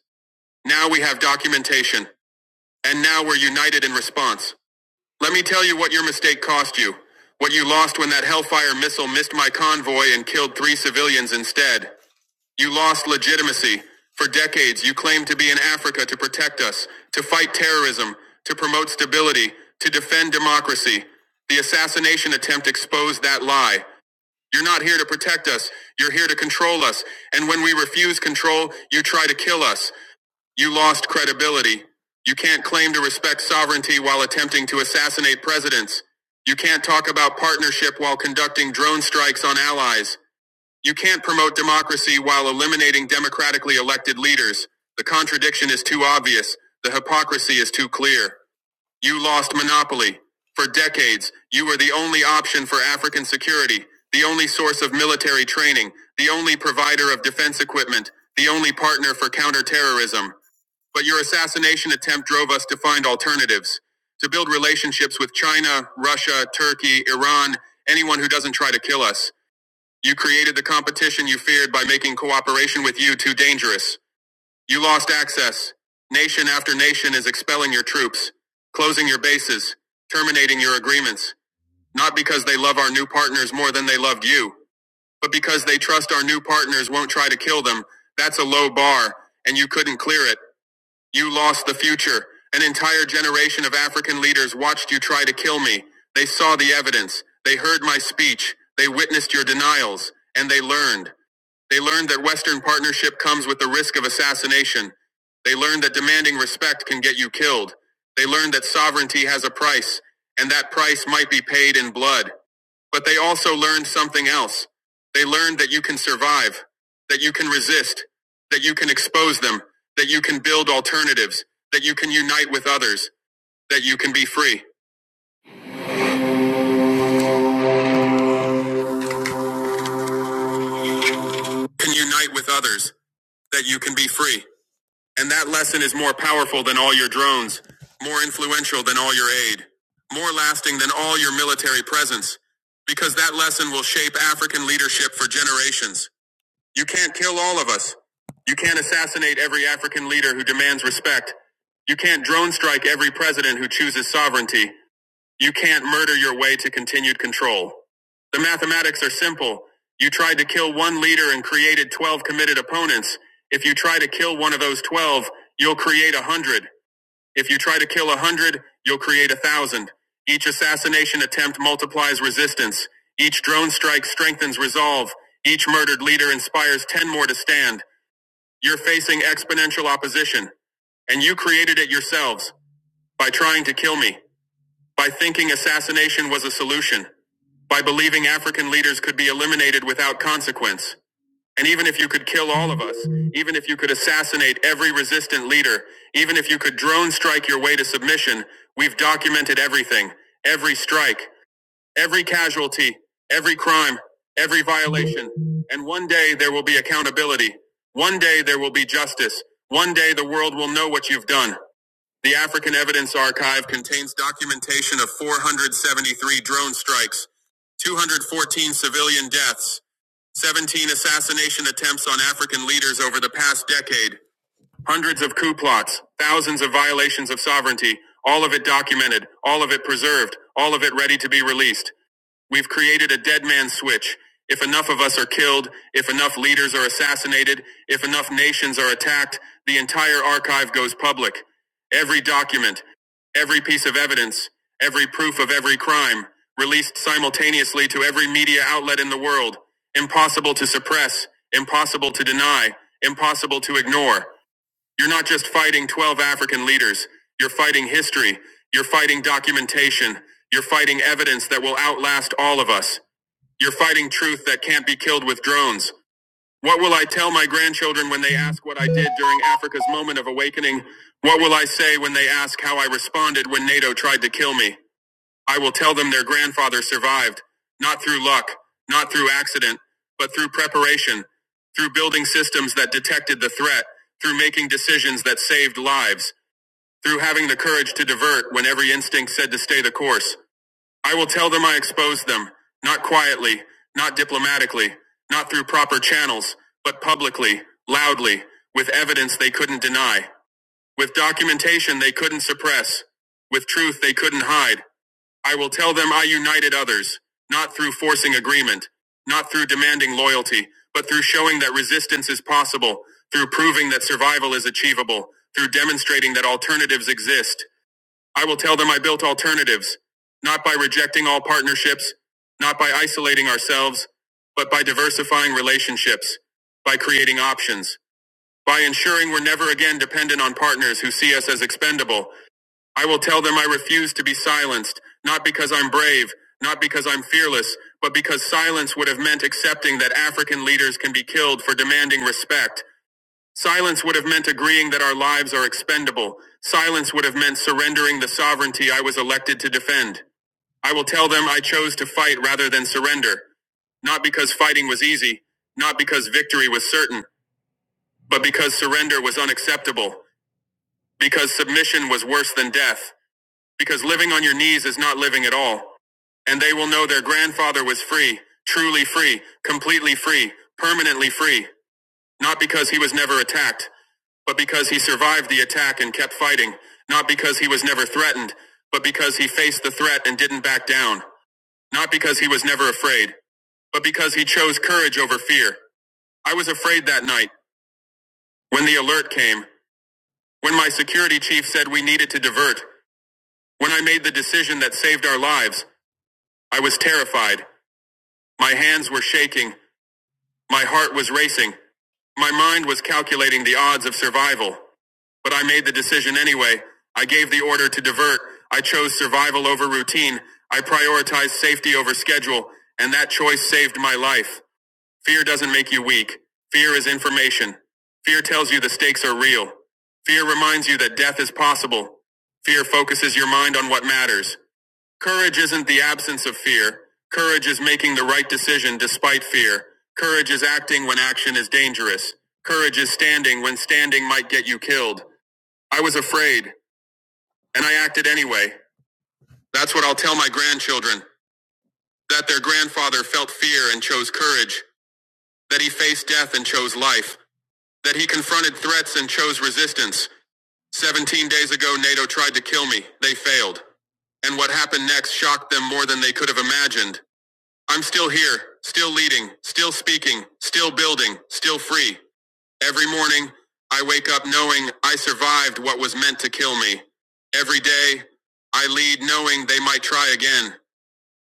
[SPEAKER 3] Now we have documentation. And now we're united in response. Let me tell you what your mistake cost you. What you lost when that Hellfire missile missed my convoy and killed three civilians instead. You lost legitimacy. For decades, you claimed to be in Africa to protect us, to fight terrorism, to promote stability, to defend democracy. The assassination attempt exposed that lie. You're not here to protect us. You're here to control us. And when we refuse control, you try to kill us. You lost credibility. You can't claim to respect sovereignty while attempting to assassinate presidents. You can't talk about partnership while conducting drone strikes on allies. You can't promote democracy while eliminating democratically elected leaders. The contradiction is too obvious. The hypocrisy is too clear. You lost monopoly. For decades, you were the only option for African security, the only source of military training, the only provider of defense equipment, the only partner for counterterrorism. But your assassination attempt drove us to find alternatives, to build relationships with China, Russia, Turkey, Iran, anyone who doesn't try to kill us. You created the competition you feared by making cooperation with you too dangerous. You lost access. Nation after nation is expelling your troops, closing your bases, terminating your agreements. Not because they love our new partners more than they loved you, but because they trust our new partners won't try to kill them. That's a low bar, and you couldn't clear it. You lost the future. An entire generation of African leaders watched you try to kill me. They saw the evidence. They heard my speech. They witnessed your denials. And they learned. They learned that Western partnership comes with the risk of assassination. They learned that demanding respect can get you killed. They learned that sovereignty has a price, and that price might be paid in blood. But they also learned something else. They learned that you can survive, that you can resist, that you can expose them, that you can build alternatives, that you can unite with others, that you can be free. Can unite with others, that you can be free. And that lesson is more powerful than all your drones, more influential than all your aid, more lasting than all your military presence, because that lesson will shape African leadership for generations. You can't kill all of us. You can't assassinate every African leader who demands respect. You can't drone strike every president who chooses sovereignty. You can't murder your way to continued control. The mathematics are simple. You tried to kill one leader and created 12 committed opponents. If you try to kill one of those 12, you'll create a 100. If you try to kill a hundred, you'll create a thousand. Each assassination attempt multiplies resistance. Each drone strike strengthens resolve. Each murdered leader inspires ten more to stand. You're facing exponential opposition. And you created it yourselves by trying to kill me, by thinking assassination was a solution, by believing African leaders could be eliminated without consequence. And even if you could kill all of us, even if you could assassinate every resistant leader, even if you could drone strike your way to submission, we've documented everything every strike, every casualty, every crime, every violation. And one day there will be accountability. One day there will be justice. One day the world will know what you've done. The African Evidence Archive contains documentation of 473 drone strikes, 214 civilian deaths, 17 assassination attempts on African leaders over the past decade, hundreds of coup plots, thousands of violations of sovereignty, all of it documented, all of it preserved, all of it ready to be released. We've created a dead man switch. If enough of us are killed, if enough leaders are assassinated, if enough nations are attacked, the entire archive goes public. Every document, every piece of evidence, every proof of every crime, released simultaneously to every media outlet in the world. Impossible to suppress, impossible to deny, impossible to ignore. You're not just fighting 12 African leaders, you're fighting history, you're fighting documentation, you're fighting evidence that will outlast all of us. You're fighting truth that can't be killed with drones. What will I tell my grandchildren when they ask what I did during Africa's moment of awakening? What will I say when they ask how I responded when NATO tried to kill me? I will tell them their grandfather survived, not through luck, not through accident, but through preparation, through building systems that detected the threat, through making decisions that saved lives, through having the courage to divert when every instinct said to stay the course. I will tell them I exposed them, not quietly, not diplomatically, not through proper channels, but publicly, loudly, with evidence they couldn't deny, with documentation they couldn't suppress, with truth they couldn't hide, I will tell them I united others, not through forcing agreement, not through demanding loyalty, but through showing that resistance is possible, through proving that survival is achievable, through demonstrating that alternatives exist. I will tell them I built alternatives, not by rejecting all partnerships, not by isolating ourselves, but by diversifying relationships, by creating options, by ensuring we're never again dependent on partners who see us as expendable, I will tell them I refuse to be silenced, not because I'm brave, not because I'm fearless, but because silence would have meant accepting that African leaders can be killed for demanding respect. Silence would have meant agreeing that our lives are expendable. Silence would have meant surrendering the sovereignty I was elected to defend. I will tell them I chose to fight rather than surrender not because fighting was easy, not because victory was certain, but because surrender was unacceptable, because submission was worse than death because living on your knees is not living at all. And they will know their grandfather was free, truly free, completely free, permanently free, not because he was never attacked, but because he survived the attack and kept fighting, not because he was never threatened, but because he faced the threat and didn't back down, not because he was never afraid, but because he chose courage over fear. I was afraid that night, when the alert came, when my security chief said we needed to divert, when I made the decision that saved our lives, I was terrified. My hands were shaking. My heart was racing. My mind was calculating the odds of survival. But I made the decision anyway. I gave the order to divert. I chose survival over routine. I prioritized safety over schedule. And that choice saved my life. Fear doesn't make you weak. Fear is information. Fear tells you the stakes are real. Fear reminds you that death is possible. Fear focuses your mind on what matters. Courage isn't the absence of fear. Courage is making the right decision despite fear. Courage is acting when action is dangerous. Courage is standing when standing might get you killed. I was afraid, and I acted anyway. That's what I'll tell my grandchildren. That their grandfather felt fear and chose courage. That he faced death and chose life. That he confronted threats and chose resistance. 17 days ago, NATO tried to kill me. They failed. And what happened next shocked them more than they could have imagined. I'm still here, still leading, still speaking, still building, still free. Every morning, I wake up knowing I survived what was meant to kill me. Every day, I lead knowing they might try again.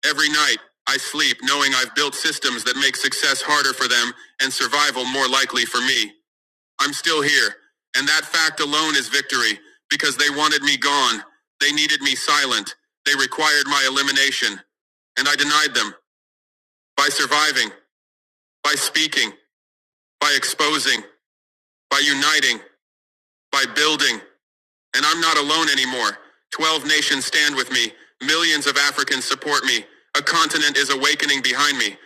[SPEAKER 3] Every night, I sleep knowing I've built systems that make success harder for them and survival more likely for me. I'm still here, and that fact alone is victory because they wanted me gone. They needed me silent. They required my elimination and I denied them by surviving by speaking, by exposing, by uniting, by building. And I'm not alone anymore. Twelve nations stand with me. Millions of Africans support me. A continent is awakening behind me.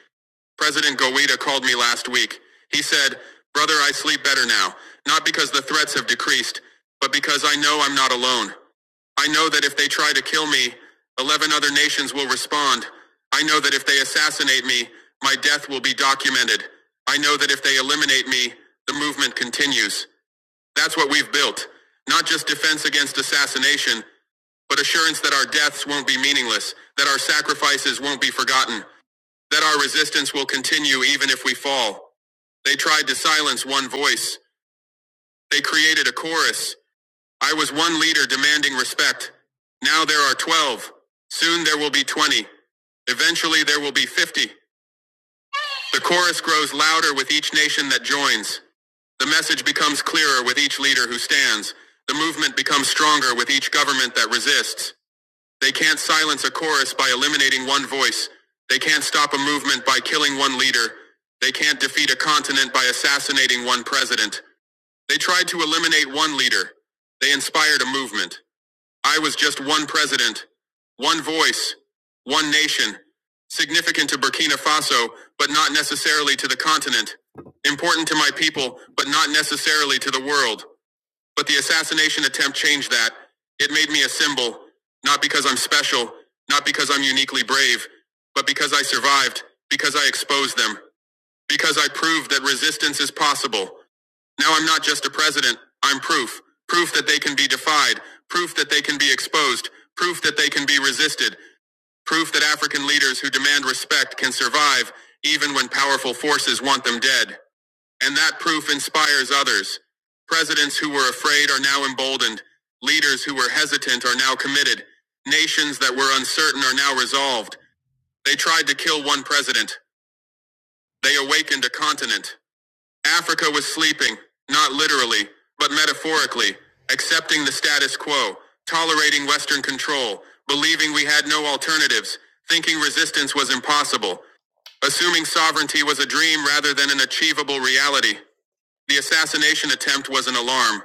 [SPEAKER 3] President Gowida called me last week. He said, Brother, I sleep better now, not because the threats have decreased, but because I know I'm not alone. I know that if they try to kill me, 11 other nations will respond. I know that if they assassinate me, my death will be documented. I know that if they eliminate me, the movement continues. That's what we've built. Not just defense against assassination, but assurance that our deaths won't be meaningless, that our sacrifices won't be forgotten, that our resistance will continue even if we fall. They tried to silence one voice. They created a chorus. I was one leader demanding respect. Now there are 12. Soon there will be 20. Eventually there will be 50. The chorus grows louder with each nation that joins. The message becomes clearer with each leader who stands. The movement becomes stronger with each government that resists. They can't silence a chorus by eliminating one voice. They can't stop a movement by killing one leader. They can't defeat a continent by assassinating one president. They tried to eliminate one leader. They inspired a movement. I was just one president, one voice, one nation, significant to Burkina Faso, but not necessarily to the continent, important to my people, but not necessarily to the world. But the assassination attempt changed that. It made me a symbol, not because I'm special, not because I'm uniquely brave, but because I survived, because I exposed them, because I proved that resistance is possible. Now I'm not just a president, I'm proof. Proof that they can be defied, proof that they can be exposed, proof that they can be resisted, proof that African leaders who demand respect can survive even when powerful forces want them dead. And that proof inspires others. Presidents who were afraid are now emboldened. Leaders who were hesitant are now committed. Nations that were uncertain are now resolved. They tried to kill one president. They awakened a continent. Africa was sleeping, not literally, but metaphorically, accepting the status quo, tolerating Western control, believing we had no alternatives, thinking resistance was impossible, assuming sovereignty was a dream rather than an achievable reality. The assassination attempt was an alarm,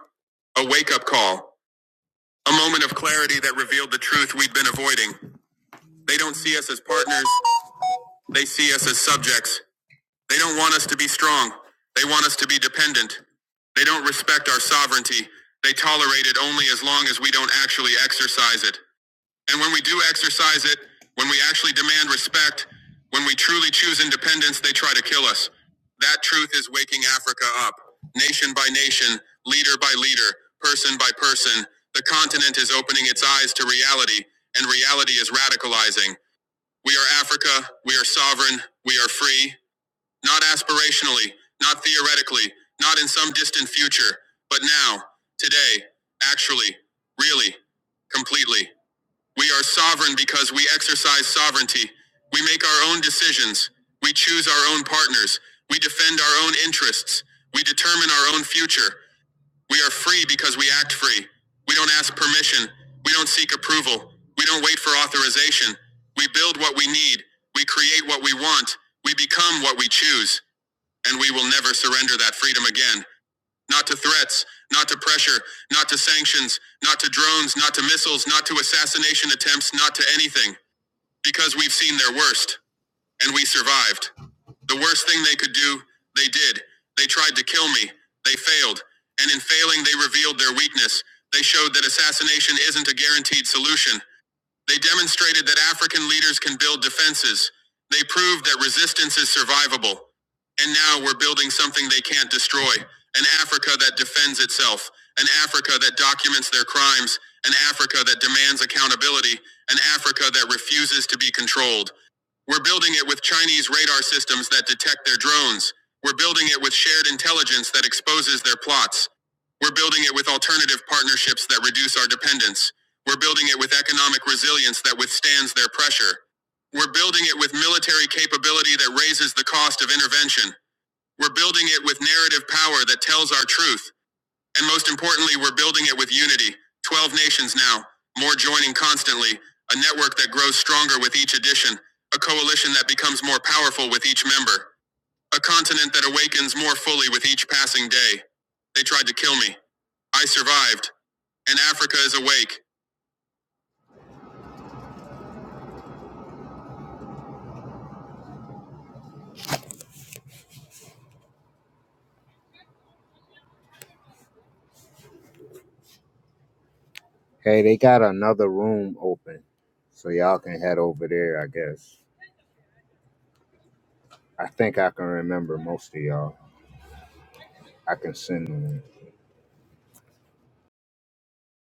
[SPEAKER 3] a wake up call, a moment of clarity that revealed the truth we'd been avoiding. They don't see us as partners, they see us as subjects. They don't want us to be strong. They want us to be dependent. They don't respect our sovereignty. They tolerate it only as long as we don't actually exercise it. And when we do exercise it, when we actually demand respect, when we truly choose independence, they try to kill us. That truth is waking Africa up, nation by nation, leader by leader, person by person. The continent is opening its eyes to reality, and reality is radicalizing. We are Africa, we are sovereign, we are free, not aspirationally, not theoretically, not in some distant future, but now, today, actually, really, completely. We are sovereign because we exercise sovereignty. We make our own decisions. We choose our own partners. We defend our own interests. We determine our own future. We are free because we act free. We don't ask permission. We don't seek approval. We don't wait for authorization. We build what we need. We create what we want. We become what we choose. And we will never surrender that freedom again. Not to threats, not to pressure, not to sanctions, not to drones, not to missiles, not to assassination attempts, not to anything. Because we've seen their worst, and we survived. The worst thing they could do, they did. They tried to kill me. They failed. And in failing, they revealed their weakness. They showed that assassination isn't a guaranteed solution. They demonstrated that African leaders can build defenses. They proved that resistance is survivable. And now we're building something they can't destroy an Africa that defends itself, an Africa that documents their crimes, an Africa that demands accountability, an Africa that refuses to be controlled. We're building it with Chinese radar systems that detect their drones. We're building it with shared intelligence that exposes their plots. We're building it with alternative partnerships that reduce our dependence. We're building it with economic resilience that withstands their pressure. We're building it with military capability that raises the cost of intervention. We're building it with narrative power that tells our truth. And most importantly, we're building it with unity. 12 nations now, more joining constantly, a network that grows stronger with each addition, a coalition that becomes more powerful with each member, a continent that awakens more fully with each passing day. They tried to kill me. I survived, and Africa is awake. Hey, they got another room open, so y'all can head over there, I guess. I think I can remember most of y'all. I can send them.